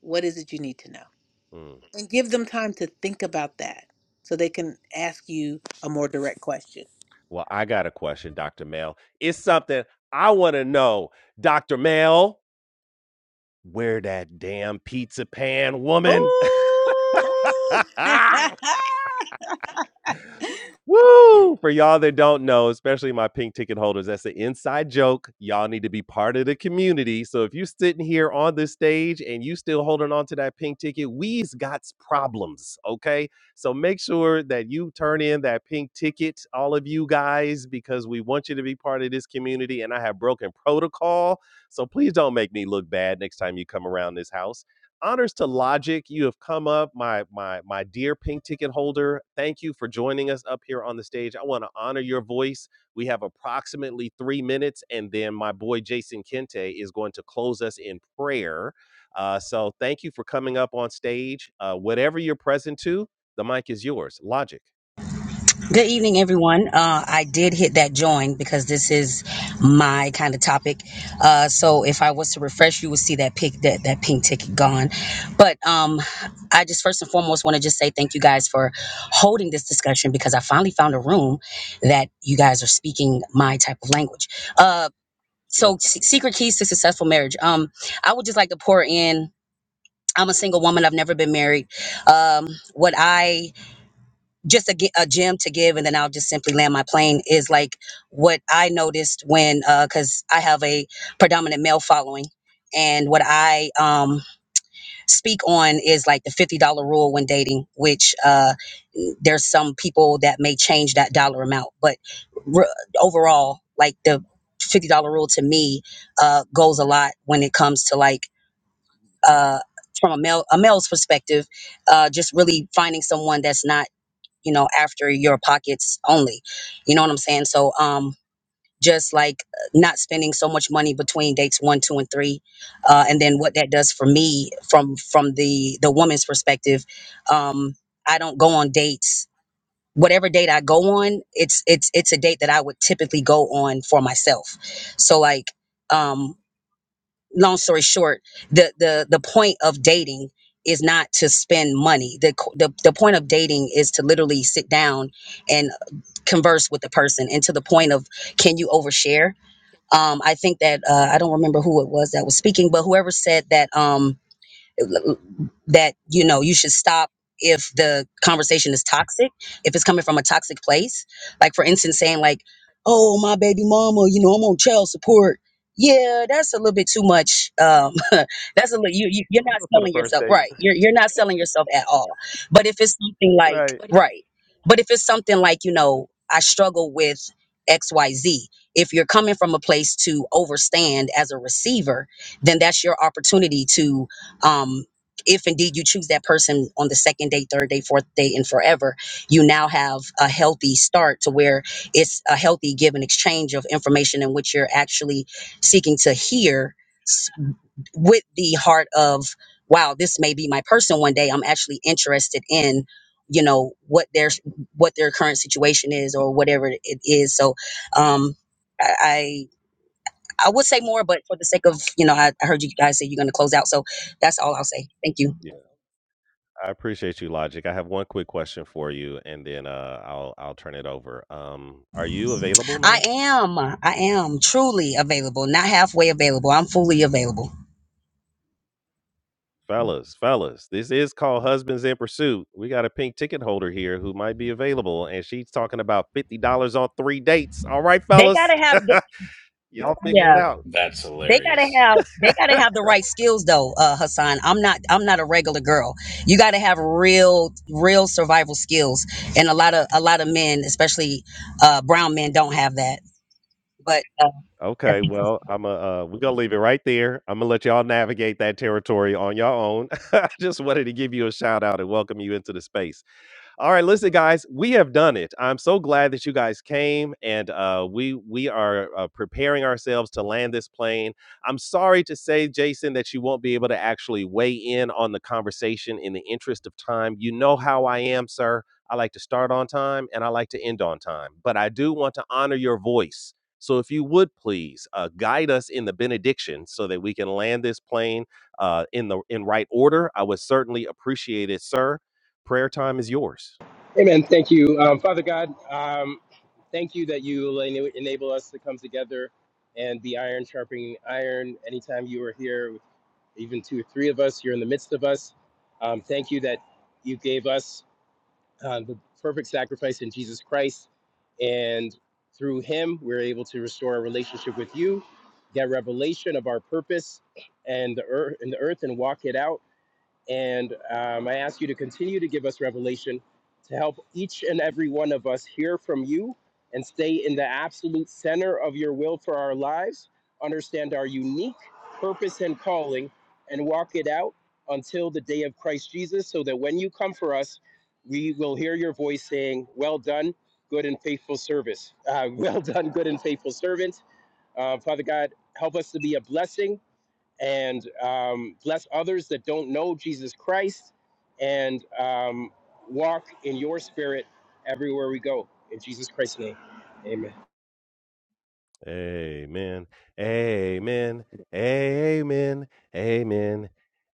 S5: What is it you need to know?
S1: mm.
S5: And give them time to think about that so they can ask you a more direct question.
S1: Well, I got a question, Dr. Mel. It's something I want to know. Dr. Mel, where that damn pizza pan woman?
S5: Ooh!
S1: Woo! For y'all that don't know, especially my pink ticket holders, that's an inside joke. Y'all need to be part of the community. So if you're sitting here on this stage and you still holding on to that pink ticket, we's got problems, okay? So make sure that you turn in that pink ticket, all of you guys, because we want you to be part of this community. And I have broken protocol, so please don't make me look bad next time you come around this house honors to logic you have come up my my my dear pink ticket holder thank you for joining us up here on the stage i want to honor your voice we have approximately three minutes and then my boy jason kente is going to close us in prayer uh, so thank you for coming up on stage uh, whatever you're present to the mic is yours logic
S12: Good evening, everyone. Uh, I did hit that join because this is my kind of topic. Uh, so if I was to refresh, you would see that pick that that pink ticket gone. But um, I just first and foremost want to just say thank you guys for holding this discussion because I finally found a room that you guys are speaking my type of language. Uh, so
S1: Let's
S12: se- secret keys to successful marriage. Um, I would just like to pour in. I'm a single woman. I've never been married. Um, what I just a, gi- a gem to give and then i'll just simply land my plane is like what i noticed when because i have a predominant male following and what i um, speak on is like the $50 rule when dating which uh, there's some people that may change that dollar amount but re- overall like the $50 rule to me uh, goes a lot when it comes to like uh, from a male a male's perspective uh, just really finding someone that's not you know, after your pockets only. You know what I'm saying? So, um, just like not spending so much money between dates one, two, and three, uh, and then what that does for me from from the the woman's perspective, um, I don't go on dates. Whatever date I go on, it's it's it's a date that I would typically go on for myself. So like, um, long story short, the the the point of dating is not to spend money. The, co- the the point of dating is to literally sit down and converse with the person and to the point of can you overshare um i think that uh i don't remember who it was that was speaking but whoever said that um, that you know you should stop if the conversation is toxic if it's coming from a toxic place like for instance saying like oh my baby mama you know i'm on child support yeah that's a little bit too much um that's a little you, you you're not selling yourself right you're, you're not selling yourself at all but if it's something like right but if it's something like you know i struggle with xyz if you're coming from a place to overstand as a receiver then that's your opportunity to um, if indeed you choose that person on the second day, third day, fourth day, and forever, you now have a healthy start to where it's a healthy give and exchange of information in which you're actually seeking to hear s- with the heart of, wow, this may be my person one day. I'm actually interested in you know what their what their current situation is or whatever it is so um i I I would say more, but for the sake of, you know, I, I heard you guys say you're going to close out. So that's all I'll say. Thank you.
S1: Yeah, I appreciate you, Logic. I have one quick question for you, and then uh, I'll I'll turn it over. Um, are you available,
S12: I
S1: ma'am?
S12: am, I am truly available, not halfway available. I'm fully available.
S1: Fellas, fellas, this is called Husbands in Pursuit. We got a pink ticket holder here who might be available, and she's talking about fifty dollars on three dates. All right,
S12: They got
S1: fellas,
S12: to have, the-
S1: y'all figure it
S12: yeah,
S1: out.
S9: That's
S12: they got to
S9: hilarious.
S12: have, they got to have the right skills though, uh, Hassan. I'm not, I'm not a regular girl. You got to have real, real survival skills. And a lot of, a lot of men, especially, uh, brown men don't have that, but, uh,
S1: Okay, well, i am a. uh, we're gonna leave it right there. Imma let y'all navigate that territory on your own. I just wanted to give you a shout out and welcome you into the space. All right, listen, guys, we have done it. I'm so glad that you guys came, and uh, we we are uh, preparing ourselves to land this plane. I'm sorry to say, Jason, that you won't be able to actually weigh in on the conversation in the interest of time. You know how I am, sir. I like to start on time and I like to end on time, but I do want to honor your voice. So, if you would please uh, guide us in the benediction so that we can land this plane uh, in the in right order, I would certainly appreciate it, sir. Prayer time is yours.
S13: Amen. Thank you, um, Father God. Um, thank you that you ena- enable us to come together and be iron sharpening iron. Anytime you are here, even two or three of us, you're in the midst of us. Um, thank you that you gave us uh, the perfect sacrifice in Jesus Christ, and through Him, we're able to restore a relationship with you, get revelation of our purpose and the earth and the earth, and walk it out and um, I ask you to continue to give us revelation to help each and every one of us hear from you and stay in the absolute center of your will for our lives, understand our unique purpose and calling, and walk it out until the day of Christ Jesus, so that when you come for us, we will hear your voice saying, Well done, good and faithful service. Uh, well done, good and faithful servant. Uh, Father God, help us to be a blessing and um, bless others that don't know Jesus Christ and um, walk in your spirit everywhere we go. In Jesus Christ's name, amen.
S1: Amen. Amen. Amen. Amen.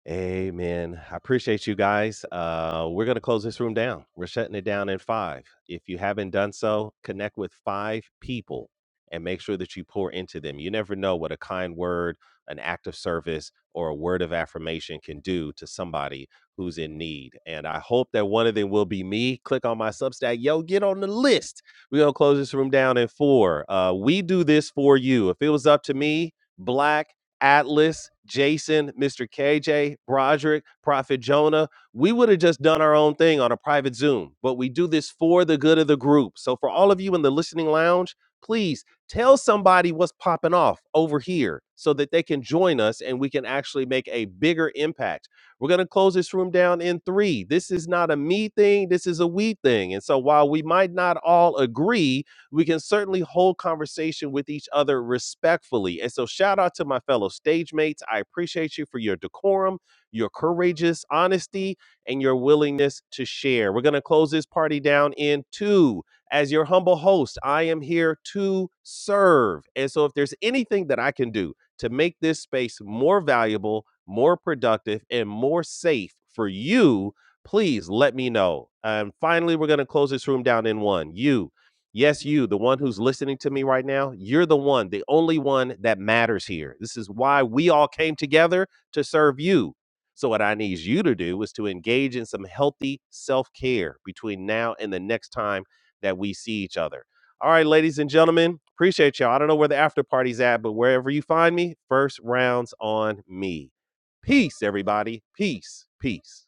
S1: Amen. I appreciate you guys. Uh, we're going to close this room down. We're shutting it down in five. If you haven't done so, connect with five people and make sure that you pour into them. You never know what a kind word, an act of service, or a word of affirmation can do to somebody who's in need. And I hope that one of them will be me. Click on my Substack. Yo, get on the list we're gonna close this room down in four. Uh, we do this for you. If it was up to me, Black, Atlas, Jason, Mr. KJ, Broderick, Prophet Jonah, we would have just done our own thing on a private Zoom. But we do this for the good of the group. So for all of you in the listening lounge, please tell somebody what's popping off over here so that they can join us and we can actually make a bigger impact we're going to close this room down in three. This is not a me thing, this is a we thing. And so while we might not all agree, we can certainly hold conversation with each other respectfully. And so shout out to my fellow stage mates. I appreciate you for your decorum, your courageous honesty, and your willingness to share. We're going to close this party down in two as your humble host, I am here to serve. And so, if there's anything that I can do to make this space more valuable, more productive, and more safe for you, please let me know. And finally, we're going to close this room down in one. You, yes, you, the one who's listening to me right now, you're the one, the only one that matters here. This is why we all came together to serve you. So, what I need you to do is to engage in some healthy self care between now and the next time that we see each other. All right, ladies and gentlemen, appreciate y'all. I don't know where the after party's at, but wherever you find me, first rounds on me. Peace, everybody. Peace, peace.